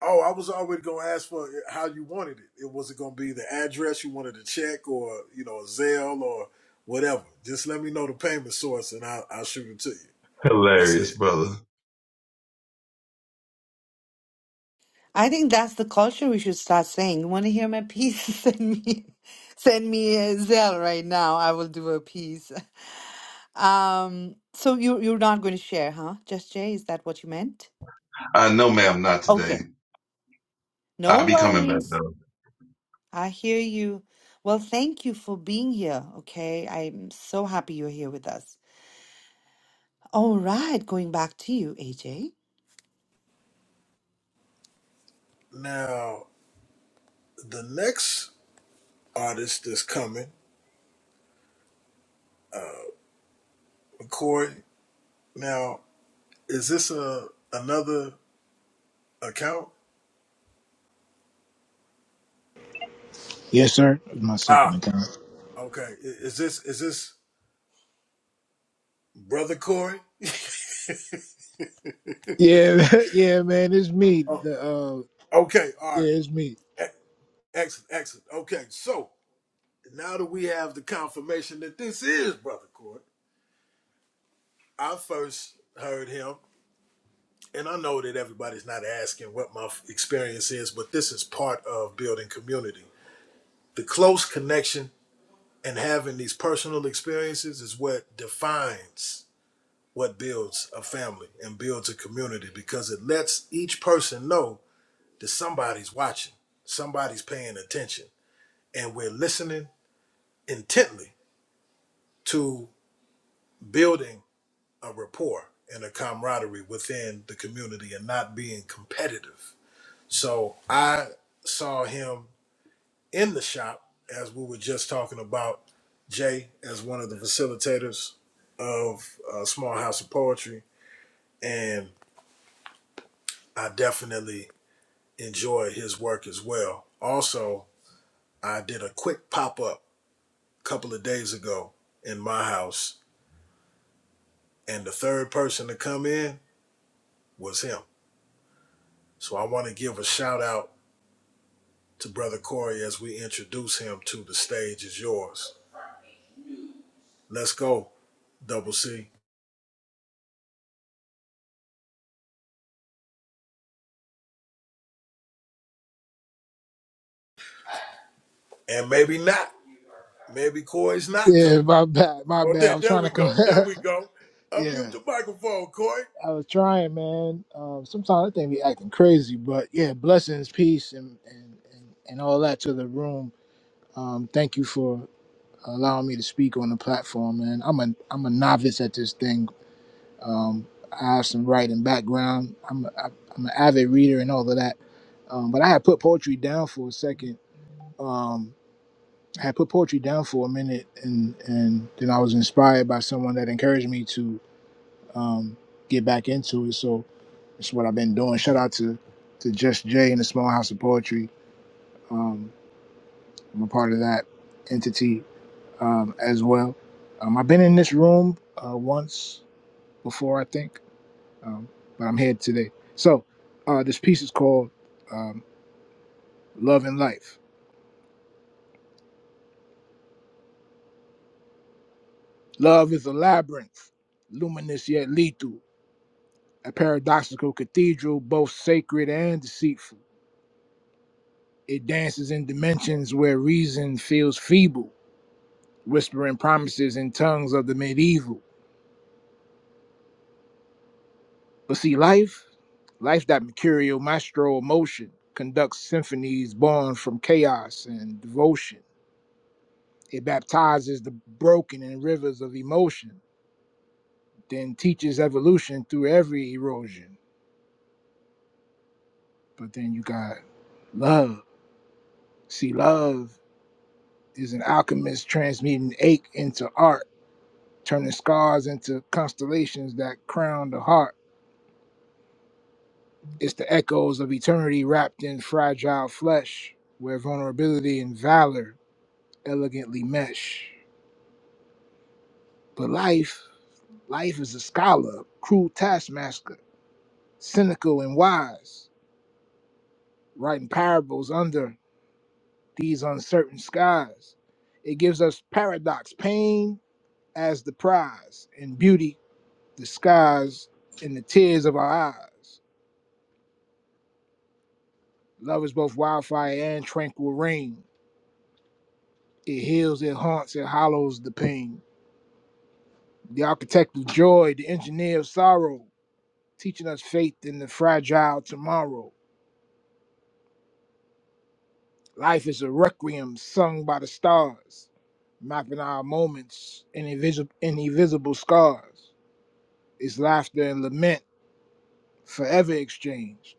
Speaker 3: Oh, I was already gonna ask for how you wanted it. It was it gonna be the address you wanted to check, or you know, a Zelle or whatever. Just let me know the payment source, and I'll, I'll shoot it to you. That's
Speaker 17: Hilarious,
Speaker 3: it.
Speaker 17: brother.
Speaker 1: I think that's the culture we should start saying. You want to hear my piece? Send me, send me a Zelle right now. I will do a piece. Um, so you you're not going to share, huh? Just Jay, is that what you meant?
Speaker 17: I know, ma'am, not today.
Speaker 1: Okay,
Speaker 17: I'll
Speaker 1: no
Speaker 17: be coming back
Speaker 1: worries.
Speaker 17: though.
Speaker 1: I hear you. Well, thank you for being here. Okay, I'm so happy you're here with us. All right, going back to you, AJ.
Speaker 3: Now, the next artist that's coming, uh, Corey. Now, is this a another account?
Speaker 20: Yes, sir. It's my second
Speaker 3: Ah,
Speaker 20: account.
Speaker 3: okay. I- Is this is this brother Corey?
Speaker 20: Yeah, yeah, man, it's me.
Speaker 3: Oh,
Speaker 20: The uh,
Speaker 3: okay, all right.
Speaker 20: yeah, it's me.
Speaker 3: E- Excellent, excellent. Okay, so. now that we have the confirmation that this is Brother Court, I first heard him, and I know that everybody's not asking what my experience is, but this is part of building community. The close connection and having these personal experiences is what defines what builds a family and builds a community because it lets each person know that somebody's watching, somebody's paying attention, and we're listening intently to building a rapport and a camaraderie within the community and not being competitive. So I saw him in the shop as we were just talking about Jay as one of the facilitators of uh, Small House of Poetry, and I definitely enjoy his work as well. Also, I did a quick pop up a couple of days ago in my house, and the third person to come in was him. So I want to give a shout out to Brother Corey as we introduce him to the stage is yours. Let's go, Double C. And maybe not. Maybe Corey's not coming.
Speaker 20: Yeah, my bad, my
Speaker 3: Oh,
Speaker 20: bad.
Speaker 3: there,
Speaker 20: I was
Speaker 3: there
Speaker 20: trying
Speaker 3: we
Speaker 20: to come.
Speaker 3: go. There we go. Unmute
Speaker 20: yeah,
Speaker 3: the microphone, Corey.
Speaker 20: I was trying, man. Um, sometimes I think be acting crazy, but yeah, blessings, peace, and and and, and all that to the room. Um, thank you for allowing me to speak on the platform, man. I'm a I'm a novice at this thing. Um, I have some writing background. I'm a, I'm an avid reader and all of that. Um, but I had put poetry down for a second um, I had put poetry down for a minute, and and then I was inspired by someone that encouraged me to um, get back into it. So it's what I've been doing. Shout out to to Just Jay and the Small House of Poetry. Um, I'm a part of that entity um, as well. Um, I've been in this room uh, once before, I think, um, but I'm here today. So uh, this piece is called um, "Love and Life." Love is a labyrinth, luminous yet lethal. a paradoxical cathedral, both sacred and deceitful. It dances in dimensions where reason feels feeble, whispering promises in tongues of the medieval. But see, life, life that mercurial maestro emotion, conducts symphonies born from chaos and devotion. It baptizes the broken in rivers of emotion, then teaches evolution through every erosion. But then you got love. See, love is an alchemist transmuting ache into art turning scars into constellations that crown the heart. It's the echoes of eternity wrapped in fragile flesh, where vulnerability and valor elegantly mesh. But life, life is a scholar, cruel taskmaster, cynical and wise, writing parables under these uncertain skies. It gives us paradox, pain as the prize, and beauty disguised in the tears of our eyes. Love is both wildfire and tranquil rain. It heals, it haunts, it hollows the pain. The architect of joy, the engineer of sorrow, teaching us faith in the fragile tomorrow. Life is a requiem sung by the stars, mapping our moments in invisible, in invisible scars. It's laughter and lament, forever exchanged.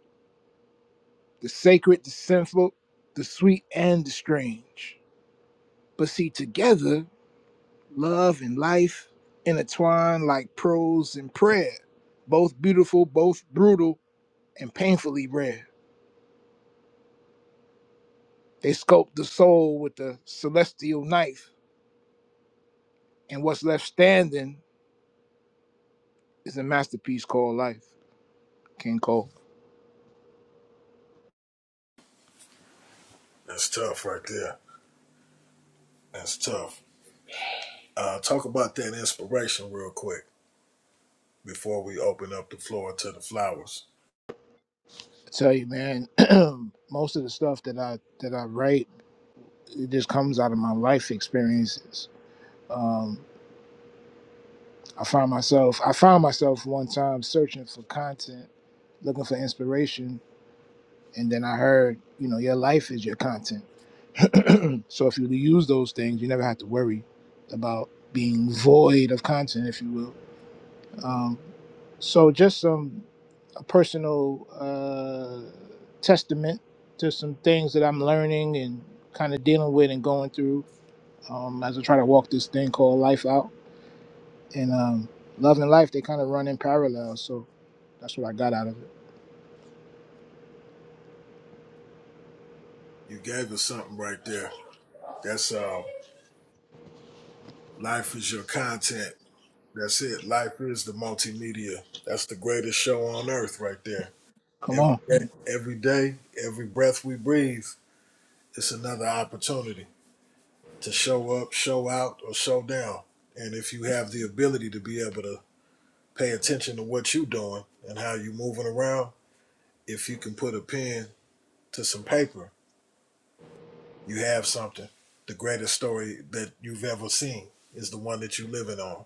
Speaker 20: The sacred, the sinful, the sweet, and the strange. But see, together, Love and life intertwine like prose and prayer, both beautiful, both brutal, and painfully rare. They sculpt the soul with the celestial knife, and what's left standing is a masterpiece called life. King Cole.
Speaker 3: That's tough right there. That's tough. Uh, talk about that inspiration real quick before we open up the floor to the flowers.
Speaker 20: I tell you, man, most of the stuff that I that I write, it just comes out of my life experiences. Um, I find myself I found myself one time searching for content, looking for inspiration And then I heard, you know, your life is your content. so if you use those things, you never have to worry about being void of content, if you will. Um, so just some a personal uh, testament to some things that I'm learning and kind of dealing with and going through um, as I try to walk this thing called life out. And um, love and life, they kind of run in parallel. So that's what I got out of it.
Speaker 3: You gave us something right there. That's uh, life is your content. That's it. Life is the multimedia. That's the greatest show on earth right there
Speaker 20: Come
Speaker 3: Every
Speaker 20: on.
Speaker 3: day, every day, every breath we breathe, it's another opportunity to show up, show out, or show down. And if you have the ability to be able to pay attention to what you're doing and how you're moving around, if you can put a pen to some paper, you have something. The greatest story that you've ever seen is the one that you're living on.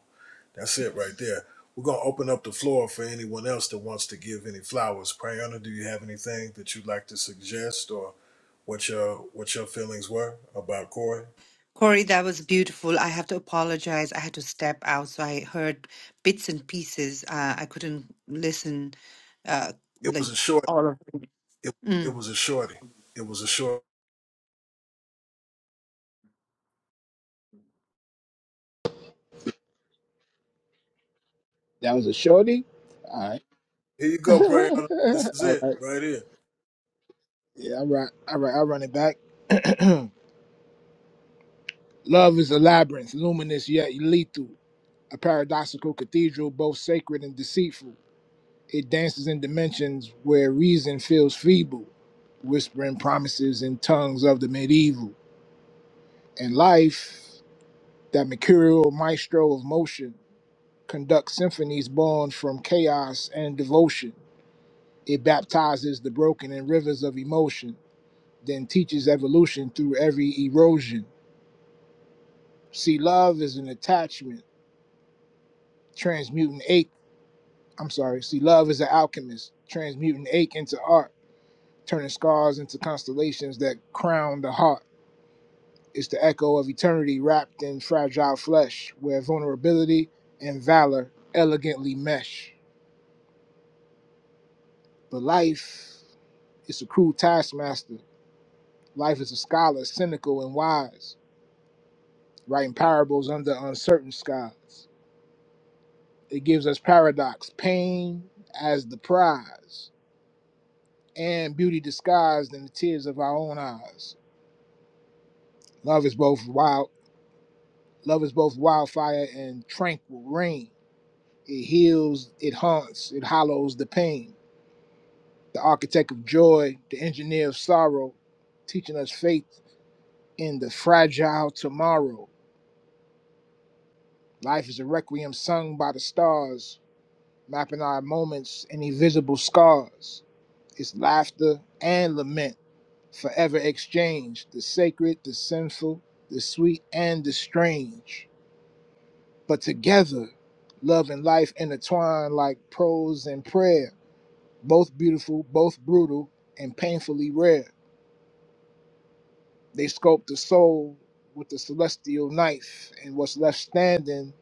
Speaker 3: That's it right there. We're gonna open up the floor for anyone else that wants to give any flowers. Prayana, do you have anything that you'd like to suggest or what your what your feelings were about Corey?
Speaker 1: Corey, that was beautiful. I have to apologize. I had to step out, so I heard bits and pieces. Uh, I couldn't listen, uh,
Speaker 3: It was
Speaker 1: like
Speaker 3: a short
Speaker 1: all of it.
Speaker 3: it, it
Speaker 1: Mm.
Speaker 3: was a shorty. It was a short
Speaker 20: That was a shorty.
Speaker 3: here you go, Prayana. This is
Speaker 20: all
Speaker 3: it
Speaker 20: right.
Speaker 3: right here.
Speaker 20: Yeah, all right. All right, I run it back. Love is a labyrinth, luminous yet lethal, a paradoxical cathedral, both sacred and deceitful. It dances in dimensions where reason feels feeble, whispering promises in tongues of the medieval. And life, that mercurial maestro of motion, conducts symphonies born from chaos and devotion. It baptizes the broken in rivers of emotion then teaches evolution through every erosion. See, love is an attachment, transmuting ache. I'm sorry. See, love is an alchemist, transmuting ache into art, turning scars into constellations that crown the heart. It's the echo of eternity wrapped in fragile flesh, where vulnerability and valor elegantly mesh. But life is a cruel taskmaster. Life is a scholar, cynical and wise, writing parables under uncertain skies. It gives us paradox, pain as the prize, and beauty disguised in the tears of our own eyes. Love is both wild love is both wildfire and tranquil rain. It heals, it haunts, it hollows the pain. The architect of joy, the engineer of sorrow, teaching us faith in the fragile tomorrow. Life is a requiem sung by the stars, mapping our moments and invisible scars. It's laughter and lament forever exchange the sacred, the sinful, the sweet, and the strange. But together, love and life intertwine like prose and prayer, both beautiful, both brutal, and painfully rare. They sculpt the soul with the celestial knife, and what's left standing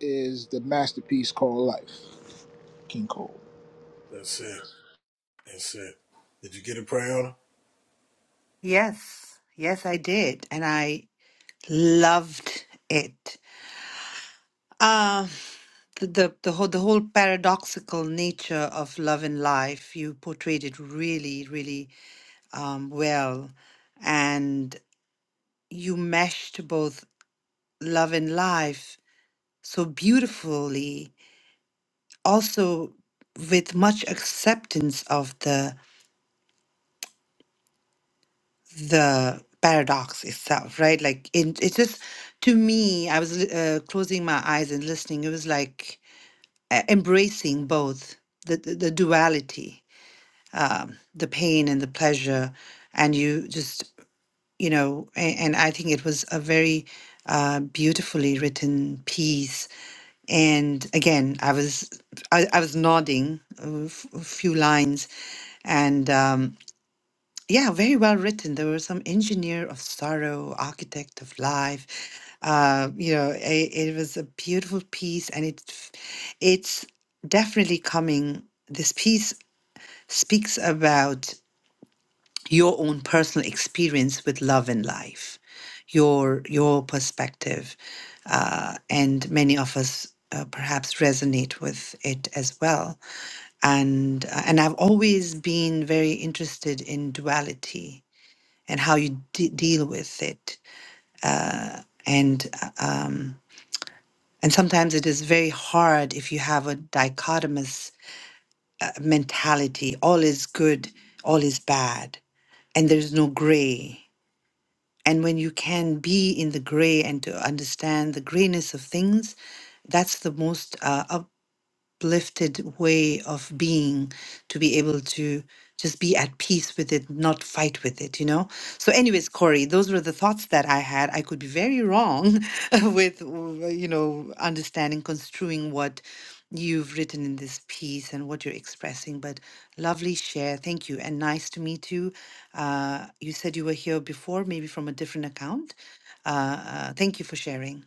Speaker 20: is the masterpiece called life. King Cole.
Speaker 3: That's it. That's it. Did you get it, Prayana?
Speaker 1: Yes, yes, I did, and I loved it. Uh, the, the the whole the whole paradoxical nature of love and life. You portrayed it really, really um, well, and you meshed both love and life so beautifully also with much acceptance of the the paradox itself right like it, it just to me i was li- uh, closing my eyes and listening it was like uh, embracing both the the, the duality um, the pain and the pleasure and you just you know, a- and I think it was a very uh, beautifully written piece. And again, I was I, I was nodding a f- a few lines, and um, yeah, very well written. There were some engineer of sorrow, architect of life. Uh, you know, it, it was a beautiful piece, and it f- it's definitely coming. This piece speaks about your own personal experience with love and life, your your perspective, uh, and many of us uh, perhaps resonate with it as well. And uh, and I've always been very interested in duality and how you de- deal with it, and uh, um, and sometimes it is very hard if you have a dichotomous uh, mentality: all is good, all is bad, and there's no gray And when you can be in the gray and to understand the grayness of things, that's the most. uh, uplifted way of being to be able to just be at peace with it, not fight with it, you know? So, anyways, Corey, those were the thoughts that I had. I could be very wrong with, w- you know, understanding, construing what you've written in this piece and what you're expressing, but lovely share. Thank you. And nice to meet you. Uh, you said you were here before, maybe from a different account. Uh, uh, thank you for sharing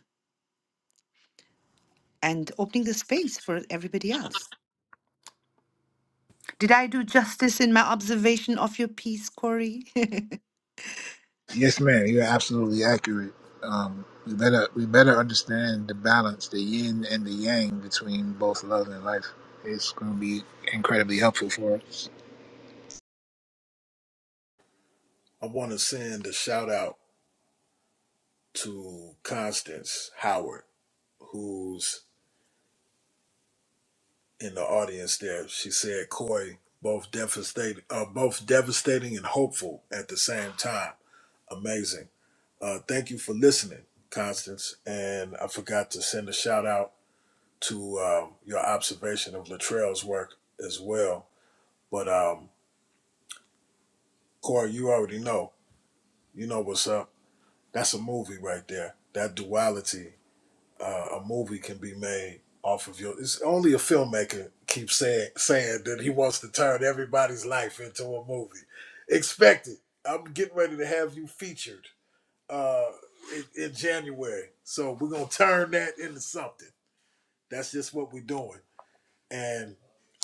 Speaker 1: and opening the space for everybody else. Did I do justice in my observation of your piece, Corey?
Speaker 20: Yes, ma'am. You're absolutely accurate. Um, we better we better understand the balance, the yin and the yang between both love and life. It's going to be incredibly helpful for us.
Speaker 3: I wanna send a shout out to Constance Howard, who's in the audience there. She said, "Corey, both devastating, uh, both devastating and hopeful at the same time. Amazing. Uh, thank you for listening, Constance. And I forgot to send a shout out to um, your observation of Latrell's work as well. But um, Corey, you already know. You know what's up. That's a movie right there. That duality uh, a movie can be made off of your. It's only a filmmaker keeps saying saying that he wants to turn everybody's life into a movie. Expect it. I'm getting ready to have you featured uh, in, in January, so we're gonna turn that into something. That's just what we're doing, and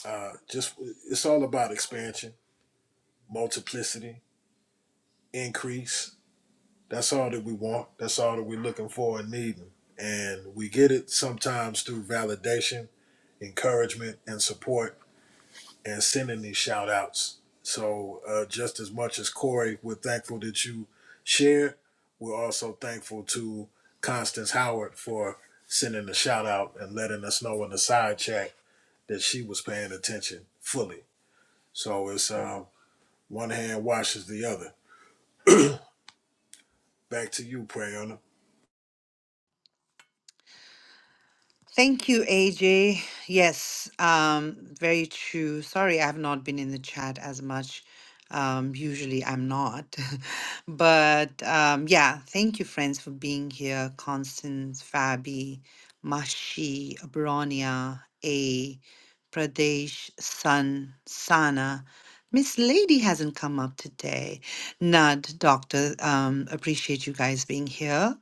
Speaker 3: uh, just it's all about expansion, multiplicity, increase. That's all that we want. That's all that we're looking for and needing. And we get it sometimes through validation encouragement and support and sending these shout outs. So, uh, just as much as Corey, we're thankful that you shared. We're also thankful to Constance Howard for sending the shout out and letting us know in the side chat that she was paying attention fully. So, it's um, one hand washes the other. Back to you, Prayona.
Speaker 1: Thank you, AJ. Yes, um, very true. Sorry, I have not been in the chat as much. Um, usually I'm not. But um, yeah, thank you, friends, for being here. Constance, Fabi, Mashi, Abronia, A, Pradesh, Sun, Sana. Miss Lady hasn't come up today. Nud, Doctor, um, appreciate you guys being here.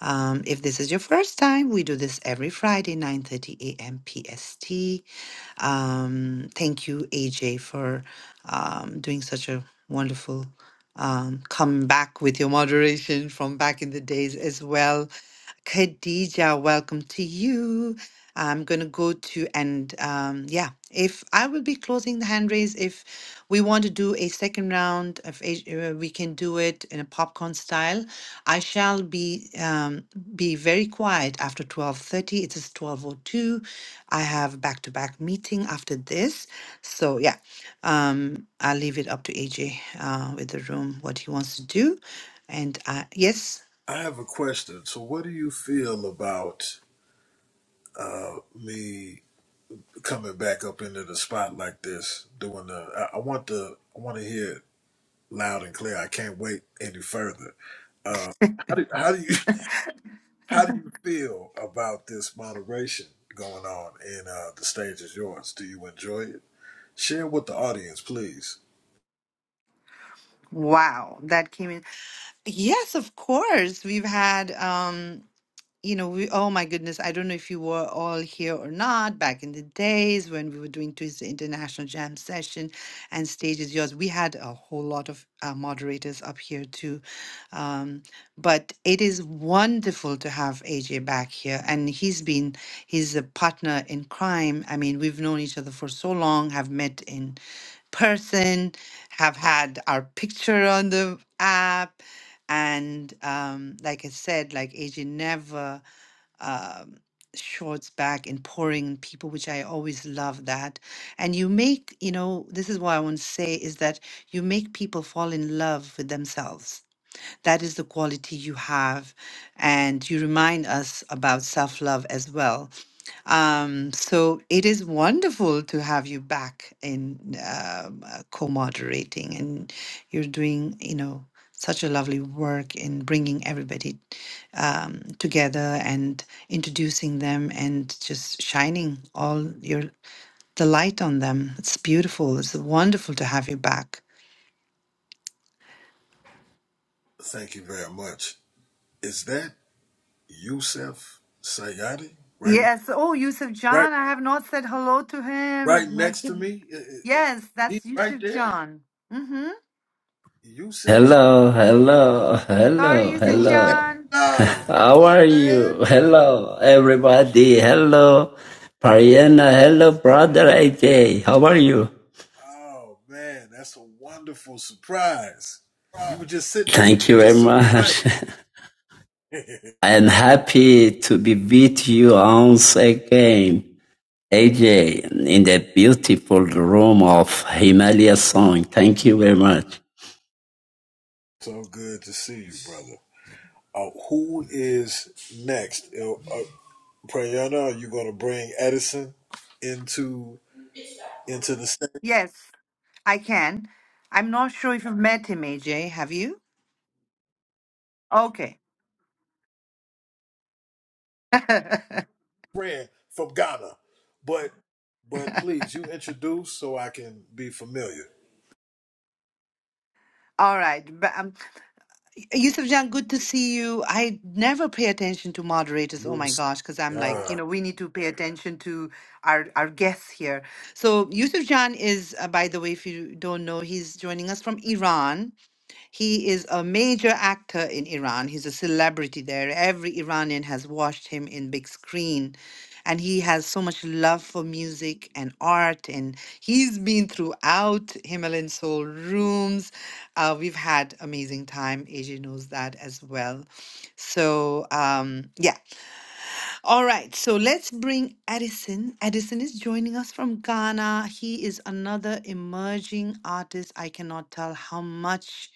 Speaker 1: Um, if this is your first time, we do this every Friday, 9:30 a.m. PST. Um, thank you, AJ, for um, doing such a wonderful um, come back with your moderation from back in the days as well. Khadija, welcome to you. I'm going to go to, and um, yeah, if I will be closing the hand raise, if we want to do a second round, of, each- uh, we can do it in a popcorn style. I shall be um, be very quiet after 12.30. It is 12.02. I have back-to-back meeting after this. So yeah, um, I'll leave it up to AJ uh, with the room, what he wants to do. And uh, yes,
Speaker 3: I have a question. So, what do you feel about uh, me coming back up into the spot like this, doing the. I, I want the. I want to hear it loud and clear. I can't wait any further. Uh, how do how do you how do you feel about this moderation going on? And uh, the stage is yours. Do you enjoy it? Share with the audience, please.
Speaker 1: Wow, that came in Yes, of course. We've had, um, you know, we, oh my goodness, I don't know if you were all here or not back in the days when we were doing Tuesday International Jam Session and Stage is Yours. We had a whole lot of uh, moderators up here too. Um, but it is wonderful to have AJ back here. And he's been, he's a partner in crime. I mean, we've known each other for so long, have met in person, have had our picture on the app and um, like I said, like AJ never um, shorts back in pouring in people, which I always love that. And you make, you know, this is what I want to say is that you make people fall in love with themselves. That is the quality you have. And you remind us about self love as well um, so it is wonderful to have you back in um, uh, co-moderating, and you're doing, you know, such a lovely work in bringing everybody um, together and introducing them, and just shining all your the light on them. It's beautiful. It's wonderful to have you back.
Speaker 3: Thank you very much. Is that Yusef Sayadi right
Speaker 1: Yes. Oh, Yusuf
Speaker 3: right
Speaker 1: John, I have not said hello to him.
Speaker 3: right
Speaker 1: My
Speaker 3: next to
Speaker 1: goodness.
Speaker 3: me? I- I- I-
Speaker 1: Yes,
Speaker 3: He
Speaker 1: that's
Speaker 3: right
Speaker 1: Yusuf
Speaker 3: there.
Speaker 1: John. Mm-hmm.
Speaker 3: Yusef, J-
Speaker 21: Hello, hello,
Speaker 1: Sorry,
Speaker 21: hello,
Speaker 1: Yusuf
Speaker 3: Yusef,
Speaker 21: hello.
Speaker 1: John.
Speaker 3: Love. what's
Speaker 21: How
Speaker 3: up,
Speaker 21: are you?
Speaker 3: man?
Speaker 21: Hello, everybody. Hello, Pariana. Hello, brother AJ. How are you?
Speaker 3: Oh man, that's a wonderful surprise. You were just sitting over
Speaker 21: Thank
Speaker 3: there,
Speaker 21: you very
Speaker 3: just so quiet.
Speaker 21: much. I am happy to be with you once again, AJ, in the beautiful room of Himalaya song. Thank you very much.
Speaker 3: so good to see you, brother. Uh, who is next? Uh, uh, Prayana, are you going to bring Edison into into the same
Speaker 1: Yes. I can. I'm not sure if you've met him, AJ. Have you? Okay.
Speaker 3: friend from Ghana? But but please, you introduce so I can be familiar.
Speaker 1: All right. But, um, Yusuf Jan, good to see you. I never pay attention to moderators. Oh
Speaker 3: You
Speaker 1: my gosh, because I'm like, you
Speaker 3: uh,
Speaker 1: know, we need to pay attention to our, our guests here. So, Yusuf Jan is, uh, by the way, if you don't know, he's joining us from Iran. He is a major actor in Iran. He's a celebrity there. Every Iranian has watched him in big screen. And he has so much love for music and art. And he's been throughout Himalayan Soul rooms. Uh, we've had amazing time. AJ knows that as well. So um, yeah, all right, so let's bring Edison. Edison is joining us from Ghana. He is another emerging artist. I cannot tell how much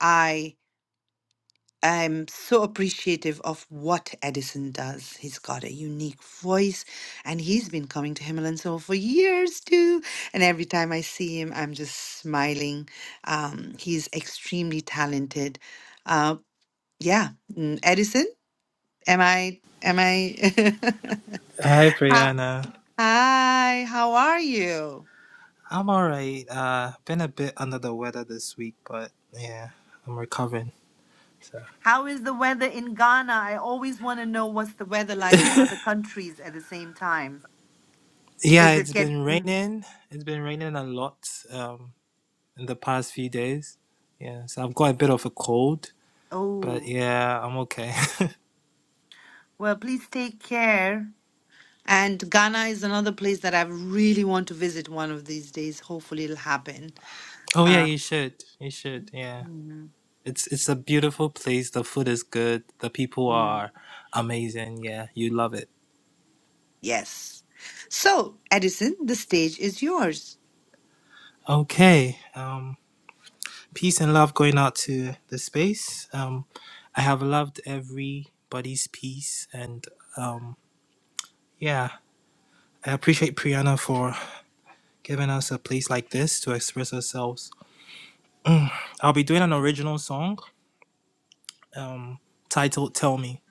Speaker 1: I am so appreciative of what Edison does. He's got a unique voice and he's been coming to Himalayan Soul for years too. And every time I see him, I'm just smiling. Um, he's extremely talented. Uh, yeah, mm, Edison, am I, am I?
Speaker 22: Hi,
Speaker 1: How
Speaker 22: Brianna.
Speaker 1: Hi, how are you?
Speaker 22: I'm all right. Uh, been a bit under the weather this week, but yeah, I'm recovering. So
Speaker 1: How is the weather in Ghana? I always want to know what's the weather like in other countries at the same time.
Speaker 22: yeah,
Speaker 1: Is it
Speaker 22: it's
Speaker 1: get
Speaker 22: been
Speaker 1: mm,
Speaker 22: raining. It's been raining a lot um, in the past few days. Yeah, so I've got a bit of a cold, but
Speaker 1: oh,
Speaker 22: yeah, I'm okay.
Speaker 1: well, please take care. And Ghana is another place that I really want to visit one of these days. Hopefully it'll happen.
Speaker 22: oh yeah,
Speaker 1: Uh,
Speaker 22: you should. You should. Yeah,
Speaker 1: mm,
Speaker 22: it's it's a beautiful place. The food is good. The people
Speaker 1: mm,
Speaker 22: are amazing. Yeah, you love it.
Speaker 1: yes. So, Edison, the stage is yours.
Speaker 22: Okay. Um, peace and love going out to the space. Um, I have loved everybody's piece, and um, yeah, I appreciate Priyana for giving us a place like this to express ourselves. I'll be doing an original song um, titled "Tell Me."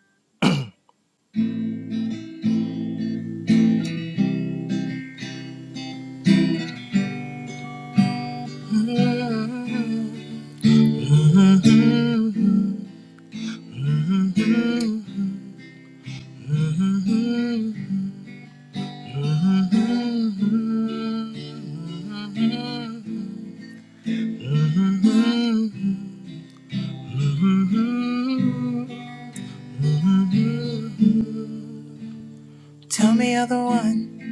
Speaker 22: Tell me you're the one.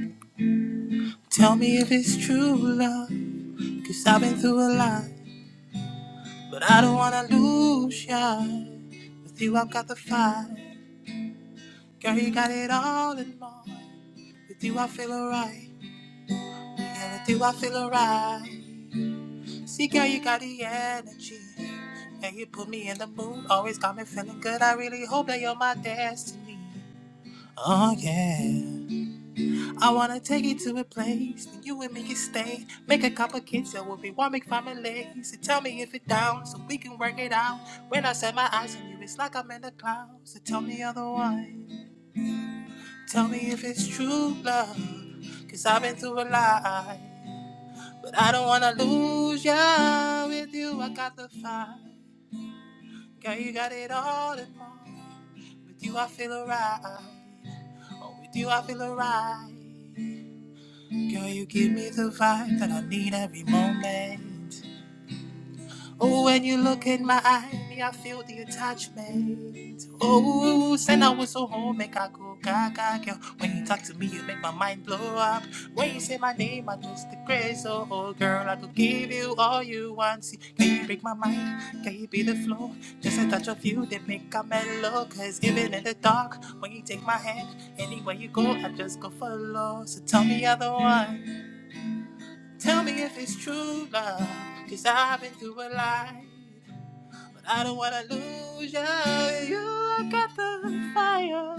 Speaker 22: Tell me if it's true love. Cause I've been through a lot. But I don't wanna lose ya. With you, I've got the fight. Girl, you got it all in mind. With you, I feel alright. Yeah, with you, I feel alright. See, girl, you got the energy. And you put me in the mood. Always got me feeling good. I really hope that you're my destiny. Oh, yeah. I wanna take you to a place that you and me can stay. Make a couple kids, so we'll be warming families. So tell me if it down, so we can work it out. When I set my eyes on you, it's like I'm in the clouds. So tell me otherwise. Tell me if it's true love, cause I've been through a lot. But I don't wanna lose ya. With you, I got the fire. Girl, you got it all in mind. With you, I feel alright. Oh, with you, I feel alright. Girl, you give me the vibe that I need every moment. Oh, when you look in my eye, I feel the attachment. Oh, send I was so home, make I go gaga, girl. When you talk to me, you make my mind blow up. When you say my name, I just the craze. Oh, oh, girl, I could give you all you want. See, can you break my mind? Can you be the flow? Just a touch of you that make a mellow. Cause even in the dark, when you take my hand, anywhere you go, I just go follow. So tell me you're the one. Tell me if it's true love, cause I've been through a lot, but I don't wanna lose ya. You got the fire,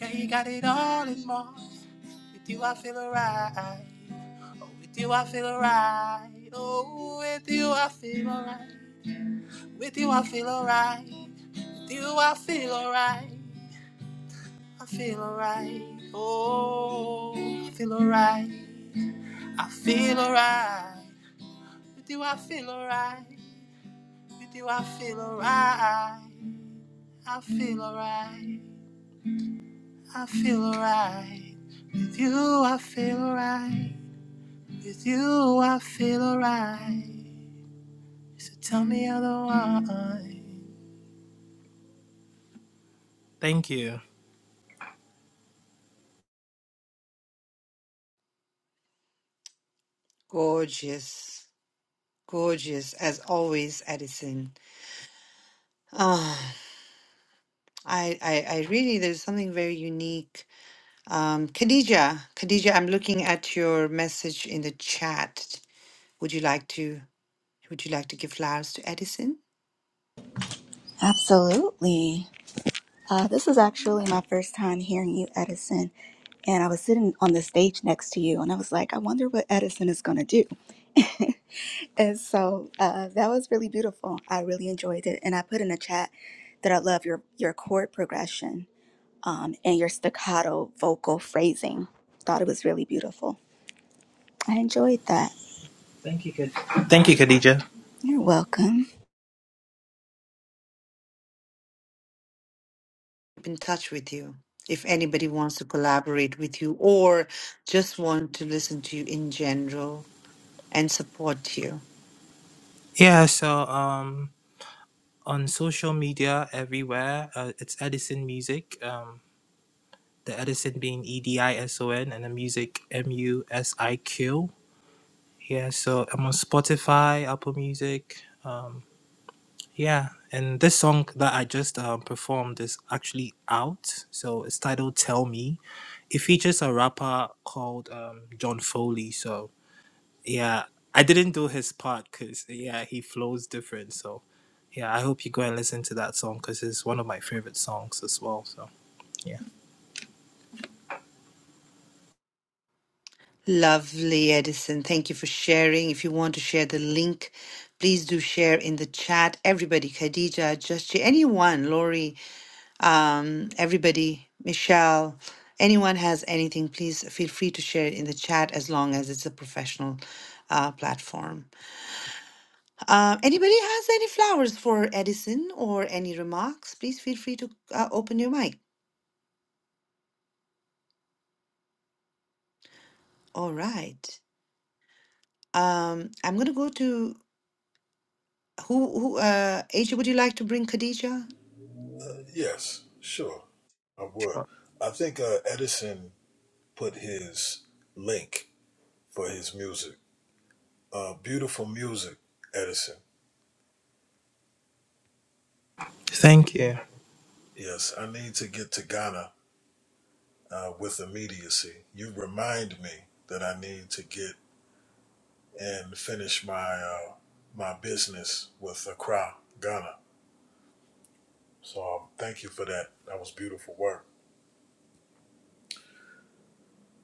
Speaker 22: girl, you got it all and more. With you I feel alright, oh, with you I feel alright, oh, with you I feel alright, with you I feel alright, with you I feel alright, I feel alright, oh, I feel alright. I feel alright. But Do I feel alright? But Do I feel alright? I feel alright. I feel alright. With you, I feel alright. With you, I feel alright. So tell me otherwise. Thank you.
Speaker 1: Gorgeous. Gorgeous, as always, Edison. Ah. I, I, I really, there's something very unique. Um, Khadija, Khadija, I'm looking at your message in the chat. Would you like to, would you like to give flowers to Edison?
Speaker 23: Absolutely. Uh, this is actually my first time hearing you, Edison. And I was sitting on the stage next to you, and I was like, I wonder what Edison is going to do. and so uh, that was really beautiful. I really enjoyed it. And I put in a chat that I love your, your chord progression um, and your staccato vocal phrasing. Thought it was really beautiful. I enjoyed that.
Speaker 22: Thank you, Khad- Thank you, Khadija.
Speaker 23: You're welcome.
Speaker 1: Keep in touch with you. If anybody wants to collaborate with you or just want to listen to you in general and support you.
Speaker 22: Yeah. So um, on social media everywhere, uh, it's Edison Music. Um, the Edison being E D I S O N and the music M U S I Q Yeah, so I'm on Spotify, Apple Music. Um, yeah, and this song that I just um, performed is actually out. So it's titled Tell Me. It features a rapper called um, John Foley. So yeah, I didn't do his part because, yeah, he flows different. So yeah, I hope you go and listen to that song because it's one of my favorite songs as well. So yeah.
Speaker 1: Lovely, Edison. Thank you for sharing. If you want to share the link, please do share in the chat. Everybody, Khadija, Just anyone, Lori, um, everybody, Michelle, anyone has anything, please feel free to share it in the chat as long as it's a professional uh, platform. Uh, anybody has any flowers for Edison or any remarks, please feel free to uh, open your mic. All right. Um, I'm going to go to who, who uh, Asia, would you like to bring Khadija?
Speaker 3: yes, sure, I would. I think uh, Edison put his link for his music Uh, beautiful music, Edison.
Speaker 22: Thank you.
Speaker 3: Yes, I need to get to Ghana uh, with immediacy. You remind me that I need to get and finish my uh, my business with Accra, Ghana. So um, thank you for that. That was beautiful work.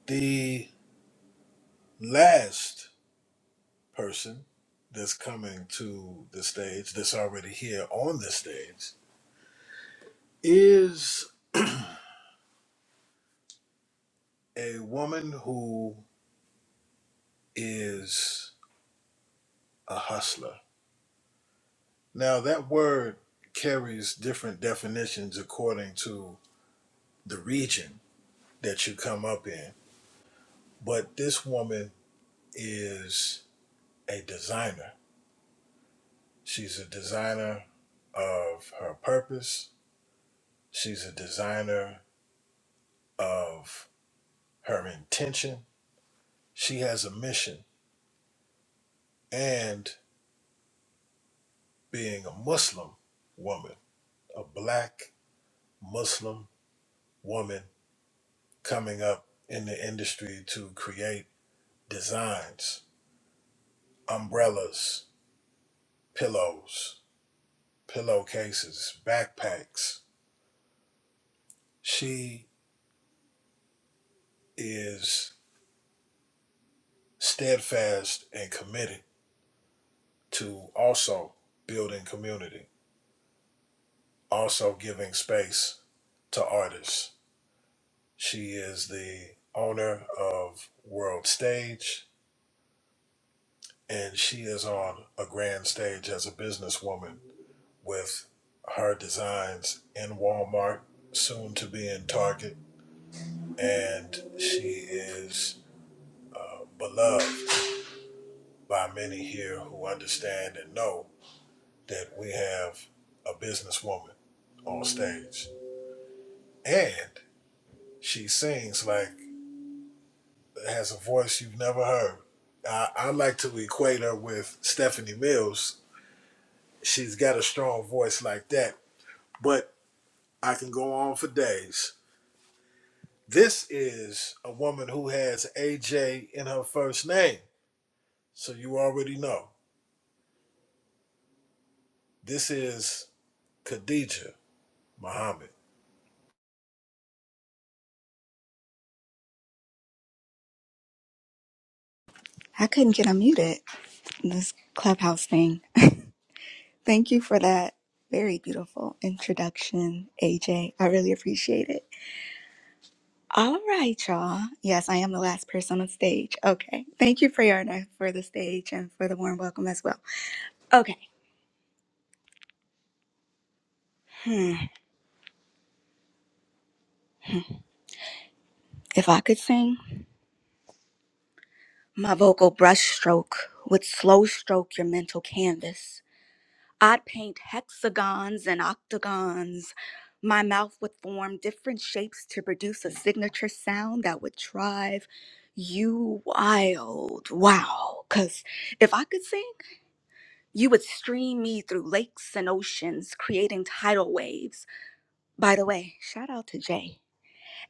Speaker 3: The last person that's coming to the stage, that's already here on the stage, is a woman who is a hustler. Now, that word carries different definitions according to the region that you come up in. But this woman is a designer. She's a designer of her purpose, she's a designer of her intention. She has a mission. And being a Muslim woman, a black Muslim woman coming up in the industry to create designs, umbrellas, pillows, pillowcases, backpacks. She is steadfast and committed to also building community, also giving space to artists. She is the owner of World Stage, and she is on a grand stage as a businesswoman with her designs in Walmart, soon to be in Target, and she is beloved by many here who understand and know that we have a businesswoman on stage. And she sings like, has a voice you've never heard. I, I like to equate her with Stephanie Mills. She's got a strong voice like that, but I can go on for days. This is a woman who has AJ in her first name, so you already know. This is Khadija Muhammad.
Speaker 23: I couldn't get unmuted in this clubhouse thing. Thank you for that very beautiful introduction, AJ. I really appreciate it. All right, y'all. Yes, I am the last person on stage. Okay. Thank you, Priyarna, for the stage and for the warm welcome as well. Okay. Hmm. If I could sing, my vocal brushstroke would slow stroke your mental canvas. I'd paint hexagons and octagons. My mouth would form different shapes to produce a signature sound that would drive you wild. Wow. Because if I could sing, you would stream me through lakes and oceans, creating tidal waves. By the way, shout out to Jay.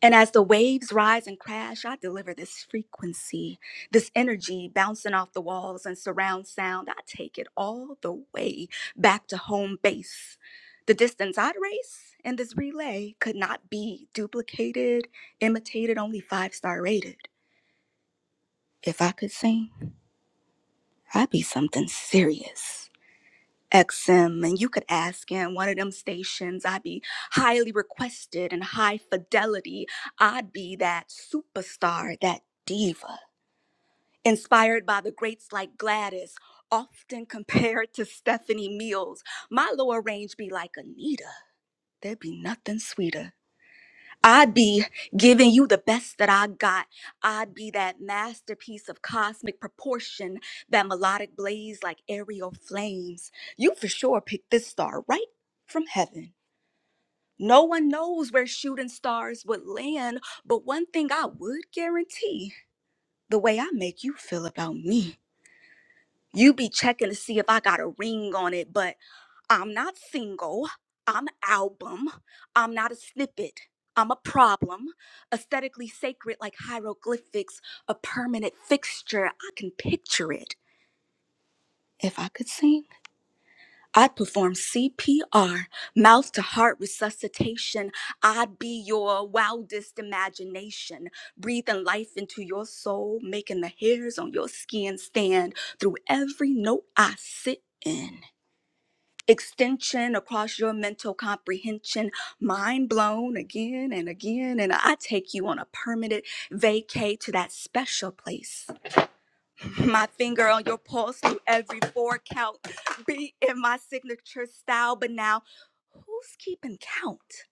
Speaker 23: And as the waves rise and crash, I deliver this frequency, this energy bouncing off the walls and surround sound. I take it all the way back to home base. The distance I'd race in this relay could not be duplicated, imitated, only five star rated. If I could sing, I'd be something serious. XM and you could ask him one of them stations I'd be highly requested and high fidelity I'd be that superstar that diva inspired by the greats like Gladys often compared to Stephanie Mills my lower range be like Anita there'd be nothing sweeter I be giving you the best that I got. I be that masterpiece of cosmic proportion, that melodic blaze like aerial flames. You for sure picked this star right from heaven. No one knows where shooting stars would land, but one thing I would guarantee the way I make you feel about me. You be checking to see if I got a ring on it, but I'm not single. I'm album. I'm not a snippet. I'm a problem. Aesthetically sacred like hieroglyphics, a permanent fixture. I can picture it. If I could sing, I'd perform CPR, mouth to heart resuscitation. I'd be your wildest imagination, breathing life into your soul, making the hairs on your skin stand through every note I sit in extension across your mental comprehension, mind blown again and again. And I take you on a permanent vacay to that special place. My finger on your pulse through every four count, beat in my signature style. But now, who's keeping count?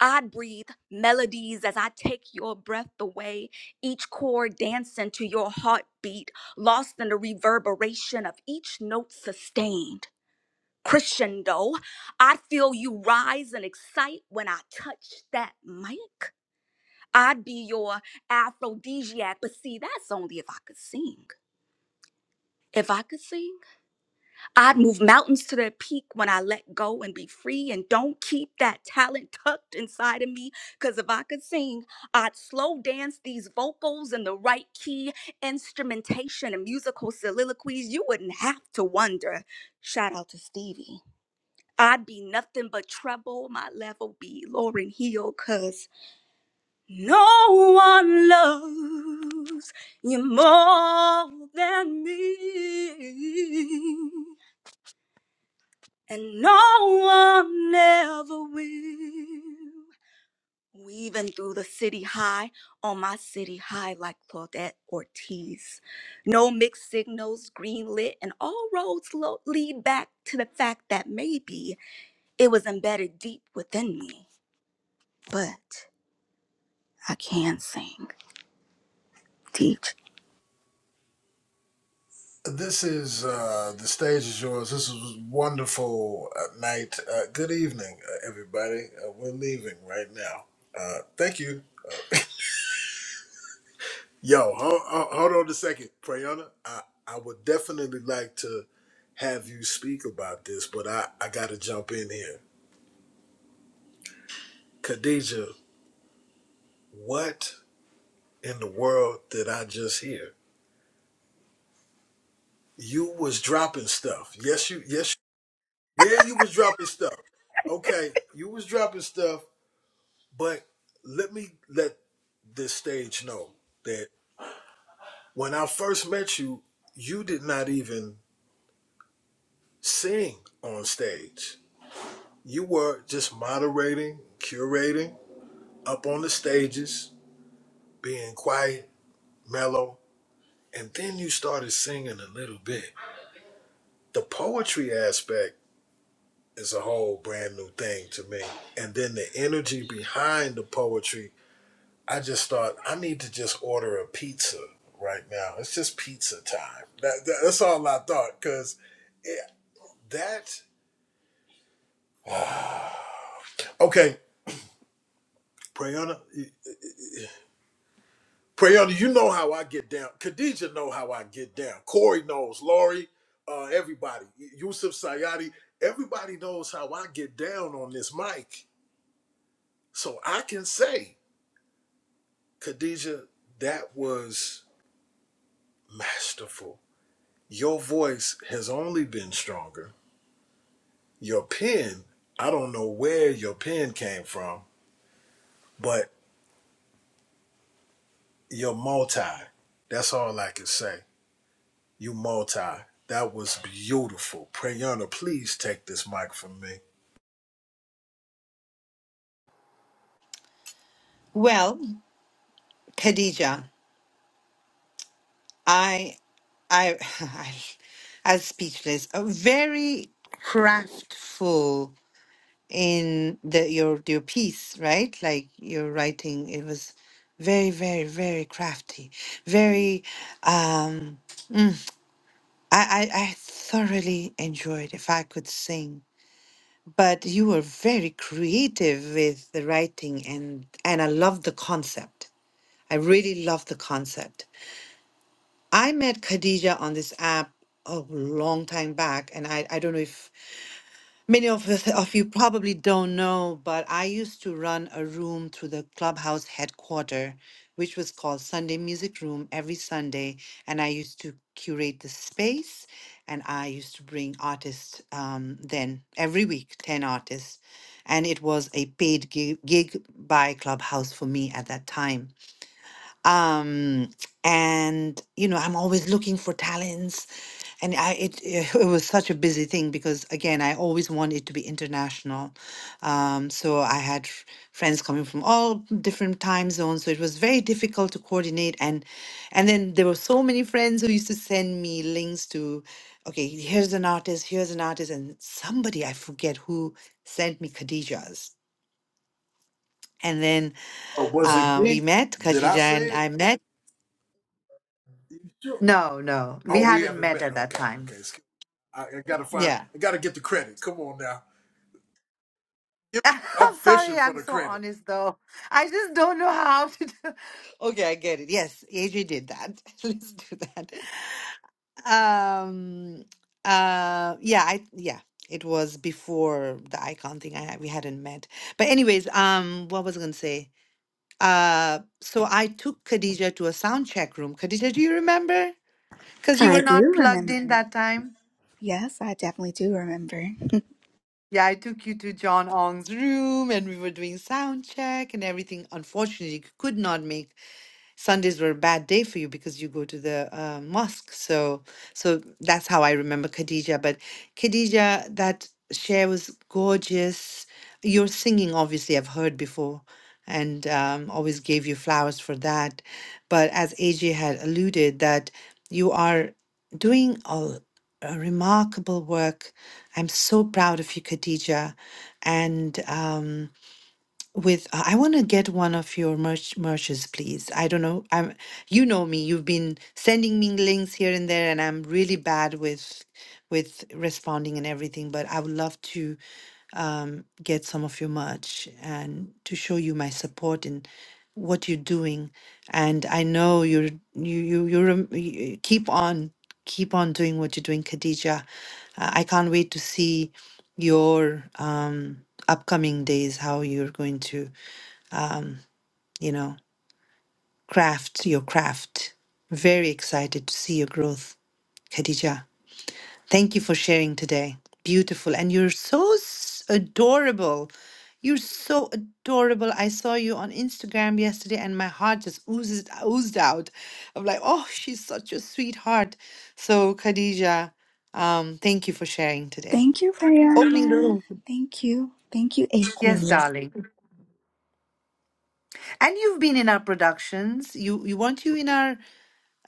Speaker 23: I breathe melodies as I take your breath away, each chord dancing to your heartbeat, lost in the reverberation of each note sustained. Christian though, I feel you rise and excite when I touch that mic. I'd be your aphrodisiac, but see, that's only if I could sing. If I could sing, I'd move mountains to their peak when I let go and be free and don't keep that talent tucked inside of me. Cause if I could sing, I'd slow dance these vocals in the right key, instrumentation and musical soliloquies. You wouldn't have to wonder. Shout out to Stevie. I'd be nothing but trouble. My level be Lauren Hill, cause no one loves you more than me. And no one ever will. Weaving through the city high on my city high like Claudette Ortiz. No mixed signals, green lit, and all roads lo- lead back to the fact that maybe it was embedded deep within me. but I can sing, teach.
Speaker 3: This is uh, the stage is yours. This was a wonderful uh, night. Uh, good evening, uh, everybody. Uh, we're leaving right now. Uh, thank you. Yo, hold, hold on a second, Prayana. I, I would definitely like to have you speak about this, but I, I got to jump in here. Khadija, what in the world did I just hear? You was dropping stuff. Yes, you. Yes, you- yeah, you was dropping stuff. Okay, you was dropping stuff But let me let this stage know that when I first met you, you did not even sing on stage. You were just moderating, curating, up on the stages, being quiet, mellow, and then you started singing a little bit. The poetry aspect is a whole brand new thing to me. And then the energy behind the poetry I just thought I need to just order a pizza right now. It's just pizza time. That, that- that's all I thought because that. Okay, Prayana, y- Prayana, you know how I get down. Khadija know how I get down. Corey knows. Lori, uh, everybody, Yusuf Sayadi, everybody knows how I get down on this mic. So I can say, Khadija, that was masterful. Your voice has only been stronger Your pen, I don't know where your pen came from, but you're multi. That's all I can say. You multi. That was beautiful. Prayana, please take this mic from me.
Speaker 1: Well, Khadija, I, I, I, I was speechless. A very craftful in the your your piece, right? Like your writing, it was very, very, very crafty. Very um I, I, I thoroughly enjoyed if I could sing. But you were very creative with the writing and and I love the concept. I really love the concept. I met Khadija on this app a long time back and I, I don't know if Many of, us- of you probably don't know, but I used to run a room through the clubhouse headquarter, which was called Sunday Music Room every Sunday. And I used to curate the space and I used to bring artists um, then every week, 10 artists. And it was a paid gig, gig by Clubhouse for me at that time um and you know i'm always looking for talents and i it, it it was such a busy thing because again i always wanted to be international um so i had f- friends coming from all different time zones so it was very difficult to coordinate and and then there were so many friends who used to send me links to okay here's an artist here's an artist and somebody i forget who sent me khadijah's and then
Speaker 3: Or was it
Speaker 1: uh, we
Speaker 3: me?
Speaker 1: met
Speaker 3: Did I
Speaker 1: khadijah
Speaker 3: say
Speaker 1: and
Speaker 3: it?
Speaker 1: i met
Speaker 3: You sure?
Speaker 1: No, no, we
Speaker 3: Oh, we
Speaker 1: hadn't
Speaker 3: haven't
Speaker 1: met
Speaker 3: met.
Speaker 1: at that
Speaker 3: Okay, okay.
Speaker 1: time.
Speaker 3: excuse- I, I gotta find.
Speaker 1: Yeah.
Speaker 3: I gotta get the credit. Come on now. Give- I'm
Speaker 1: I'm
Speaker 3: fishing
Speaker 1: sorry,
Speaker 3: for
Speaker 1: I'm
Speaker 3: the
Speaker 1: so
Speaker 3: credit.
Speaker 1: honest though. I just don't know how to do. Okay, I get it. Yes, AJ did that. Let's do that. Um, uh, yeah, I yeah, it was before the icon thing. I we hadn't met, but anyways, um, what was I gonna say? Uh, so I took Khadija to a sound check room. Khadija, do you remember? Because you
Speaker 23: I
Speaker 1: were not
Speaker 23: do
Speaker 1: plugged
Speaker 23: remember.
Speaker 1: in that time.
Speaker 23: Yes, I definitely do remember.
Speaker 1: Yeah, I took you to John Ong's room and we were doing sound check and everything. Unfortunately, you could not make Sundays were a bad day for you because you go to the uh, mosque. So, so that's how I remember Khadija. But Khadija, that share was gorgeous. Your singing, obviously, I've heard before, and um, always gave you flowers for that. But as AJ had alluded, that you are doing a, a remarkable work. I'm so proud of you, Khadija, and. Um, with uh, I want to get one of your merch merches, please. I don't know. I'm you know me. You've been sending me links here and there, and I'm really bad with with responding and everything. But I would love to um, get some of your merch and to show you my support and what you're doing. And I know you're you you you're, um, you keep on keep on doing what you're doing, Khadija. Uh, I can't wait to see your um, upcoming days, how you're going to, you know, craft your craft. Very excited to see your growth, Khadija. Thank you for sharing today. Beautiful. And you're so s- adorable. You're so adorable. I saw you on Instagram yesterday and my heart just oozes, oozed out. I'm like, oh, she's such a sweetheart. So, Khadija, um, thank you for sharing today.
Speaker 23: Thank you,
Speaker 1: Opening the
Speaker 23: Brianna.
Speaker 1: room.
Speaker 23: Thank you. Thank you,
Speaker 1: Yes,
Speaker 23: AC.
Speaker 1: darling. And you've been in our productions. You you weren't you in our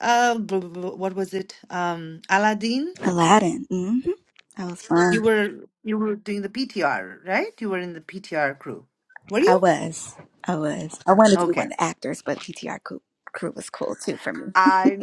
Speaker 1: uh bl- bl- bl- what was it? Um Aladdin?
Speaker 23: Aladdin. hmm That was
Speaker 1: You
Speaker 23: fun.
Speaker 1: were you were doing the PTR, right? You were in the PTR crew. Were
Speaker 23: I
Speaker 1: you?
Speaker 23: was. I was. I wanted to be one
Speaker 1: Okay.
Speaker 23: of the actors, but PTR crew, crew was cool too for me.
Speaker 1: I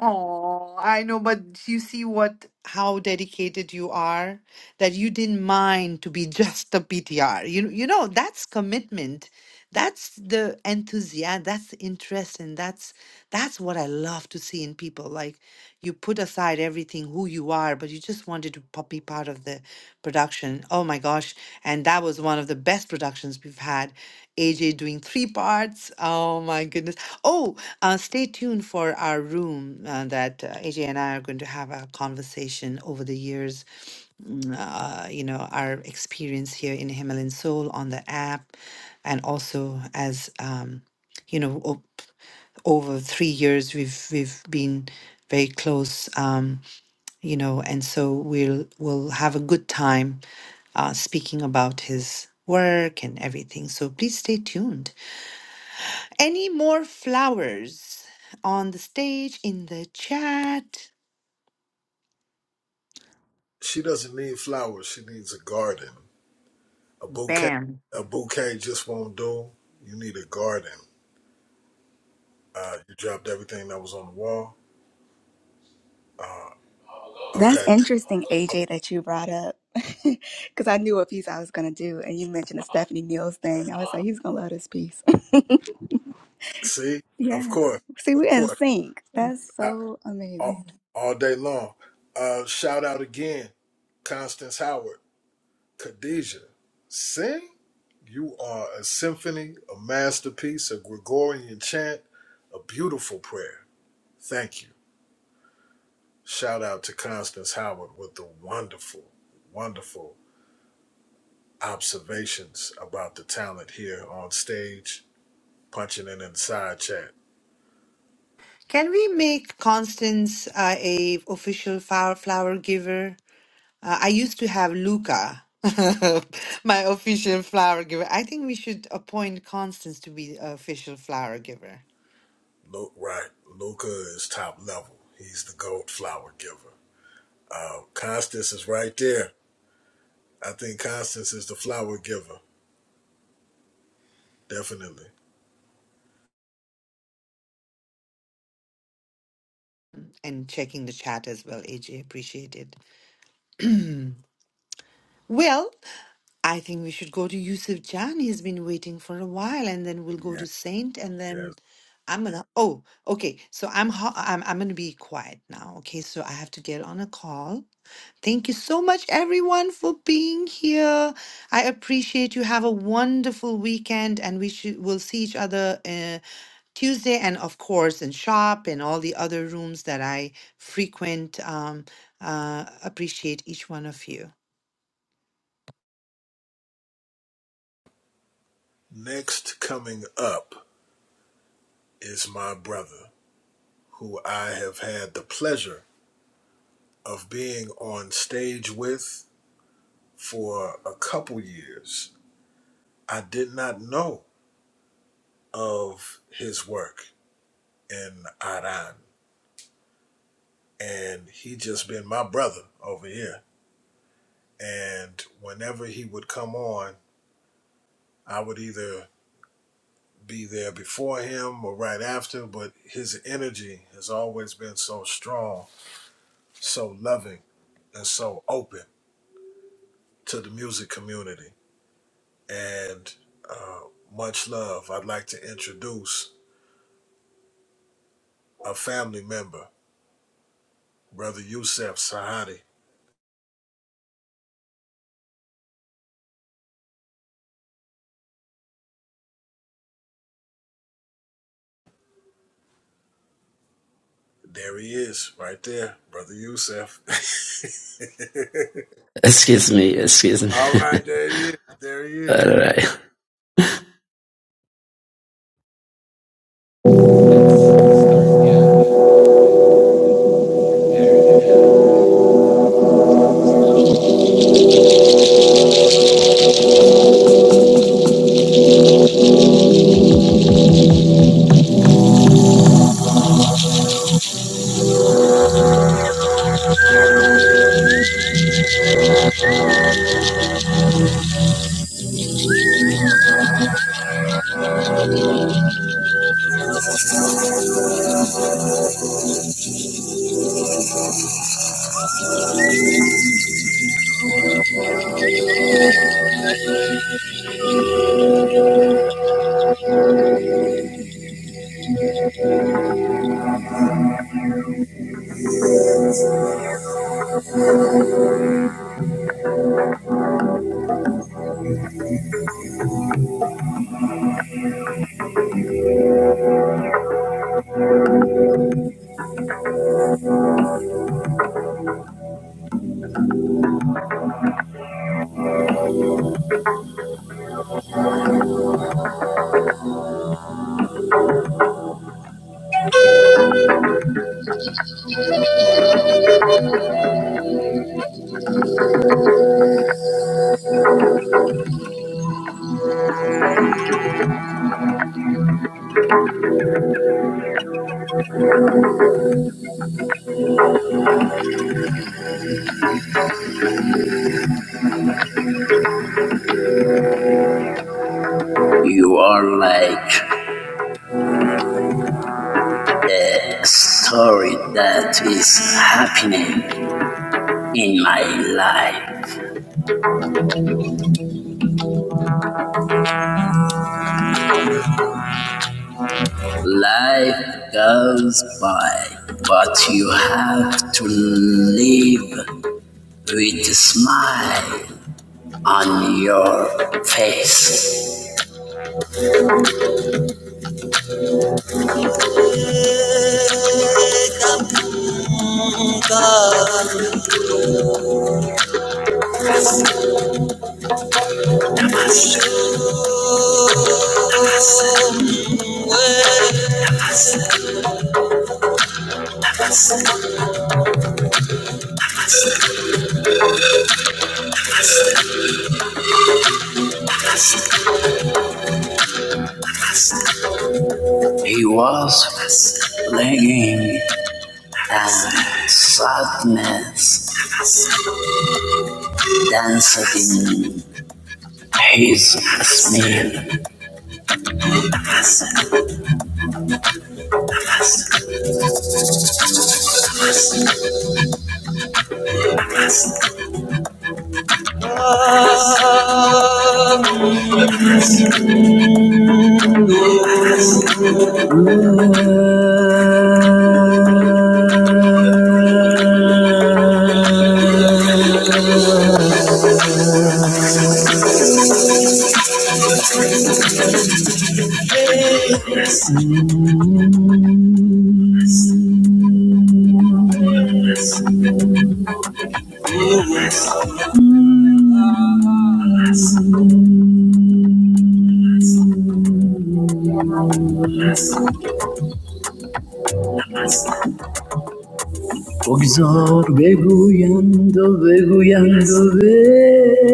Speaker 1: oh, I know, but you see what how dedicated you are that you didn't mind to be just a PTR. You you know that's commitment. That's the enthusiasm. That's interest, and that's that's what I love to see in people. Like you put aside everything who you are, but you just wanted to po- be part of the production. Oh my gosh! And that was one of the best productions we've had. AJ doing three parts. Oh my goodness. Oh, uh, stay tuned for our room uh, that uh, AJ and I are going to have a conversation over the years. mm, Uh, you know, our experience here in Himalayan Soul on the app, and also as, um, you know, op- over three years, we've, we've been very close. Um, you know, and so we'll we'll have a good time uh, speaking about his work and everything. So please stay tuned. Any more flowers on the stage in the chat?
Speaker 3: She doesn't need flowers. She needs a garden. A bouquet.
Speaker 1: Bam.
Speaker 3: A bouquet just won't do. You need a garden. Uh, you dropped everything that was on the wall.
Speaker 23: That's
Speaker 3: Okay.
Speaker 23: interesting, AJ, that you brought up. Because I knew what piece I was going to do. And you mentioned the Stephanie Mills thing. I was like, he's going to love this piece.
Speaker 3: See, of
Speaker 23: Yeah.
Speaker 3: course,
Speaker 23: See,
Speaker 3: of
Speaker 23: we're in
Speaker 3: course,
Speaker 23: sync. That's
Speaker 3: I,
Speaker 23: so
Speaker 3: all,
Speaker 23: amazing.
Speaker 3: all day long. Uh, shout out again, Constance Howard, Khadijah, sing. You are a symphony, a masterpiece, a Gregorian chant, a beautiful prayer. Thank you. Shout out to Constance Howard with the wonderful, wonderful observations about the talent here on stage, punching it in the side chat.
Speaker 1: Can we make Constance uh, a official flower flower giver? Uh, I used to have Luca, my official flower giver. I think we should appoint Constance to be the official flower giver.
Speaker 3: Lu- right. Luca is top level. He's the gold flower giver. Uh, Constance is right there. I think Constance is the flower giver. Definitely.
Speaker 1: And checking the chat as well, AJ. appreciated. Well, I think we should go to Yusuf Jan. He's been waiting for a while, and then we'll go
Speaker 3: Yeah.
Speaker 1: to Saint, and
Speaker 3: Yes.
Speaker 1: then I'm gonna. Oh, okay. So I'm ho- I'm I'm gonna be quiet now. Okay, so I have to get on a call. Thank you so much, everyone, for being here. I appreciate you. Have a wonderful weekend, and we should we'll see each other uh, Tuesday, and of course in shop and all the other rooms that I frequent. Um, uh, appreciate each one of you.
Speaker 3: Next coming up is my brother, who I have had the pleasure of being on stage with for a couple years. I did not know of his work in Iran, and he just been my brother over here And whenever he would come on, I would either be there before him or right after, but his energy has always been so strong, so loving, and so open to the music community. And uh, much love. I'd like to introduce a family member, Brother Yusef Sahadi. There he is, right there, Brother Yusef.
Speaker 21: Excuse me, excuse me.
Speaker 3: All right, there he is. There he is.
Speaker 21: All right. You are like A story that is happening in my life. Life goes by, but you have to live with a smile on your face. He was slinging sadness meals Ogzor beguyando, beguyando, beguyan.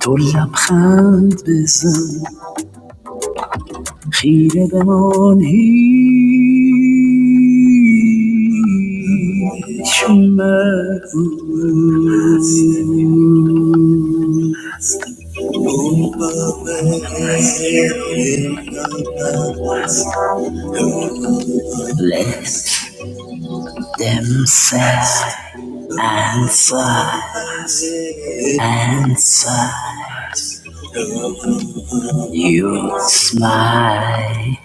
Speaker 21: تو لبخند بزن خیره به آن هیچ مگوی. Let them say answer, answer. You smile.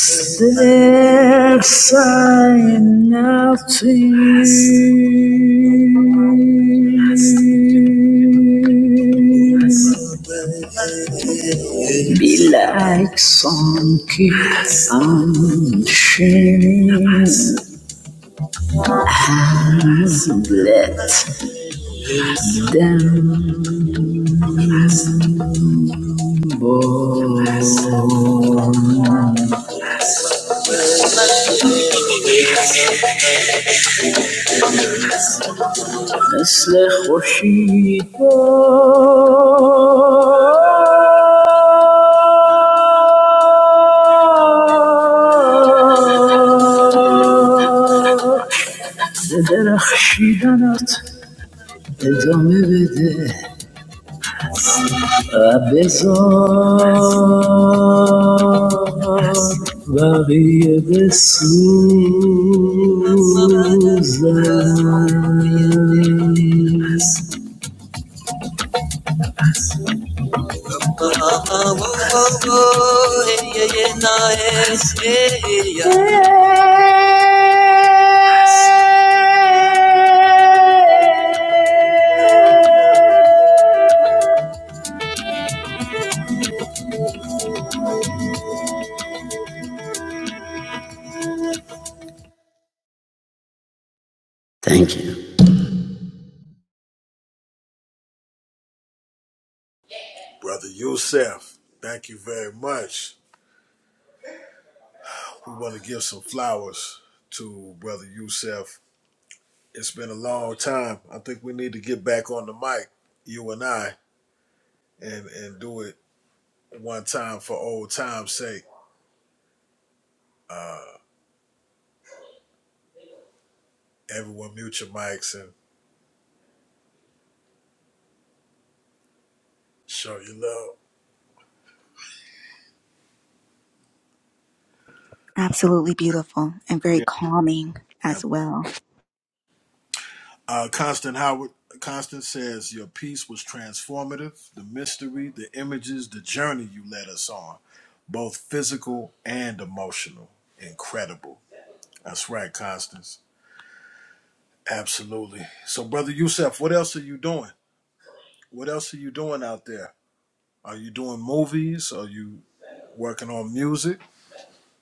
Speaker 21: Since I am nothing. Be like some kids and شنیدت let خوشی به درخشیدنت ادامه بده varia de Sousa. Thank you.
Speaker 3: Brother Yusef, thank you very much. We want to give some flowers to Brother Youssef. It's been a long time. I think we need to get back on the mic, you and I, and, and do it one time for old time's sake. Uh, everyone mute your mics and show your love.
Speaker 23: Absolutely beautiful and very
Speaker 3: Yeah.
Speaker 23: calming
Speaker 3: And,
Speaker 23: as well.
Speaker 3: uh, Constant Howard, Constant says, Your piece was transformative. The mystery, the images, the journey you led us on, both physical and emotional. Incredible. That's right, Constance. Absolutely. So, brother Youssef, what else are you doing? What else are you doing out there? Are you doing movies? Are you working on music?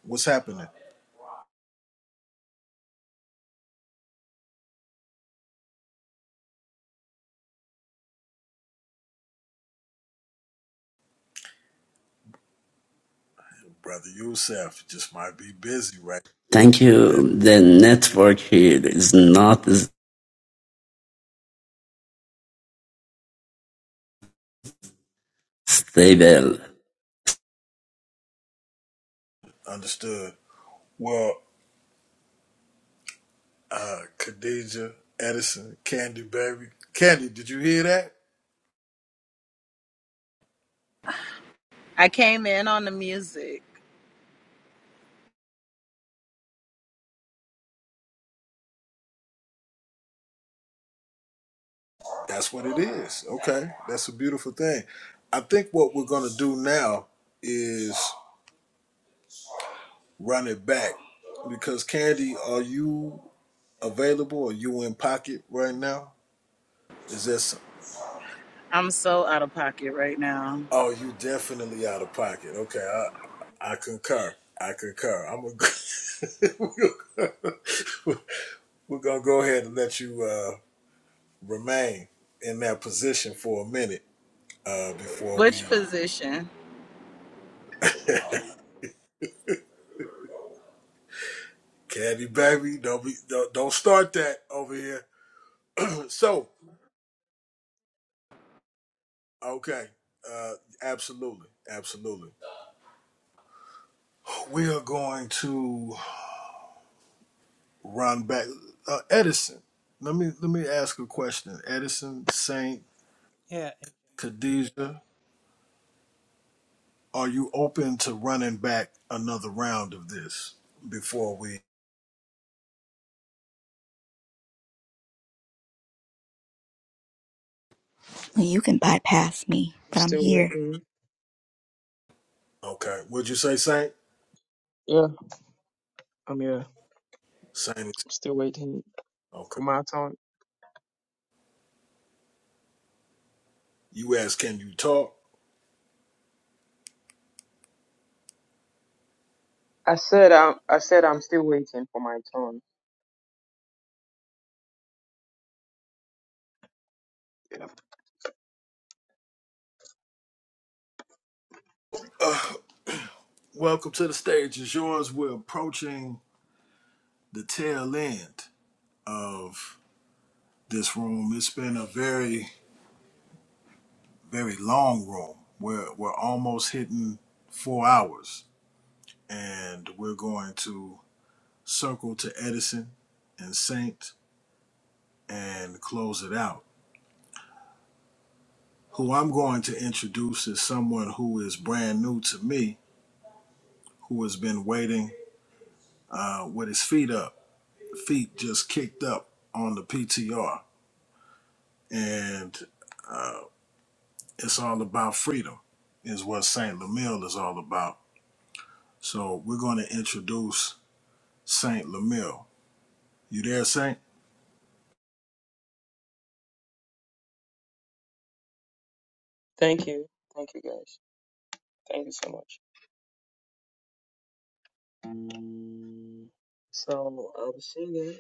Speaker 3: What's happening? Brother Youssef just might be busy right
Speaker 21: Thank
Speaker 3: there.
Speaker 21: you. The network here is not as stable
Speaker 3: Understood. Well, uh, Khadija, Edison, Candy Baby. Candy, did you hear that?
Speaker 24: I came in on the music.
Speaker 3: That's what it is. Okay. That's a beautiful thing. I think what we're going to do now is run it back because Candy, are you available or you in pocket right now? Is this?
Speaker 24: I'm so out of pocket right now.
Speaker 3: Oh, you definitely out of pocket. Okay, I I concur. I concur. I'm a, we're gonna go ahead and let you uh, remain in that position for a minute uh, before we
Speaker 24: Which physician?
Speaker 3: caddy baby. Don't be don't, don't start that over here. So okay, uh, absolutely, absolutely. We are going to. Ron back uh, Edison. Let me let me ask a question. Edison, Saint,
Speaker 22: Yeah.
Speaker 3: Khadijah, are you open to running back another round of this before we?
Speaker 23: Well, You can bypass me,
Speaker 25: I'm
Speaker 23: but I'm
Speaker 25: still
Speaker 23: here.
Speaker 25: waiting.
Speaker 3: Okay, what would you say Saint?
Speaker 25: Yeah, I'm here.
Speaker 3: Saint is
Speaker 25: I'm still waiting
Speaker 3: okay.
Speaker 25: for my turn.
Speaker 3: You asked, can you talk?
Speaker 25: I said I'm. I said I'm still waiting for my turn. Yeah.
Speaker 3: Uh, welcome to the stage. it's yours. We're approaching the tail end of this room. It's been a very very long room. We're we're almost hitting four hours, and we're going to circle to Edison and Saint and close it out. Who I'm going to introduce is someone who is brand new to me, who has been waiting uh, with his feet up, feet just kicked up on the PTR. And uh, it's all about freedom, is what Saint Lamille is all about. So we're going to introduce Saint Lamille. You there, Saint?
Speaker 25: Thank you. Thank you guys. Thank you so much. So I'll be singing.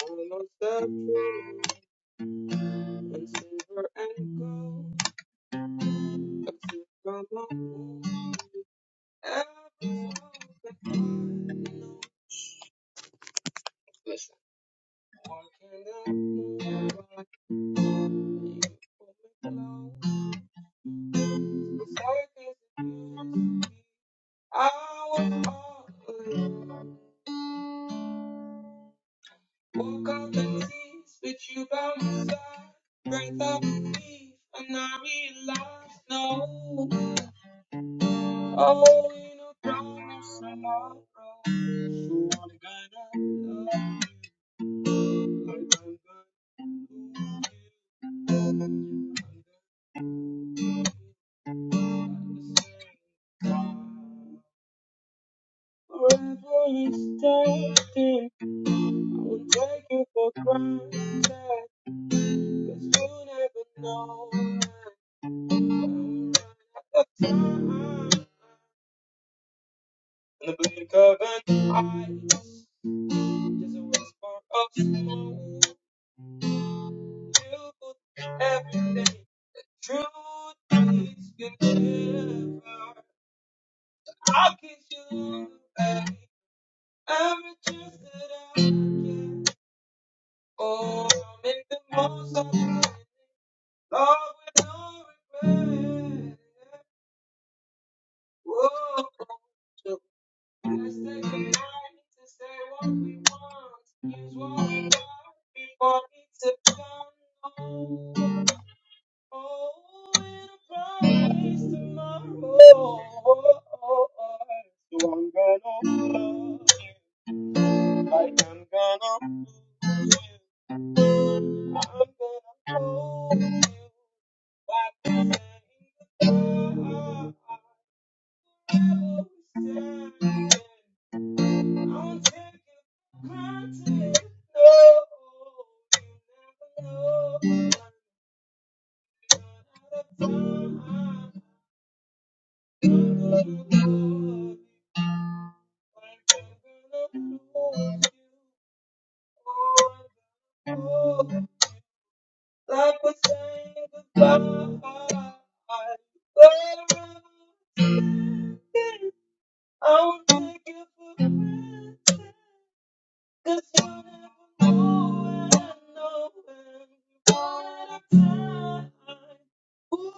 Speaker 25: All of the praise and silver and gold that you from above. Every soul that I know. Listen. What can I do? I was all alone. Woke up in tears with you by my side. Breath of relief, and I realized no. Oh, we no promise tomorrow. So I'm gonna love you like I'm gonna love you. I'm gonna love you like the same. Forever is extended, I won't take you for granted. Cause you never know when I'm out time. In the blink of an eye, just a whisper of smoke. You put everything. Truth is, you never. I'll kiss you away. Every chance that I get. Oh, make the most of it. Lord, we don't regret. Whoa. So let's take a moment to say what we want. Use what we got before it's a done. Oh, and a promise tomorrow. So I'm gonna love you like I'm gonna lose you. I'm gonna hold you like a man in the fire. I'm taking granted. No, you never know. When I'm out of time, i love you. Like I'm going Oh, like we're saying goodbye. Well, I'm taking for granted. Cause you never know what I know and what I've done. Ooh,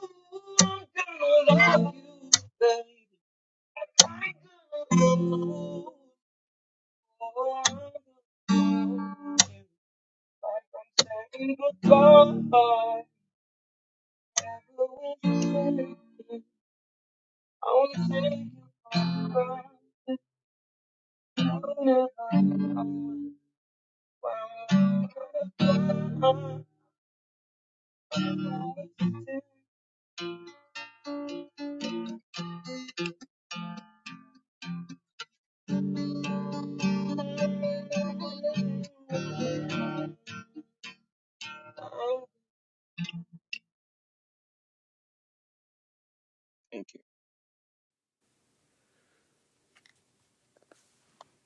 Speaker 25: I'm gonna love you, baby. i you. Oh, I'm gonna love you. Like I'm saying goodbye. Thank you.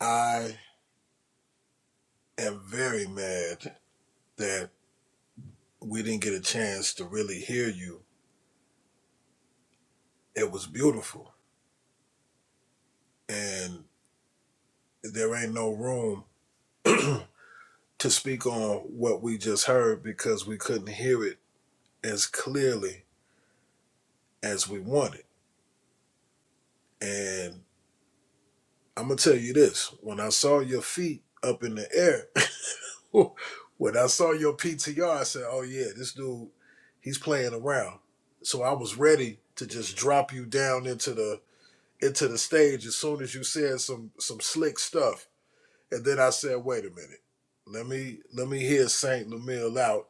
Speaker 3: I am very mad that we didn't get a chance to really hear you It was beautiful. And there ain't no room to speak on what we just heard because we couldn't hear it as clearly as we wanted. And I'm going to tell you this when I saw your feet up in the air, when I saw your PTR, I said, oh, yeah, this dude, he's playing around. So I was ready to just drop you down into the into the stage as soon as you said some some slick stuff And then I said, wait a minute. Let me let me hear Saint Lamille out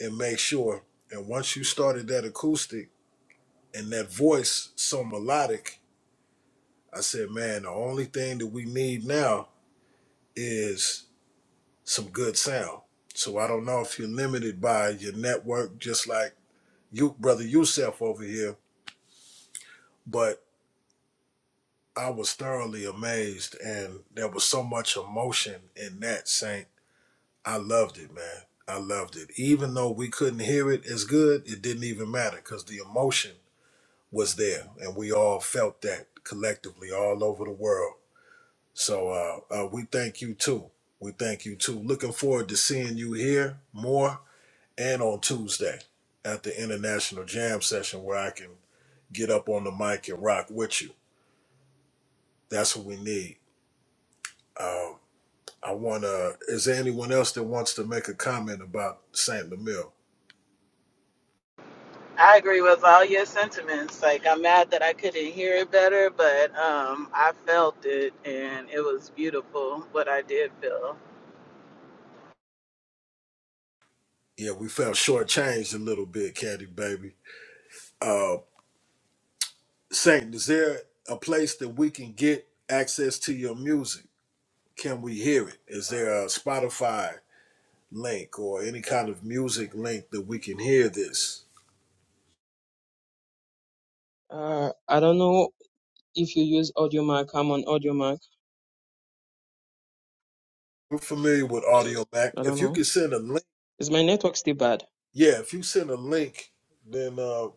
Speaker 3: and make sure. And once you started that acoustic and that voice so melodic, I said, man, the only thing that we need now is some good sound. So I don't know if you're limited by your network, just like you brother Yusef over here, but I was thoroughly amazed and there was so much emotion in that Saint I loved it, man. I loved it. Even though we couldn't hear it as good, it didn't even matter because the emotion was there, and we all felt that collectively all over the world. So uh, uh, we thank you too. We thank you too. Looking forward to seeing you here more and on Tuesday at the International Jam Session where I can get up on the mic and rock with you. That's what we need. Um, I want to. Is there anyone else that wants to make a comment about Saint Lemire?
Speaker 24: I agree with all your sentiments. Like I'm mad that I couldn't hear it better, but um I felt it and it was beautiful what I did feel.
Speaker 3: Yeah, we felt shortchanged a little bit, Caddy baby. Uh, Saint, is there a place that we can get access to your music? Can we hear it? Is there a Spotify link or any kind of music link that we can hear this?
Speaker 25: Uh, I don't know if you use AudioMac. I'm on AudioMac.
Speaker 3: We're familiar with Audio Mac.
Speaker 25: I don't
Speaker 3: If you
Speaker 25: know.
Speaker 3: can send a link,
Speaker 25: Is my network still bad?
Speaker 3: yeah, if you send a link, then uh,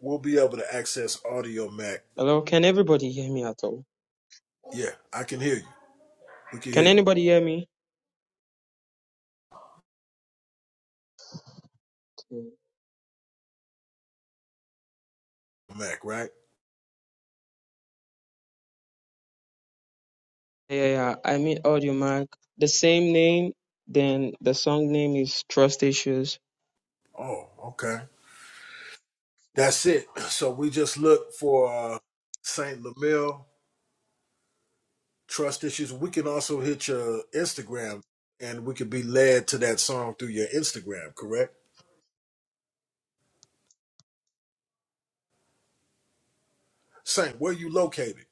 Speaker 3: we'll be able to access Audio Mac.
Speaker 25: Hello, can everybody hear me at all?
Speaker 3: Yeah, I can hear you. We can hear
Speaker 25: Can
Speaker 3: you,
Speaker 25: anybody hear me? Mm.
Speaker 3: Mac, right?
Speaker 25: Yeah, yeah. I mean AudioMac. The same name, then the song name is Trust Issues.
Speaker 3: Oh, okay. That's it. So we just look for uh, Saint Lamille Trust Issues. We can also hit your Instagram, and we could be led to that song through your Instagram. Correct, Saint? Where you located?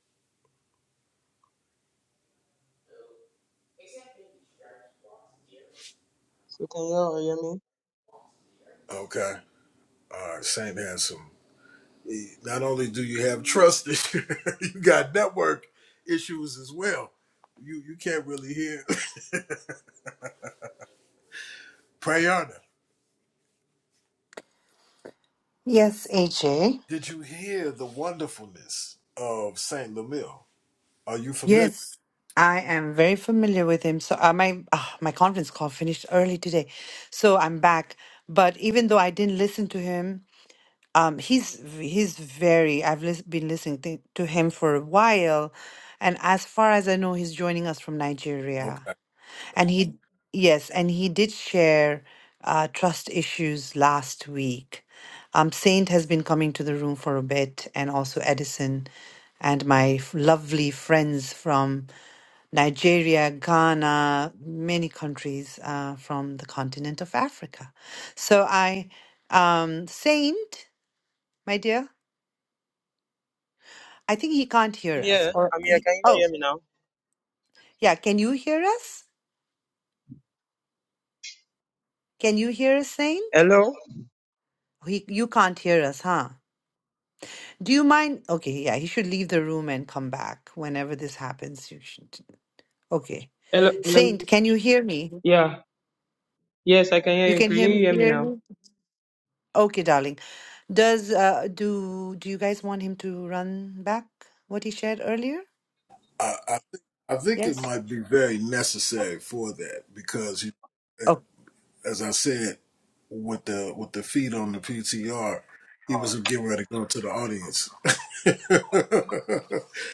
Speaker 25: So can you all hear me?
Speaker 3: Okay. All right. Saint has some. he- Not only do you have trust issues, you got network issues as well. You you can't really hear Prayana.
Speaker 1: Yes, AJ.
Speaker 3: Did you hear the wonderfulness of Saint Lamille? Are you familiar?
Speaker 1: Yes, I am very familiar with him. So uh, my uh, my conference call finished early today, so I'm back. But even though I didn't listen to him, um, he's he's very. I've lis- been listening to to him for a while, and as far as I know, he's joining us from
Speaker 3: Okay.
Speaker 1: Nigeria. And he yes, and he did share uh, trust issues last week. Um, Saint has been coming to the room for a bit, and also Edison, and my f- lovely friends from. Nigeria, Ghana, many countries uh, from the continent of Africa. So I, um, Saint, my dear, I think he can't
Speaker 25: I'm
Speaker 1: hear us.
Speaker 25: here.
Speaker 1: Or
Speaker 25: I'm here.
Speaker 1: he,
Speaker 25: Can you all
Speaker 1: oh,
Speaker 25: hear me now?
Speaker 1: yeah, can you hear us? Can you hear us, Saint?
Speaker 25: Hello?
Speaker 1: He, you can't hear us, huh? Do you mind? Okay, yeah, he should leave the room and come back whenever this happens. You should. Okay,
Speaker 25: Hello. Hello.
Speaker 1: Saint, can you hear me?
Speaker 25: Yeah. Yes, I can
Speaker 1: You
Speaker 25: hear you.
Speaker 1: can
Speaker 25: Can
Speaker 1: hear
Speaker 25: you
Speaker 1: me
Speaker 25: hear me now?
Speaker 1: clearly. Okay, darling. Does uh do do you guys want him to run back what he shared earlier?
Speaker 3: I, I think I think it
Speaker 1: Yes.
Speaker 3: might be very necessary for that because, you- as I said, with the with the feed on the PTR, he was getting ready to go to the audience.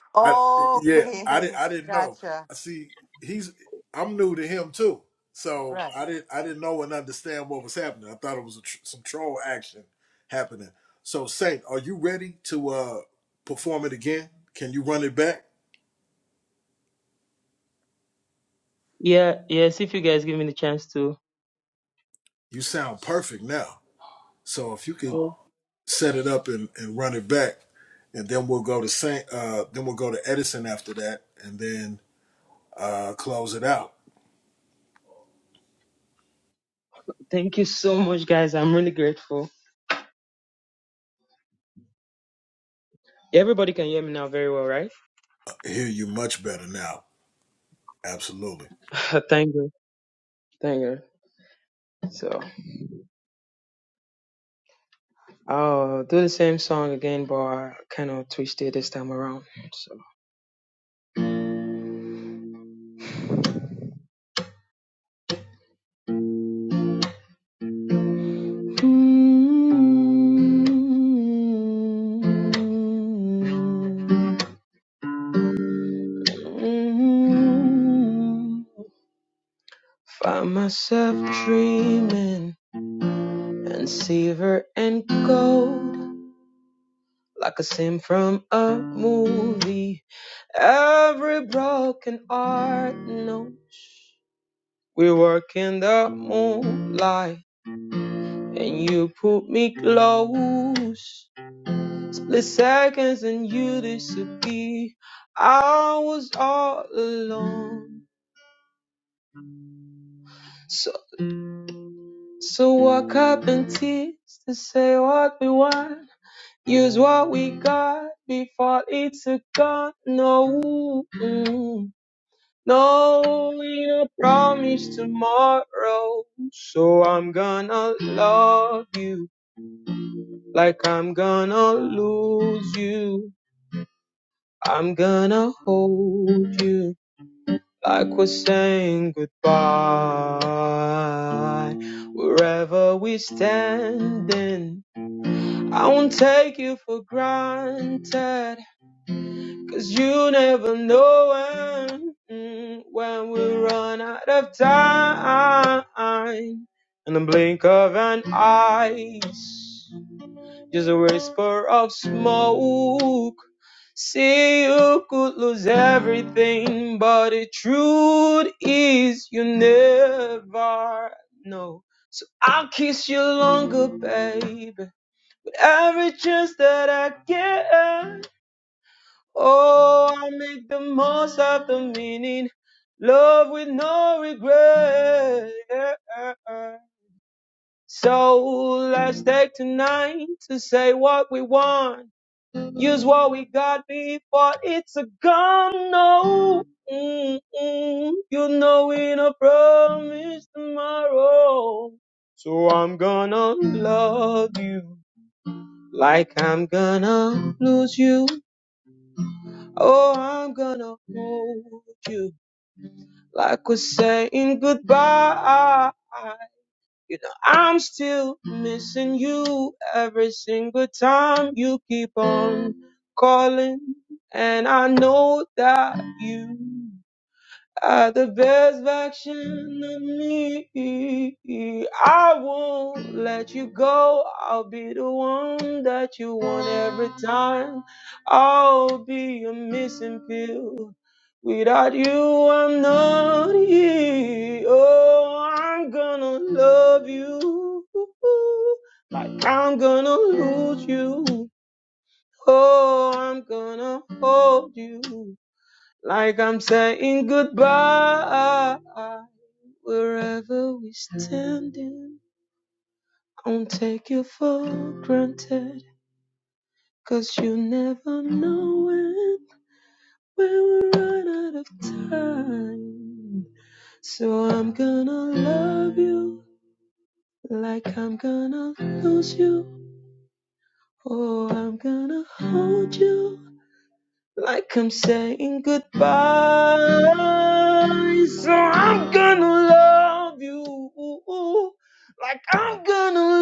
Speaker 3: I,
Speaker 1: Oh,
Speaker 3: yeah, I
Speaker 1: Okay,
Speaker 3: didn't I didn't know.
Speaker 1: gotcha.
Speaker 3: See, he's I'm new to him too, so
Speaker 1: Right.
Speaker 3: I didn't I didn't know and understand what was happening. I thought it was a tr- some troll action happening. So, Saint, are you ready to uh perform it again? Can you run it back?
Speaker 25: Yeah. Yes. If you guys give me the chance to.
Speaker 3: You sound perfect now. So if you can
Speaker 25: Oh,
Speaker 3: set it up and, and run it back, and then we'll go to Saint, uh, then we'll go to Edison after that, and then uh, close it out.
Speaker 25: thank you so much, guys. I'm really grateful. Everybody can hear me now very well, right?
Speaker 3: I hear you much better now. Absolutely.
Speaker 25: thank you. Thank you. So I'll do the same song again, but I kind of twist it this time around. So. Mm, Find myself dreaming and silver and gold, like a scene from a movie. Every broken art knows we work in the moonlight, and you put me close. Split seconds and you disappear. I was all alone. So. So walk up in tears to say what we want. Use what we got before it's a gone. No, mm, no, we don't promise tomorrow. So I'm gonna love you like I'm gonna lose you. I'm gonna hold you like we're saying goodbye. Wherever we're standing. I won't take you for granted, cause you never know when, mm, when we run out of time. In the blink of an eye, just a whisper of smoke. See, you could lose everything, but the truth is you never know. So I'll kiss you longer, baby. Every chance that I get, oh, I make the most of the meaning. Love with no regret. So let's take tonight to say what we want. Use what we got before it's a gone. No, mm-mm. you know we don't promise tomorrow. So I'm gonna love you. Like I'm gonna lose you. Oh, I'm gonna hold you. Like we're saying goodbye. You know, I'm still missing you every single time you keep on calling. And I know that you are the best version of me. I won't let you go. I'll be the one that you want every time. I'll be a missing pill. Without you, I'm not here. Oh, I'm gonna love you. Like I'm gonna lose you. Oh, I'm gonna hold you like I'm saying goodbye. Wherever we are standing, don't take you for granted. 'Cause you never know when, when we will run out of time. So I'm gonna love you like I'm gonna lose you. Oh, I'm gonna hold you like I'm saying goodbye. So I'm gonna love you, like I'm gonna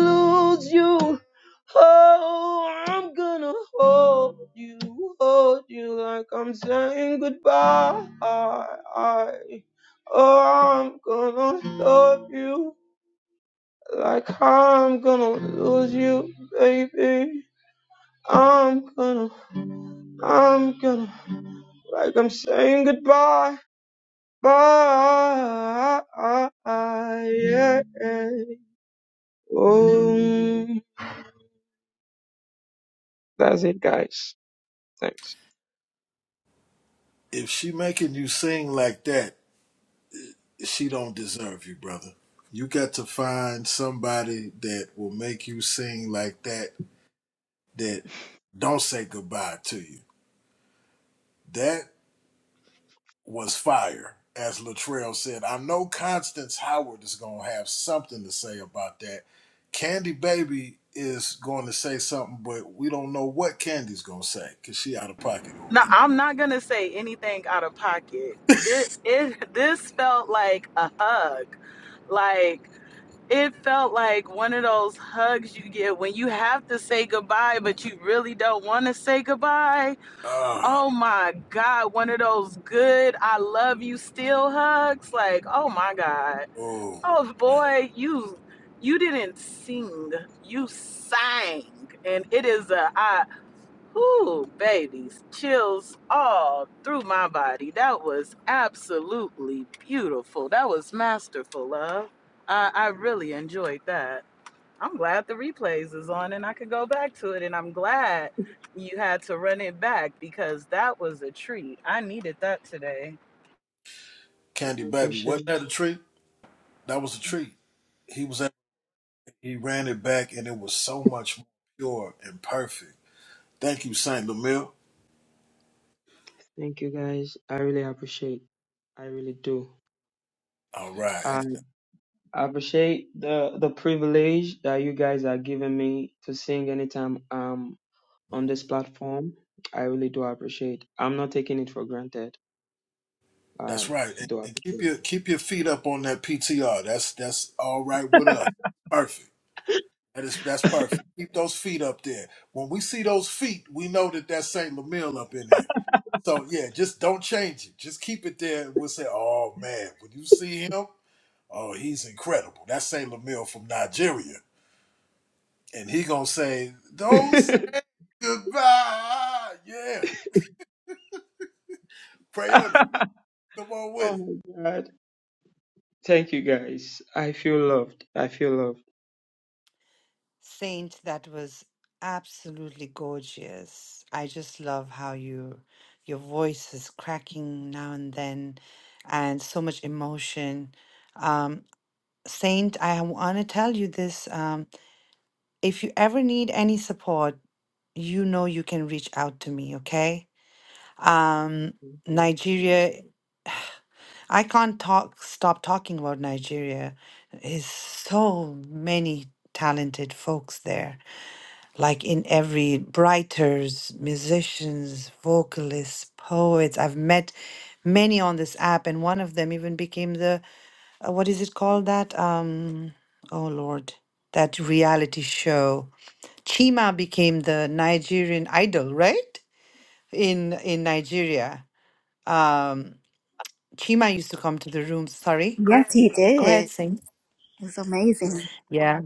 Speaker 25: lose you. Oh, I'm gonna hold you, hold you like I'm saying goodbye. Oh, I'm gonna love you like I'm gonna lose you, baby. I'm gonna, I'm gonna like I'm saying goodbye. Bye. Yeah. Oh, that's it, guys. Thanks.
Speaker 3: If she making you sing like that, she don't deserve you, brother. You got to find somebody that will make you sing like that. That don't say goodbye to you. That was fire. As Latrell said, I know Constance Howard is going to have something to say about that. Candy Baby is going to say something, but we don't know what Candy's going to say because she out of pocket over
Speaker 24: No,
Speaker 3: there.
Speaker 24: I'm not gonna say anything out of pocket. This it this felt like a hug. Like it felt like one of those hugs you get when you have to say goodbye, but you really don't want to say goodbye.
Speaker 3: Ah,
Speaker 24: Oh my God, one of those good I love you still hugs. Like, oh my God.
Speaker 3: oh,
Speaker 24: Oh
Speaker 3: man.
Speaker 24: boy, you you didn't sing. You sang. And it is a I whoo, babies, chills all through my body. That was absolutely beautiful. That was masterful, love. I, I really enjoyed that. I'm glad the replays is on and I could go back to it. And I'm glad you had to run it back because that was a treat. I needed that today.
Speaker 25: I
Speaker 3: Candy Baby,
Speaker 25: appreciate it.
Speaker 3: wasn't that a treat? That was a treat. He was at, he ran it back, and it was so much more pure and perfect. Thank you, Saint Lemille.
Speaker 25: Thank you guys. I really appreciate. I really do.
Speaker 3: All right,
Speaker 25: I
Speaker 3: And
Speaker 25: appreciate the the privilege that you guys are giving me to sing anytime um on this platform. I really do appreciate. I'm not taking it for granted.
Speaker 3: That's
Speaker 25: I
Speaker 3: right. And,
Speaker 25: do
Speaker 3: and keep your keep your feet up on that PTR. That's that's all right with us. Perfect. That is that's perfect. Keep those feet up there. When we see those feet, we know that that's Saint Lamille up in there. So yeah, just don't change it. Just keep it there, and we'll say, "Oh man, when you see him, oh he's incredible." That's Saint Lamille from Nigeria, and he gonna say, "Don't say
Speaker 25: appreciate.
Speaker 3: goodbye." Yeah, Prayona, come on with
Speaker 25: oh
Speaker 3: it.
Speaker 25: my god. Thank you guys. I feel loved. I feel loved.
Speaker 1: Saint, that was absolutely gorgeous. I just love how you your voice is cracking now and then and so much emotion. Um, Saint, I want to tell you this. Um, if you ever need any support, you know you can reach out to me, okay? Um,
Speaker 25: Thank you so much.
Speaker 1: Nigeria, I can't talk, stop talking about Nigeria. Is so many talented folks there, like in every writers, musicians, vocalists, poets. I've met many on this app, and one of them even became the uh, what is it called that? Um, oh Lord, that reality show. Chima became the Nigerian idol, right? In in Nigeria. Um, Chima used to come to the room. Sorry.
Speaker 23: Yes, he
Speaker 1: Go ahead,
Speaker 23: did.
Speaker 1: sing.
Speaker 23: It was amazing.
Speaker 1: Yeah.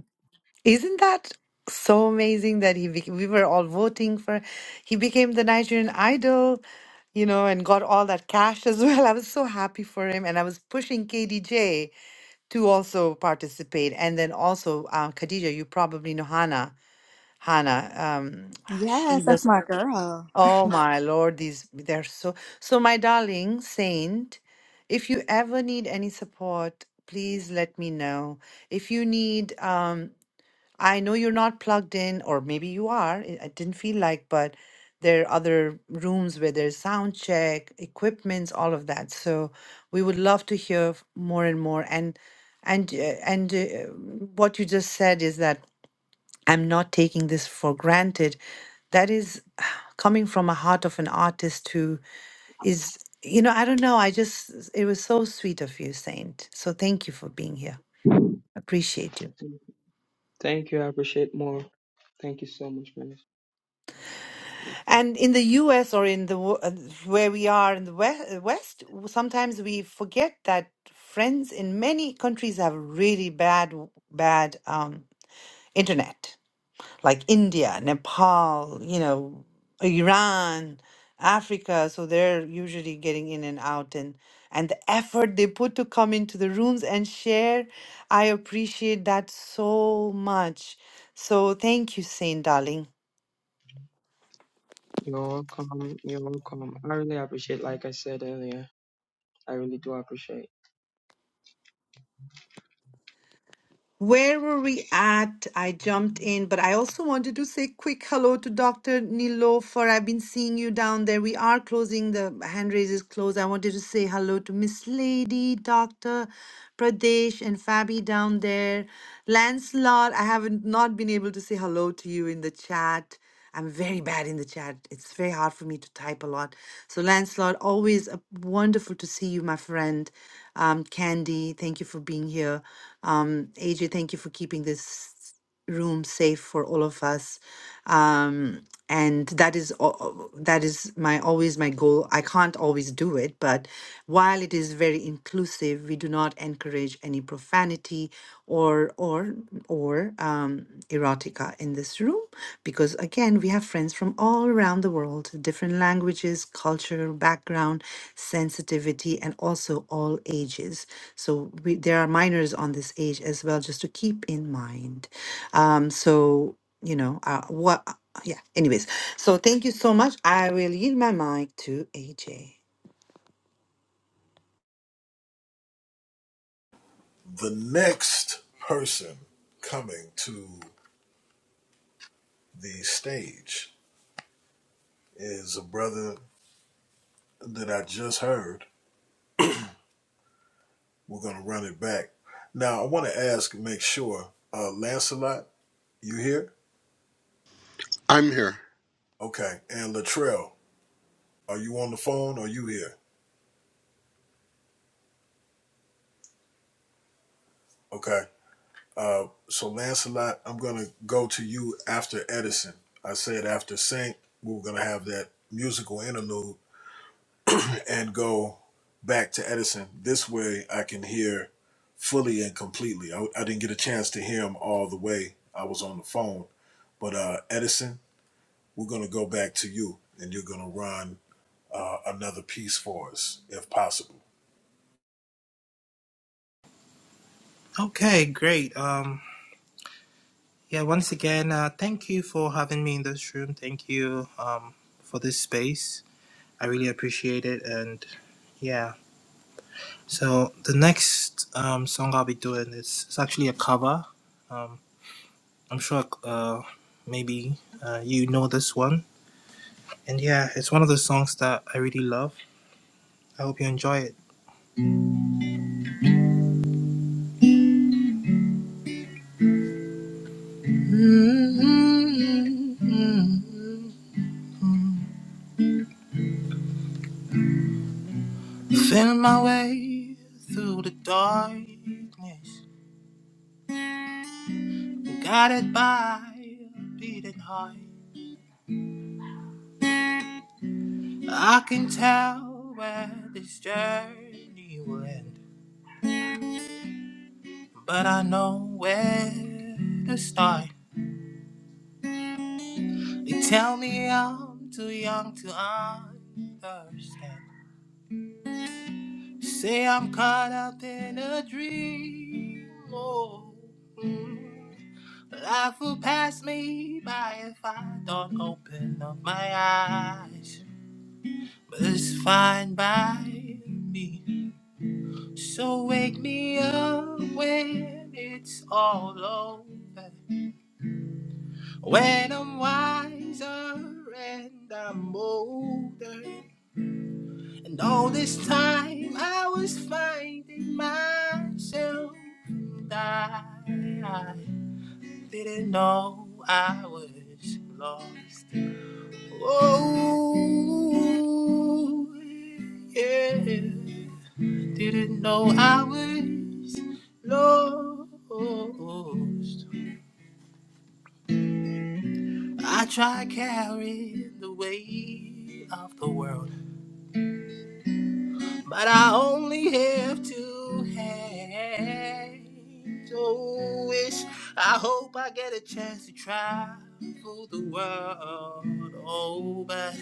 Speaker 1: Isn't that so amazing that he bec we were all voting for he became the Nigerian idol, you know, and got all that cash as well. I was so happy for him and I was pushing KDJ to also participate and then also uh, Khadija, you probably know Hannah. Hannah, um, she
Speaker 23: Yes,
Speaker 1: was
Speaker 23: that's my girl.
Speaker 1: Oh my Lord, these they're so so my darling saint, if you ever need any support, please let me know. If you need um I know you're not plugged in or maybe you are. I I didn't feel like, but there are other rooms where there's sound check, equipments, all of that. So we would love to hear f- more and more and and uh, and uh, what you just said is that I'm not taking this for granted. That is coming from a heart of an artist who is, you know, I don't know. I just, it was so sweet of you, Saint. So thank you for being here. Appreciate you.
Speaker 25: Thank you. Thank you. I appreciate more. Thank you so much, man.
Speaker 1: And in the US or in the wo- uh, where we are in the we- uh, West, w- sometimes we forget that friends in many countries have really bad, bad um, internet. like India, Nepal, you know, Iran, Africa. So they're usually getting in and out and and the effort they put to come into the rooms and share. I appreciate that so much. So thank you, Saint darling.
Speaker 25: You're welcome. You're welcome. I really appreciate, like I said earlier, I really do appreciate.
Speaker 1: Where were we at? I jumped in, but I also wanted to say quick hello to Dr. Nilofer. I've been seeing you down there. We are closing the hand raises close. I wanted to say hello to Miss Lady, Dr. Pradesh, and Fabi down there. Lancelot, I haven't not been able to say hello to you in the chat. I'm very bad in the chat. It's very hard for me to type a lot. So, Lancelot, always a, wonderful to see you, my friend. Um, Candy, thank you for being here. Um, AJ, thank you for keeping this room safe for all of us. Um, and that is al- al- that is my always my goal. I can't always do it, but while while it is very inclusive, we do not encourage any profanity or or or um, erotica in this room because again, we have friends from all around the world, different languages, culture, background, sensitivity, and also all ages. So we, there are minors on this age as well, just to keep in mind. Um, so you know uh, what? Yeah. Anyways, so thank you so much. I will yield my mic to AJ.
Speaker 3: The next person coming to the stage is a brother that I just heard. We're going to run it back. Now, I want to ask, and make sure, uh, Lancelot, you here?
Speaker 26: I'm here.
Speaker 3: Okay. And Latrell, are you on the phone? Are you here? Okay. Uh, so, Lancelot, I'm going to go to you after Edison. I said after Saint, we were going to have that musical interlude and go back to Edison. This way I can hear fully and completely. I, I didn't get a chance to hear him all the way. I was on the phone. But uh, Edison, we're going to go back to you and you're going to run uh, another piece for us if possible.
Speaker 22: Okay, great. Um, Yeah, once again, uh, thank you for having me in this room. Thank you um, for this space. I really appreciate it. And yeah, so the next um, song I'll be doing is it's actually a cover. Um, I'm sure uh, maybe uh, you know this one. And yeah, it's one of the songs that I really love. I hope you enjoy it. Feeling my way through the darkness. Guided by a beating heart, I can tell where this journey will end, but I know where to start. They tell me I'm too young to understand. Say I'm caught up in a dream. Oh, mm. Life will pass me by if I don't open up my eyes. But it's fine by me. So wake me up when it's all over. When I'm wiser and I'm older. And all this time I was finding myself. And I didn't know I was lost. Oh, yeah. Didn't know I was lost. I tried carrying the weight of the world. but I only have two hands. Oh, wish I hope I get a chance to travel the world. Oh, but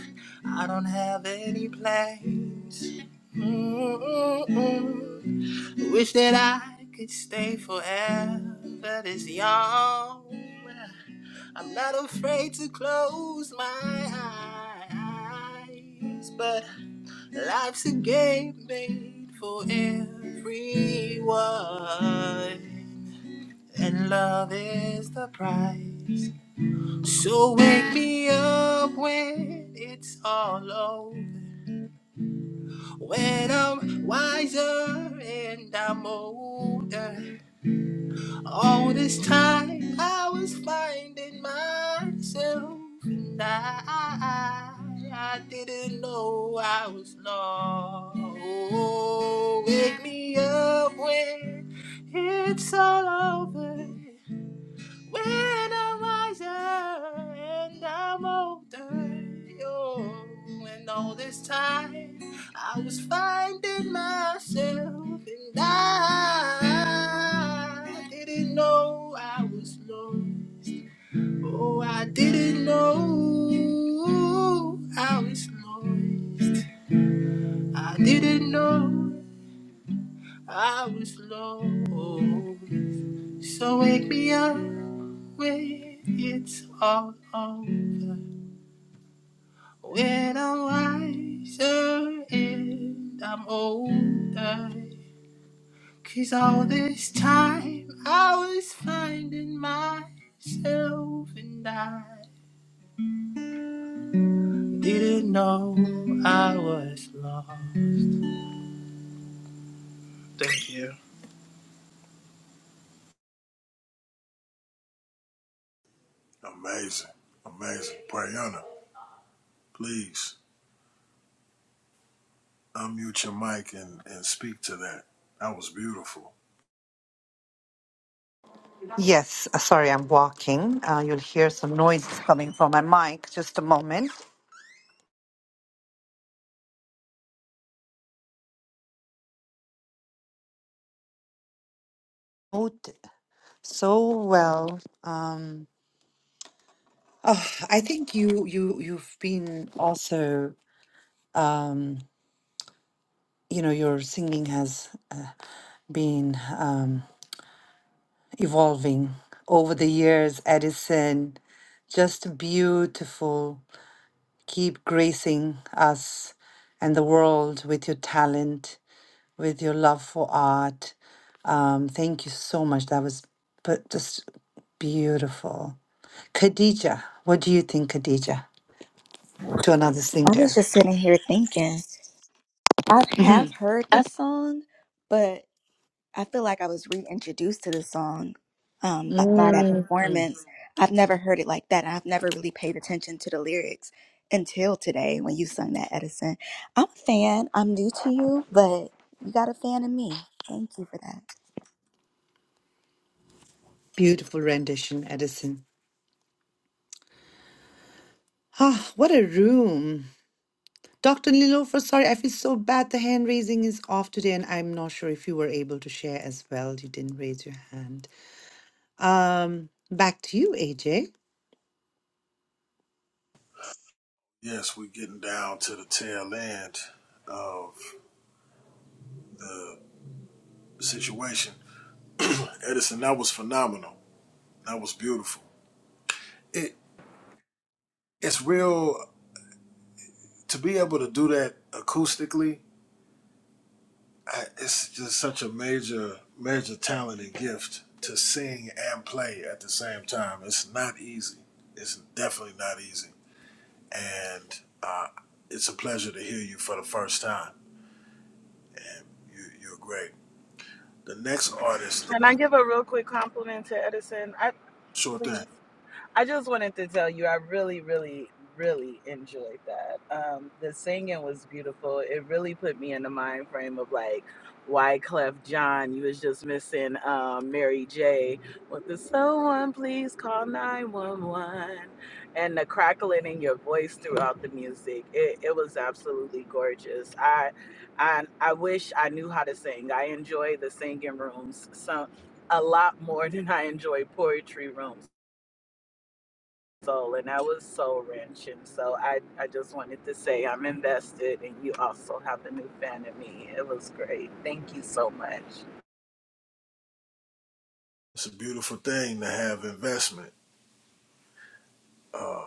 Speaker 22: I don't have any plans. Mm-mm-mm. Wish that I could stay forever this young. I'm not afraid to close my eyes, but Life's a game made for everyone, and love is the prize. So wake me up when it's all over, when I'm wiser and I'm older. All this time I was finding myself, and I, I didn't know I was lost. Oh, wake me up when it's all over. When I'm wiser and I'm older, yo, and all this time I was finding myself, and I didn't know I was lost. Oh, I didn't know I was lost. I didn't know. I was lost, So wake me up when it's all over. When I'm wiser and I'm older. 'cause all this time I was finding myself and I didn't know I was lost. Thank you.
Speaker 3: Amazing. Amazing. Prayana, please unmute your mic and, and speak to that. That was beautiful.
Speaker 1: Yes, uh, sorry, I'm walking. Uh, you'll hear some noises coming from my mic. Just a moment. Oh, d- so well. Um, oh, I think you you you've been also. Um, you know, your singing has uh, been um, evolving over the years, Edison. Just beautiful. Keep gracing us and the world with your talent with your love for art. Um, thank you so much. That was but just beautiful. Khadija, what do you think, Khadija, to another
Speaker 23: I was
Speaker 1: singer?
Speaker 23: just sitting here thinking, I have heard this song, but I feel like I was reintroduced to this song um, by, by that
Speaker 1: Mhm. Mm,
Speaker 23: performance. I've never heard it like that. I've never really paid attention to the lyrics until today when you sung that, Edison. I'm a fan. I'm new to you, but you got a fan in me. Thank you for that.
Speaker 1: Beautiful rendition, Edison. Ah, what a room. Dr. Lilofer, sorry, I feel so bad. The hand raising is off today, and I'm not sure if you were able to share as well. You didn't raise your hand. Um, back to you, AJ.
Speaker 3: Yes, we're getting down to the tail end of the situation. Edison, that was phenomenal. That was beautiful. It it's real to be able to do that acoustically. I, it's just such a major major talent and gift to sing and play at the same time. It's not easy. It's definitely not easy. And uh, it's a pleasure to hear you for the first time. And you you're great. The next artist,
Speaker 24: Can I give a real quick compliment to Edison? I
Speaker 3: sure thing.
Speaker 24: please. I just wanted to tell you, I really, really, really enjoyed that. Um, the singing was beautiful. It really put me in the mind frame of like why Clef John. You was just missing um, Mary J. With the someone please call nine one one, and the crackling in your voice throughout the music. It, it was absolutely gorgeous. I, I, I wish I knew how to sing. I enjoy the singing rooms. So a lot more than I enjoy poetry rooms soul and that was soul wrenching. So I, I just wanted to say I'm invested and you also have a new fan in me. It was great. Thank you so much.
Speaker 3: It's a beautiful thing to have investment. Uh,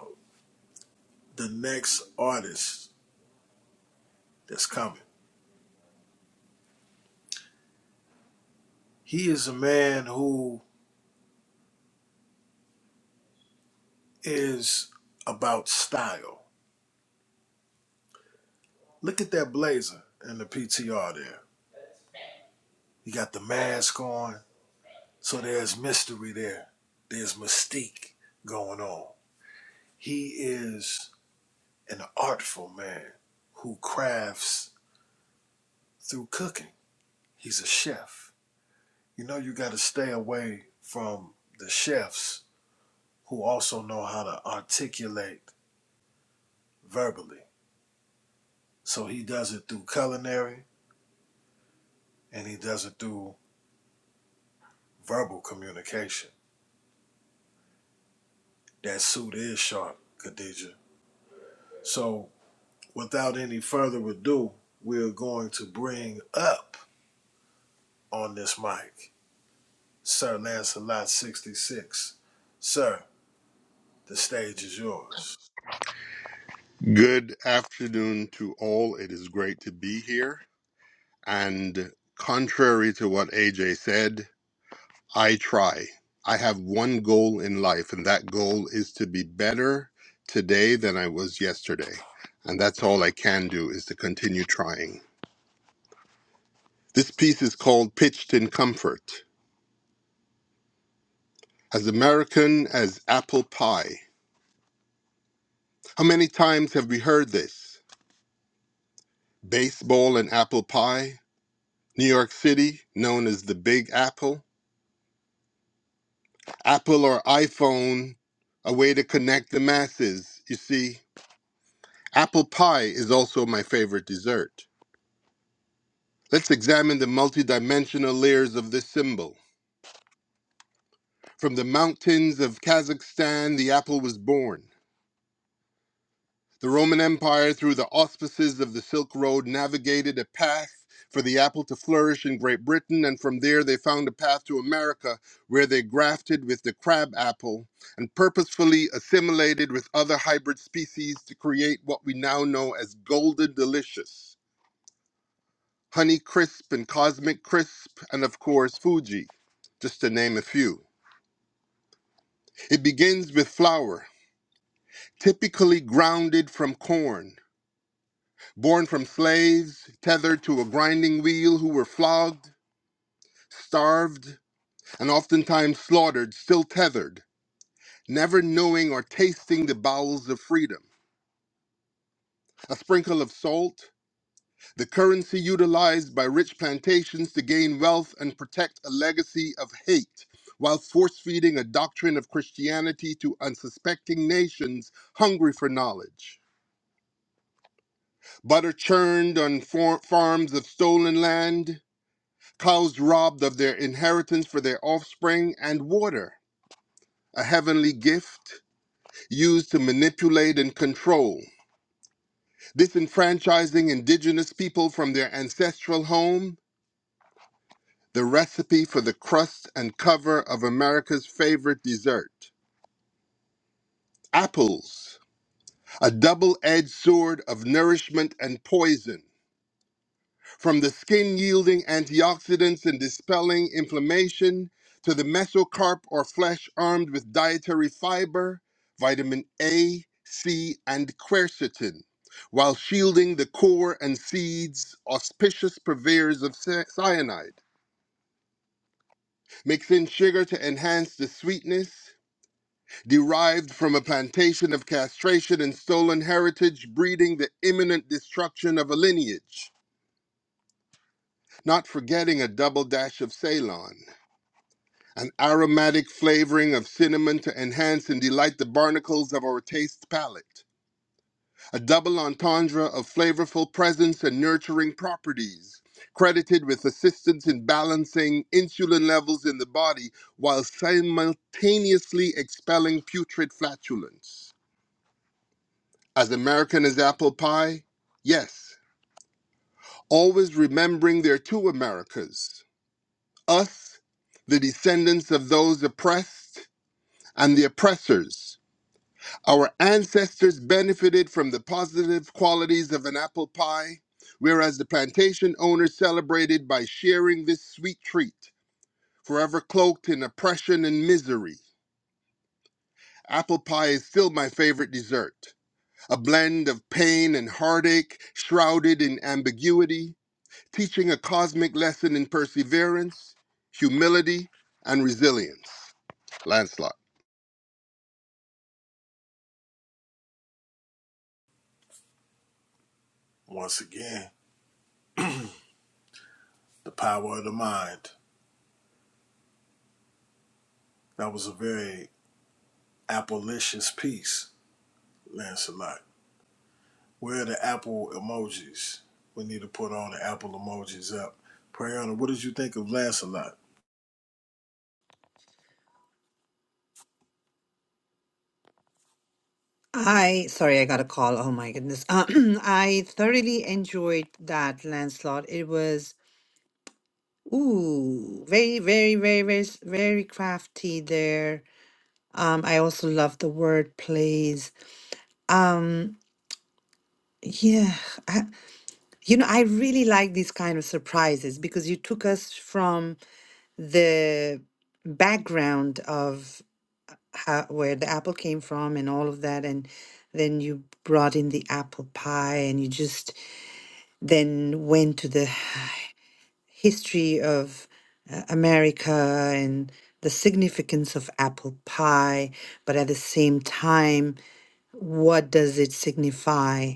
Speaker 3: the next artist that's coming. He is a man who is about style. Look at that blazer in the PTR there. You got the mask on, so there's mystery there. There's mystique going on. He is an artful man who crafts through cooking. He's a chef. You know, you got to stay away from the chefs who also know how to articulate verbally. So he does it through culinary and he does it through verbal communication. That suit is sharp, Khadija. So, without any further ado, we're going to bring up on this mic Sir Lancelot 66. Sir, the stage is yours.
Speaker 26: Good afternoon to all. It is great to be here. And contrary to what AJ said, I try. I have one goal in life, and that goal is to be better today than I was yesterday. And that's all I can do is to continue trying. This piece is called Pitched in Comfort. As American as apple pie. How many times have we heard this? Baseball and apple pie, New York City, known as the Big Apple. Apple or iPhone, a way to connect the masses. You see, apple pie is also my favorite dessert. Let's examine the multidimensional layers of this symbol. From the mountains of Kazakhstan, the apple was born. The Roman Empire, through the auspices of the Silk Road, navigated a path for the apple to flourish in Great Britain, and from there they found a path to America, where they grafted with the crab apple and purposefully assimilated with other hybrid species to create what we now know as Golden Delicious, Honey Crisp, and Cosmic Crisp, and of course, Fuji, just to name a few. It begins with flour, typically grounded from corn. born from slaves tethered to a grinding wheel who were flogged, starved, and oftentimes slaughtered, still tethered, never knowing or tasting the bowels of freedom. A sprinkle of salt, the currency utilized by rich plantations to gain wealth and protect a legacy of hate, while force feeding a doctrine of Christianity to unsuspecting nations hungry for knowledge. Butter churned on for- farms of stolen land, cows robbed of their inheritance for their offspring, and water, a heavenly gift used to manipulate and control, disenfranchising indigenous people from their ancestral home, the recipe for the crust and cover of America's favorite dessert. Apples, a double edged sword of nourishment and poison from the skin yielding antioxidants and dispelling inflammation to the mesocarp or flesh armed with dietary fiber, vitamin A, C, and quercetin, while shielding the core and seeds, auspicious purveyors of cy- cyanide. Mix in sugar to enhance the sweetness. Derived from a plantation of castration and stolen heritage, breeding the imminent destruction of a lineage. Not forgetting a double dash of Ceylon. an aromatic flavoring of cinnamon to enhance and delight the barnacles of our taste palate, a double entendre of flavorful presence and nurturing properties, credited with assistance in balancing insulin levels in the body while simultaneously expelling putrid flatulence. As American as apple pie? Yes. Always remembering there are two Americas us, the descendants of those oppressed, and the oppressors Our ancestors benefited from the positive qualities of an apple pie, whereas the plantation owners celebrated by sharing this sweet treat, forever cloaked in oppression and misery. Apple pie is still my favorite dessert, a blend of pain and heartache, shrouded in ambiguity, teaching a cosmic lesson in perseverance, humility, and resilience. Lancelot.
Speaker 3: Once again, the power of the mind. That was a very Appleicious piece, Lancelot. Where are the Apple emojis? We need to put all the Apple emojis up. Prayana, what did you think of Lancelot?
Speaker 1: I sorry, I got a call. Oh my goodness. I thoroughly enjoyed that Lancelot. It was ooh, very, very, very, very, s- very crafty there. Um, I also love the word plays. Um, yeah, I, you know, I really like these kind of surprises because you took us from the background of how, where the apple came from and all of that, and then you brought in the apple pie, and you just then went to the history of uh, America and the significance of apple pie, but at the same time, what does it signify?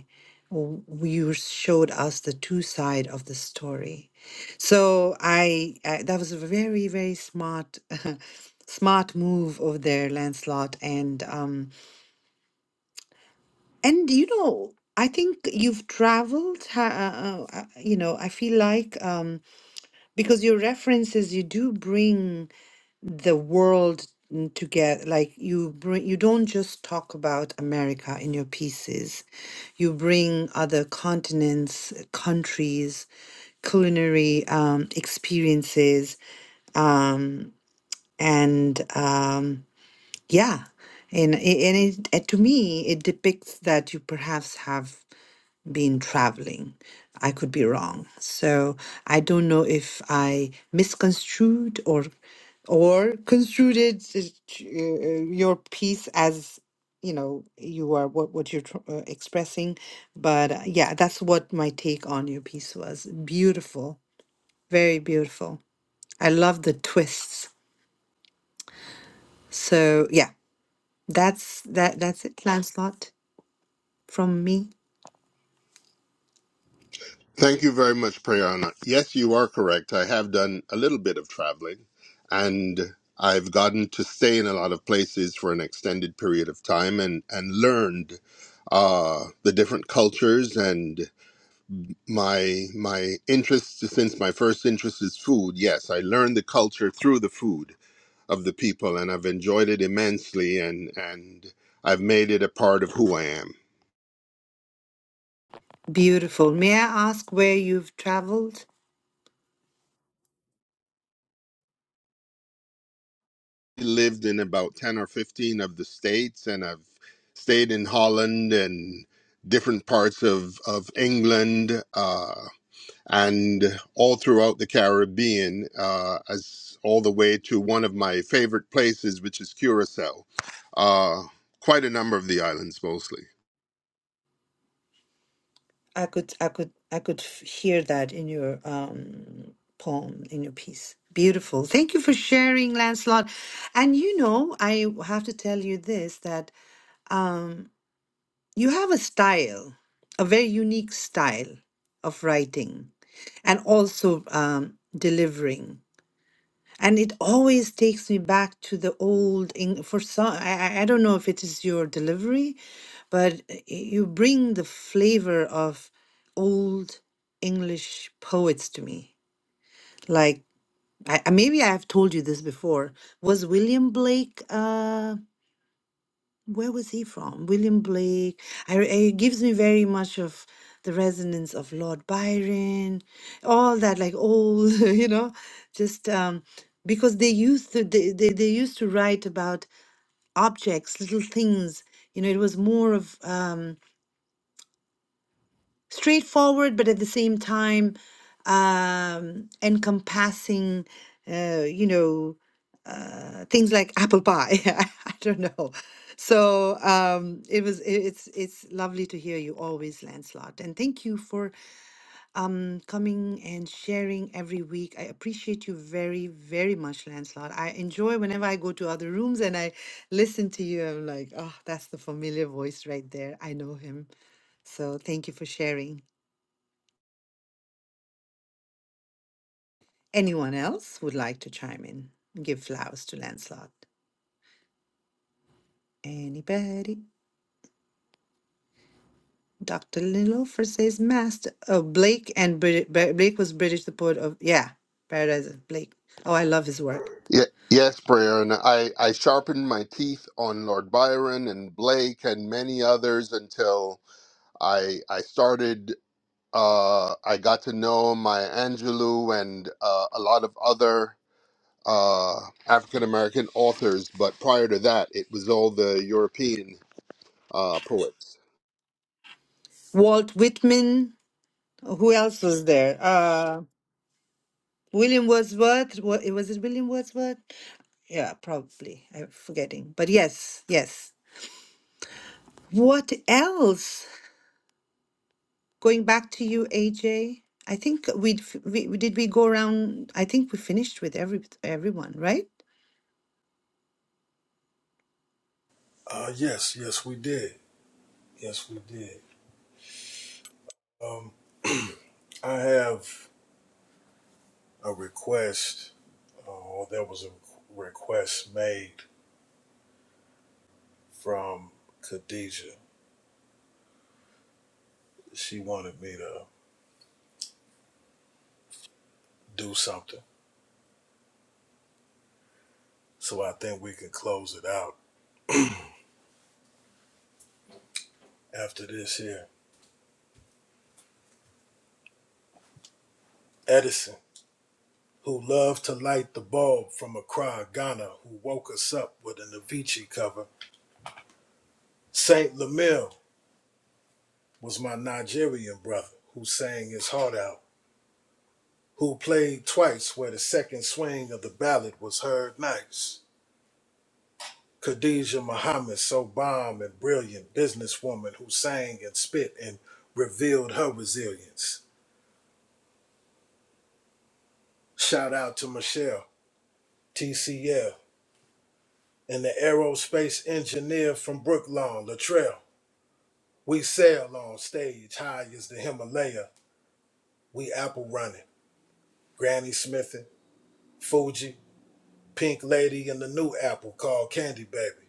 Speaker 1: W- You showed us the two side of the story. So I, I that was a very very smart smart move over there, Lancelot, and um and you know I think you've traveled. ha- Uh, uh, uh, you know I feel like. Um, Because your references, you do bring the world together. Like you bring, you don't just talk about America in your pieces. You bring other continents, countries, culinary um, experiences, um, and um, yeah, and i- and it, uh, to me, it depicts that you perhaps have been traveling. I could be wrong. So I don't know if I misconstrued or or construed it, uh, your piece as you know you are what what you're tr- uh, expressing. But uh, yeah, that's what my take on your piece was. Beautiful, very beautiful. I love the twists. So yeah, that's that that's it, Lancelot, from me.
Speaker 26: Thank you very much, Prayana. Yes, you are correct. I have done a little bit of traveling and I've gotten to stay in a lot of places for an extended period of time and, and learned uh, the different cultures and my my interest since my first interest is food. Yes, I learned the culture through the food of the people and I've enjoyed it immensely and and I've made it a part of who I am.
Speaker 1: Beautiful. May I ask where you've traveled?
Speaker 26: lived in about 10 or 15 of the states and I've stayed in Holland and different parts of, of England uh, and all throughout the Caribbean uh, as all the way to one of my favorite places, which is Curacao. Uh, quite a number of the islands mostly.
Speaker 1: I could, I could, I could f- hear that in your um, poem, in your piece. Beautiful. Thank you for sharing, Lancelot. And you know, I have to tell you this that um, you have a style, a very unique style of writing, and also um, delivering. And it always takes me back to the old, Eng- for some, I, I I don't know if it is your delivery, but y- you bring the flavor of old English poets to me. Like, I, I- maybe I have told you this before. Was William Blake? Uh, where was he from? William Blake. I, I- it gives me very much of the resonance of Lord Byron, all that, like old, you know, just um, because they used to they, they, they used to write about objects, little things. You know, it was more of um, straightforward, but at the same time um, encompassing. Uh, you know uh, things like apple pie. I don't know. So um, it was. it- It's it's lovely to hear you always, Lancelot, and thank you for um coming and sharing every week. I appreciate you very very much, Lancelot. I enjoy whenever I go to other rooms and I listen to you. I'm like, oh, that's the familiar voice right there. I know him. So thank you for sharing. Anyone else would like to chime in? Give flowers to Lancelot. Anybody? Dr. Nilofer says master. Oh, Blake and Brit- Ba- Blake was British, the poet of, yeah, Paradise of Blake. Oh, I love his work.
Speaker 26: Yeah, yes, prayer, I, I sharpened my teeth on Lord Byron and Blake and many others until I I started. Uh, I got to know Maya Angelou and uh, a lot of other uh, African American authors, but prior to that, it was all the European uh, poets.
Speaker 1: Walt Whitman. Who else was there? Uh, William Wordsworth. Wa- Was it William Wordsworth? Yeah, probably. I'm forgetting. But yes, yes. What else? Going back to you, AJ. I think we'd, f- we we- did we go around. I think we finished with every everyone, right?
Speaker 3: Uh, yes, yes, we did. Yes, we did. Um, I have a request, uh, or there was a request made from Khadijah. She wanted me to do something, so I think we can close it out after this here. Edison, who loved to light the bulb from Accra, Ghana, who woke us up with an Avicii cover. Saint Lamille was my Nigerian brother who sang his heart out, who played twice where the second swing of the ballad was heard nice. Khadijah Muhammad, so bomb and brilliant businesswoman who sang and spit and revealed her resilience. Shout out to Michelle, TCL, and the aerospace engineer from Brooklawn, Latrell. We sail on stage high as the Himalaya. We apple running. Granny Smithy, Fuji, Pink Lady, and the new apple called Candy Baby.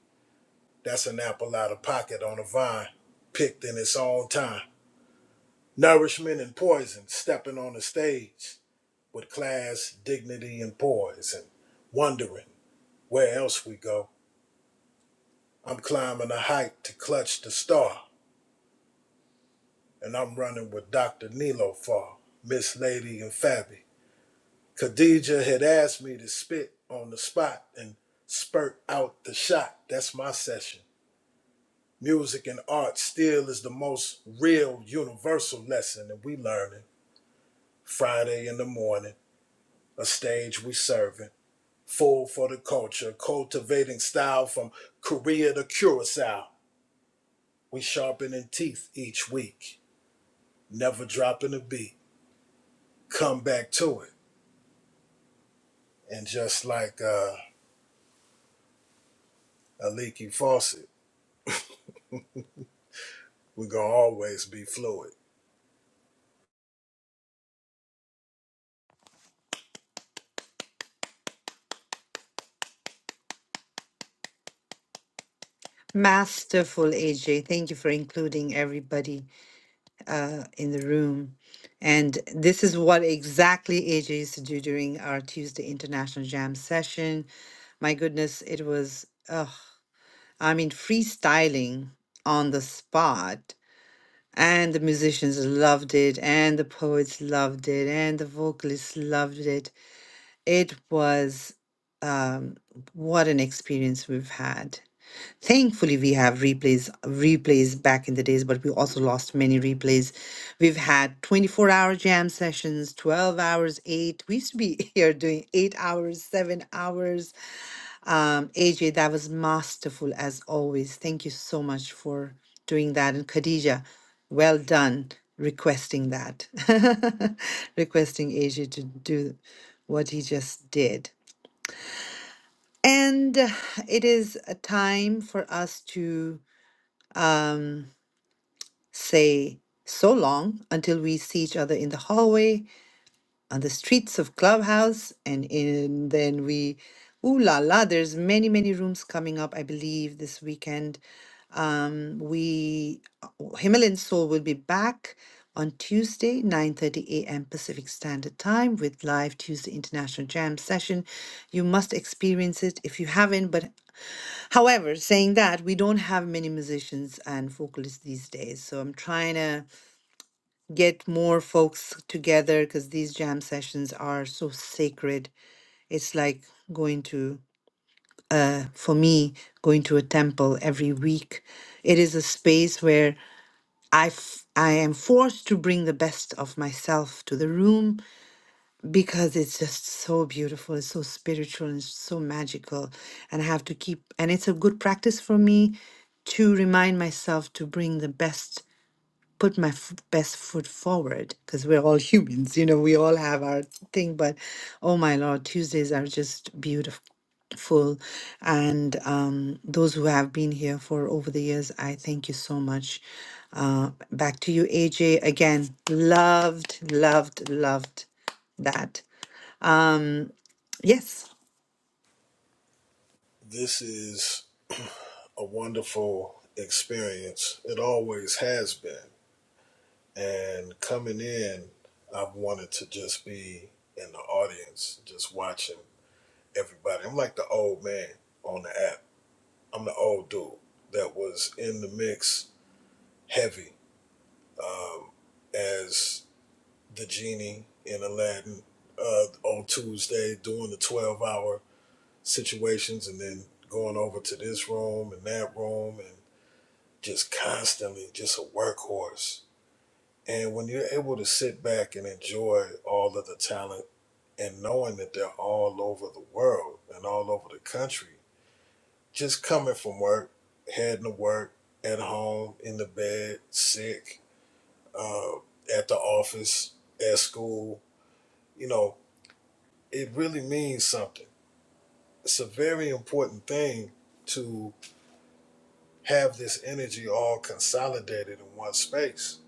Speaker 3: That's an apple out of pocket on a vine, picked in its own time. Nourishment and poison stepping on the stage. with class, dignity, and poise, and wondering where else we go. I'm climbing a height to clutch the star, and I'm running with Dr. Nilo Far, Miss Lady, and Fabby. Khadija had asked me to spit on the spot and spurt out the shot. That's my session. Music and art still is the most real universal lesson that we learning. Friday in the morning, a stage we serving. Food for the culture, cultivating style from Korea to Curacao. We sharpening teeth each week, never dropping a beat. Come back to it. And just like uh, a leaky faucet, we're going to always be fluid.
Speaker 1: Masterful, AJ. Thank you for including everybody. uh, in the room. And this is what exactly AJ used to do during our Tuesday International Jam session. My goodness, it was, ugh, I mean, freestyling on the spot. And the musicians loved it, and the poets loved it, and the vocalists loved it. It was um, what an experience we've had. Thankfully, we have replays, replays back in the days, but we also lost many replays. We've had 24 hour jam sessions, 12 hours, eight. We used to be here doing eight hours, seven hours. Um, AJ, that was masterful as always. Thank you so much for doing that. And Khadija, well done requesting that, requesting AJ to do what he just did. And uh, it is a time for us to. Um, say so long until we see each other in the hallway on the streets of Clubhouse, and in, then we, ooh la la, there's many many rooms coming up. I believe this weekend, um, we uh, Himalayan Soul will be back on Tuesday, 9:30 a.m. Pacific Standard Time with live Tuesday International Jam session. You must experience it if you haven't, but However, saying that, we don't have many musicians and vocalists these days. So I'm trying to get more folks together because these jam sessions are so sacred. It's like going to, uh, for me, going to a temple every week. It is a space where I, f- I am forced to bring the best of myself to the room because it's just so beautiful. It's so spiritual and so magical. And I have to keep, and it's a good practice for me to remind myself to bring the best put my f- best foot forward because we're all humans, you know, we all have our thing. But oh my Lord, Tuesdays are just beautiful. And um, those who have been here for over the years, I thank you so much. Uh, back to you, AJ. Again, loved, loved, loved that. Um, yes,
Speaker 3: This is a wonderful experience. It always has been. And coming in, I've wanted to just be in the audience, just watching everybody. I'm like the old man on the app I'm the old dude that was in the mix heavy um, as the genie in Aladdin uh, on Tuesday doing the 12 hour situations and then going over to this room and that room and just constantly just a workhorse. And when you're able to sit back and enjoy all of the talent and knowing that they're all over the world and all over the country just coming from work, heading to work, at home, in the bed, sick, uh, at the office, at school, you know, it really means something. It's a very important thing to have this energy all consolidated in one space.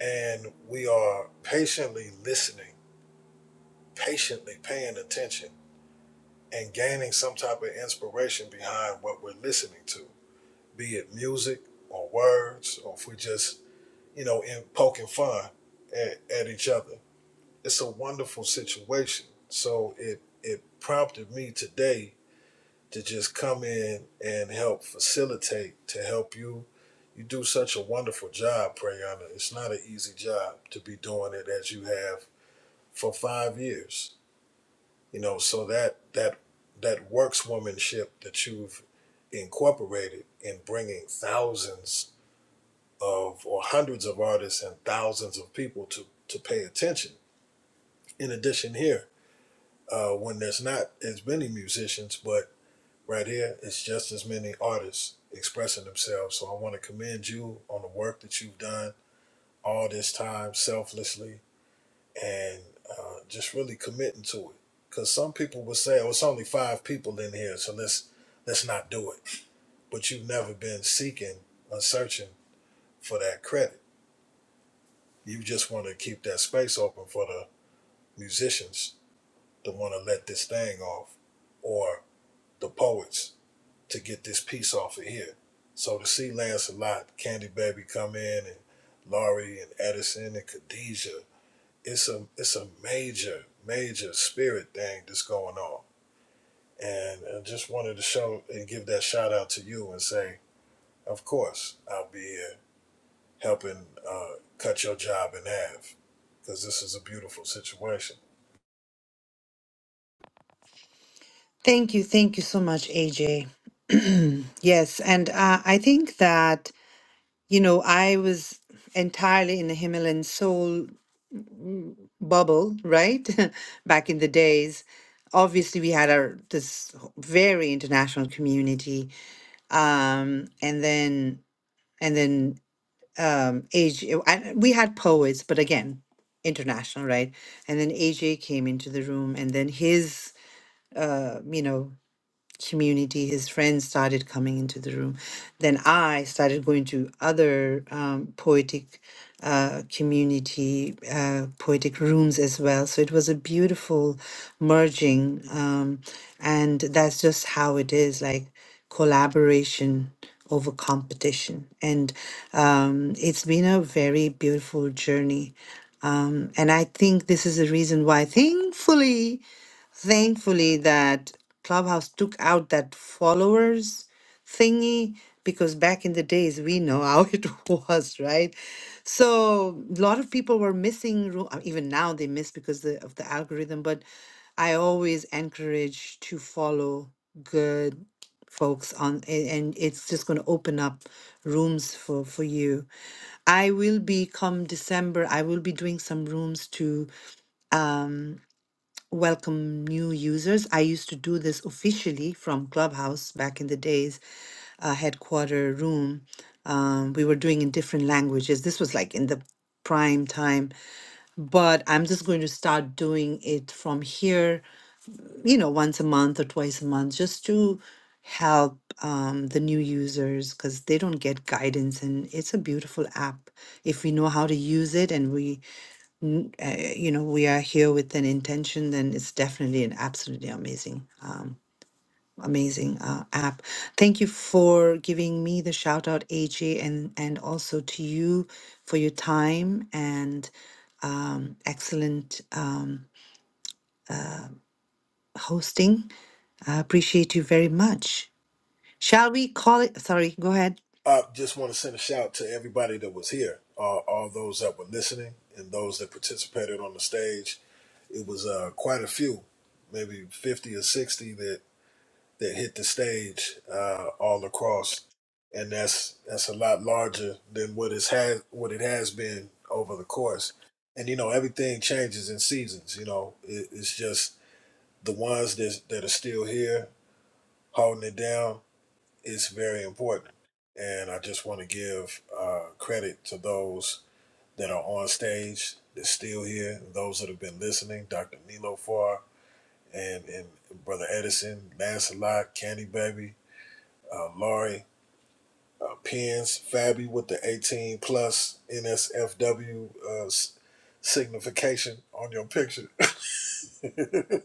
Speaker 3: And we are patiently listening, patiently paying attention, and gaining some type of inspiration behind what we're listening to, be it music or words, or if we just you know, and poking fun at, at each other. It's a wonderful situation. So it it prompted me today to just come in and help facilitate, to help you. You do such a wonderful job, Prayana. It's not an easy job to be doing it as you have for five years. You know, so that that that workswomanship that you've incorporated in bringing thousands of or hundreds of artists and thousands of people to to pay attention. In addition, here uh, when there's not as many musicians, but right here it's just as many artists expressing themselves. So I want to commend you on the work that you've done all this time selflessly and uh, just really committing to it. Because some people would say, "Oh, it's only five people in here, so let's let's not do it." But you've never been seeking or searching for that credit. You just want to keep that space open for the musicians to want to let this thing off or the poets to get this piece off of here. So to see Lancelot, Candy Baby come in and Laurie and Edison and Khadijah, it's a it's a major, major spirit thing that's going on. And I just wanted to show and give that shout out to you and say, of course, I'll be here helping uh, cut your job in half because this is a beautiful situation.
Speaker 1: thank you, thank you so much, AJ. Yes, and uh, I think that you know I was entirely in the Himalayan soul bubble, right? Back in the days, obviously we had our this very international community, um, and then and then um, AJ, we had poets, but again, international, right? And then AJ came into the room, and then his, uh, you know community, his friends started coming into the room. Then I started going to other um, poetic uh, community, uh, poetic rooms as well. So it was a beautiful merging. Um, and that's just how it is like collaboration over competition. And um, it's been a very beautiful journey. Um, and I think this is the reason why, thankfully, thankfully that Clubhouse took out that followers thingy because back in the days we know how it was, right? So a lot of people were missing ru- uh, even now they miss because the, of the algorithm, but I always encourage to follow good folks on a- and it's just going to open up rooms for for you. I will be come December I will be doing some rooms to um, welcome new users. I used to do this officially from Clubhouse back in the days, uh, headquarter room. Um, we were doing in different languages. This was like in the prime time, but I'm just going to start doing it from here, you know, once a month or twice a month just to help um, the new users because they don't get guidance and it's a beautiful app if we know how to use it and we n- uh, you know, we are here with an intention, then it's definitely an absolutely amazing, um, amazing uh, app. Thank you for giving me the shout out, AJ, and and also to you for your time and um, excellent um, hosting. I appreciate you very much. Shall we call it? Sorry, go ahead.
Speaker 3: I just want to send a shout to everybody that was here, uh, all those that were listening, and those that participated on the stage. It was uh, quite a few, maybe fifty or sixty that that hit the stage uh, all across, and that's that's a lot larger than what it has what it has been over the course. And you know everything changes in seasons. You know it, it's just the ones that that are still here holding it down it's very important. And I just want to give uh, credit to those that are on stage that's still here, those that have been listening, Dr. Nilo Farr and, and Brother Edison, Lancelot, Candy Baby, uh, Laurie, uh, Pins, Fabby with the 18 plus NSFW uh, signification on your picture, and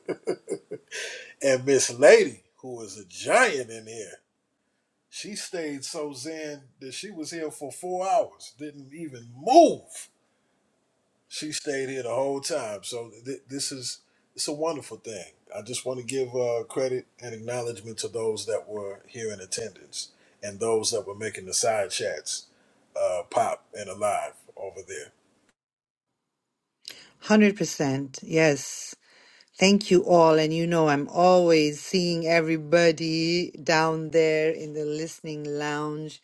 Speaker 3: Miss Lady, who is a giant in here. She stayed so zen that she was here for four hours, didn't even move. She stayed here the whole time. So th- this is it's a wonderful thing. I just want to give uh, credit and acknowledgement to those that were here in attendance and those that were making the side chats uh, pop and alive over there.
Speaker 1: one Hundred percent. Yes. Thank you all. And you know, I'm always seeing everybody down there in the listening lounge.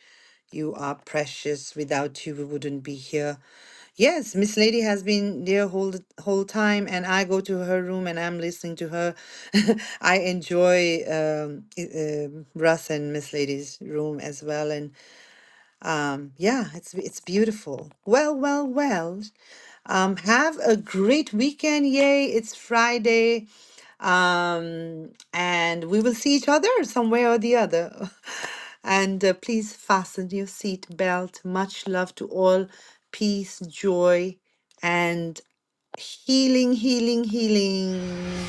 Speaker 1: You are precious. Without you, we wouldn't be here. Yes, Miss Lady has been there whole whole time, and I go to her room and I'm listening to her. I enjoy um, i- um Russ and Miss Lady's room as well, and um, yeah, it's it's beautiful. Well, well, well. Um, have a great weekend! Yay! It's Friday. Um, and we will see each other some way or the other. And uh, please fasten your seat belt. Much love to all. Peace, joy, and healing, healing, healing.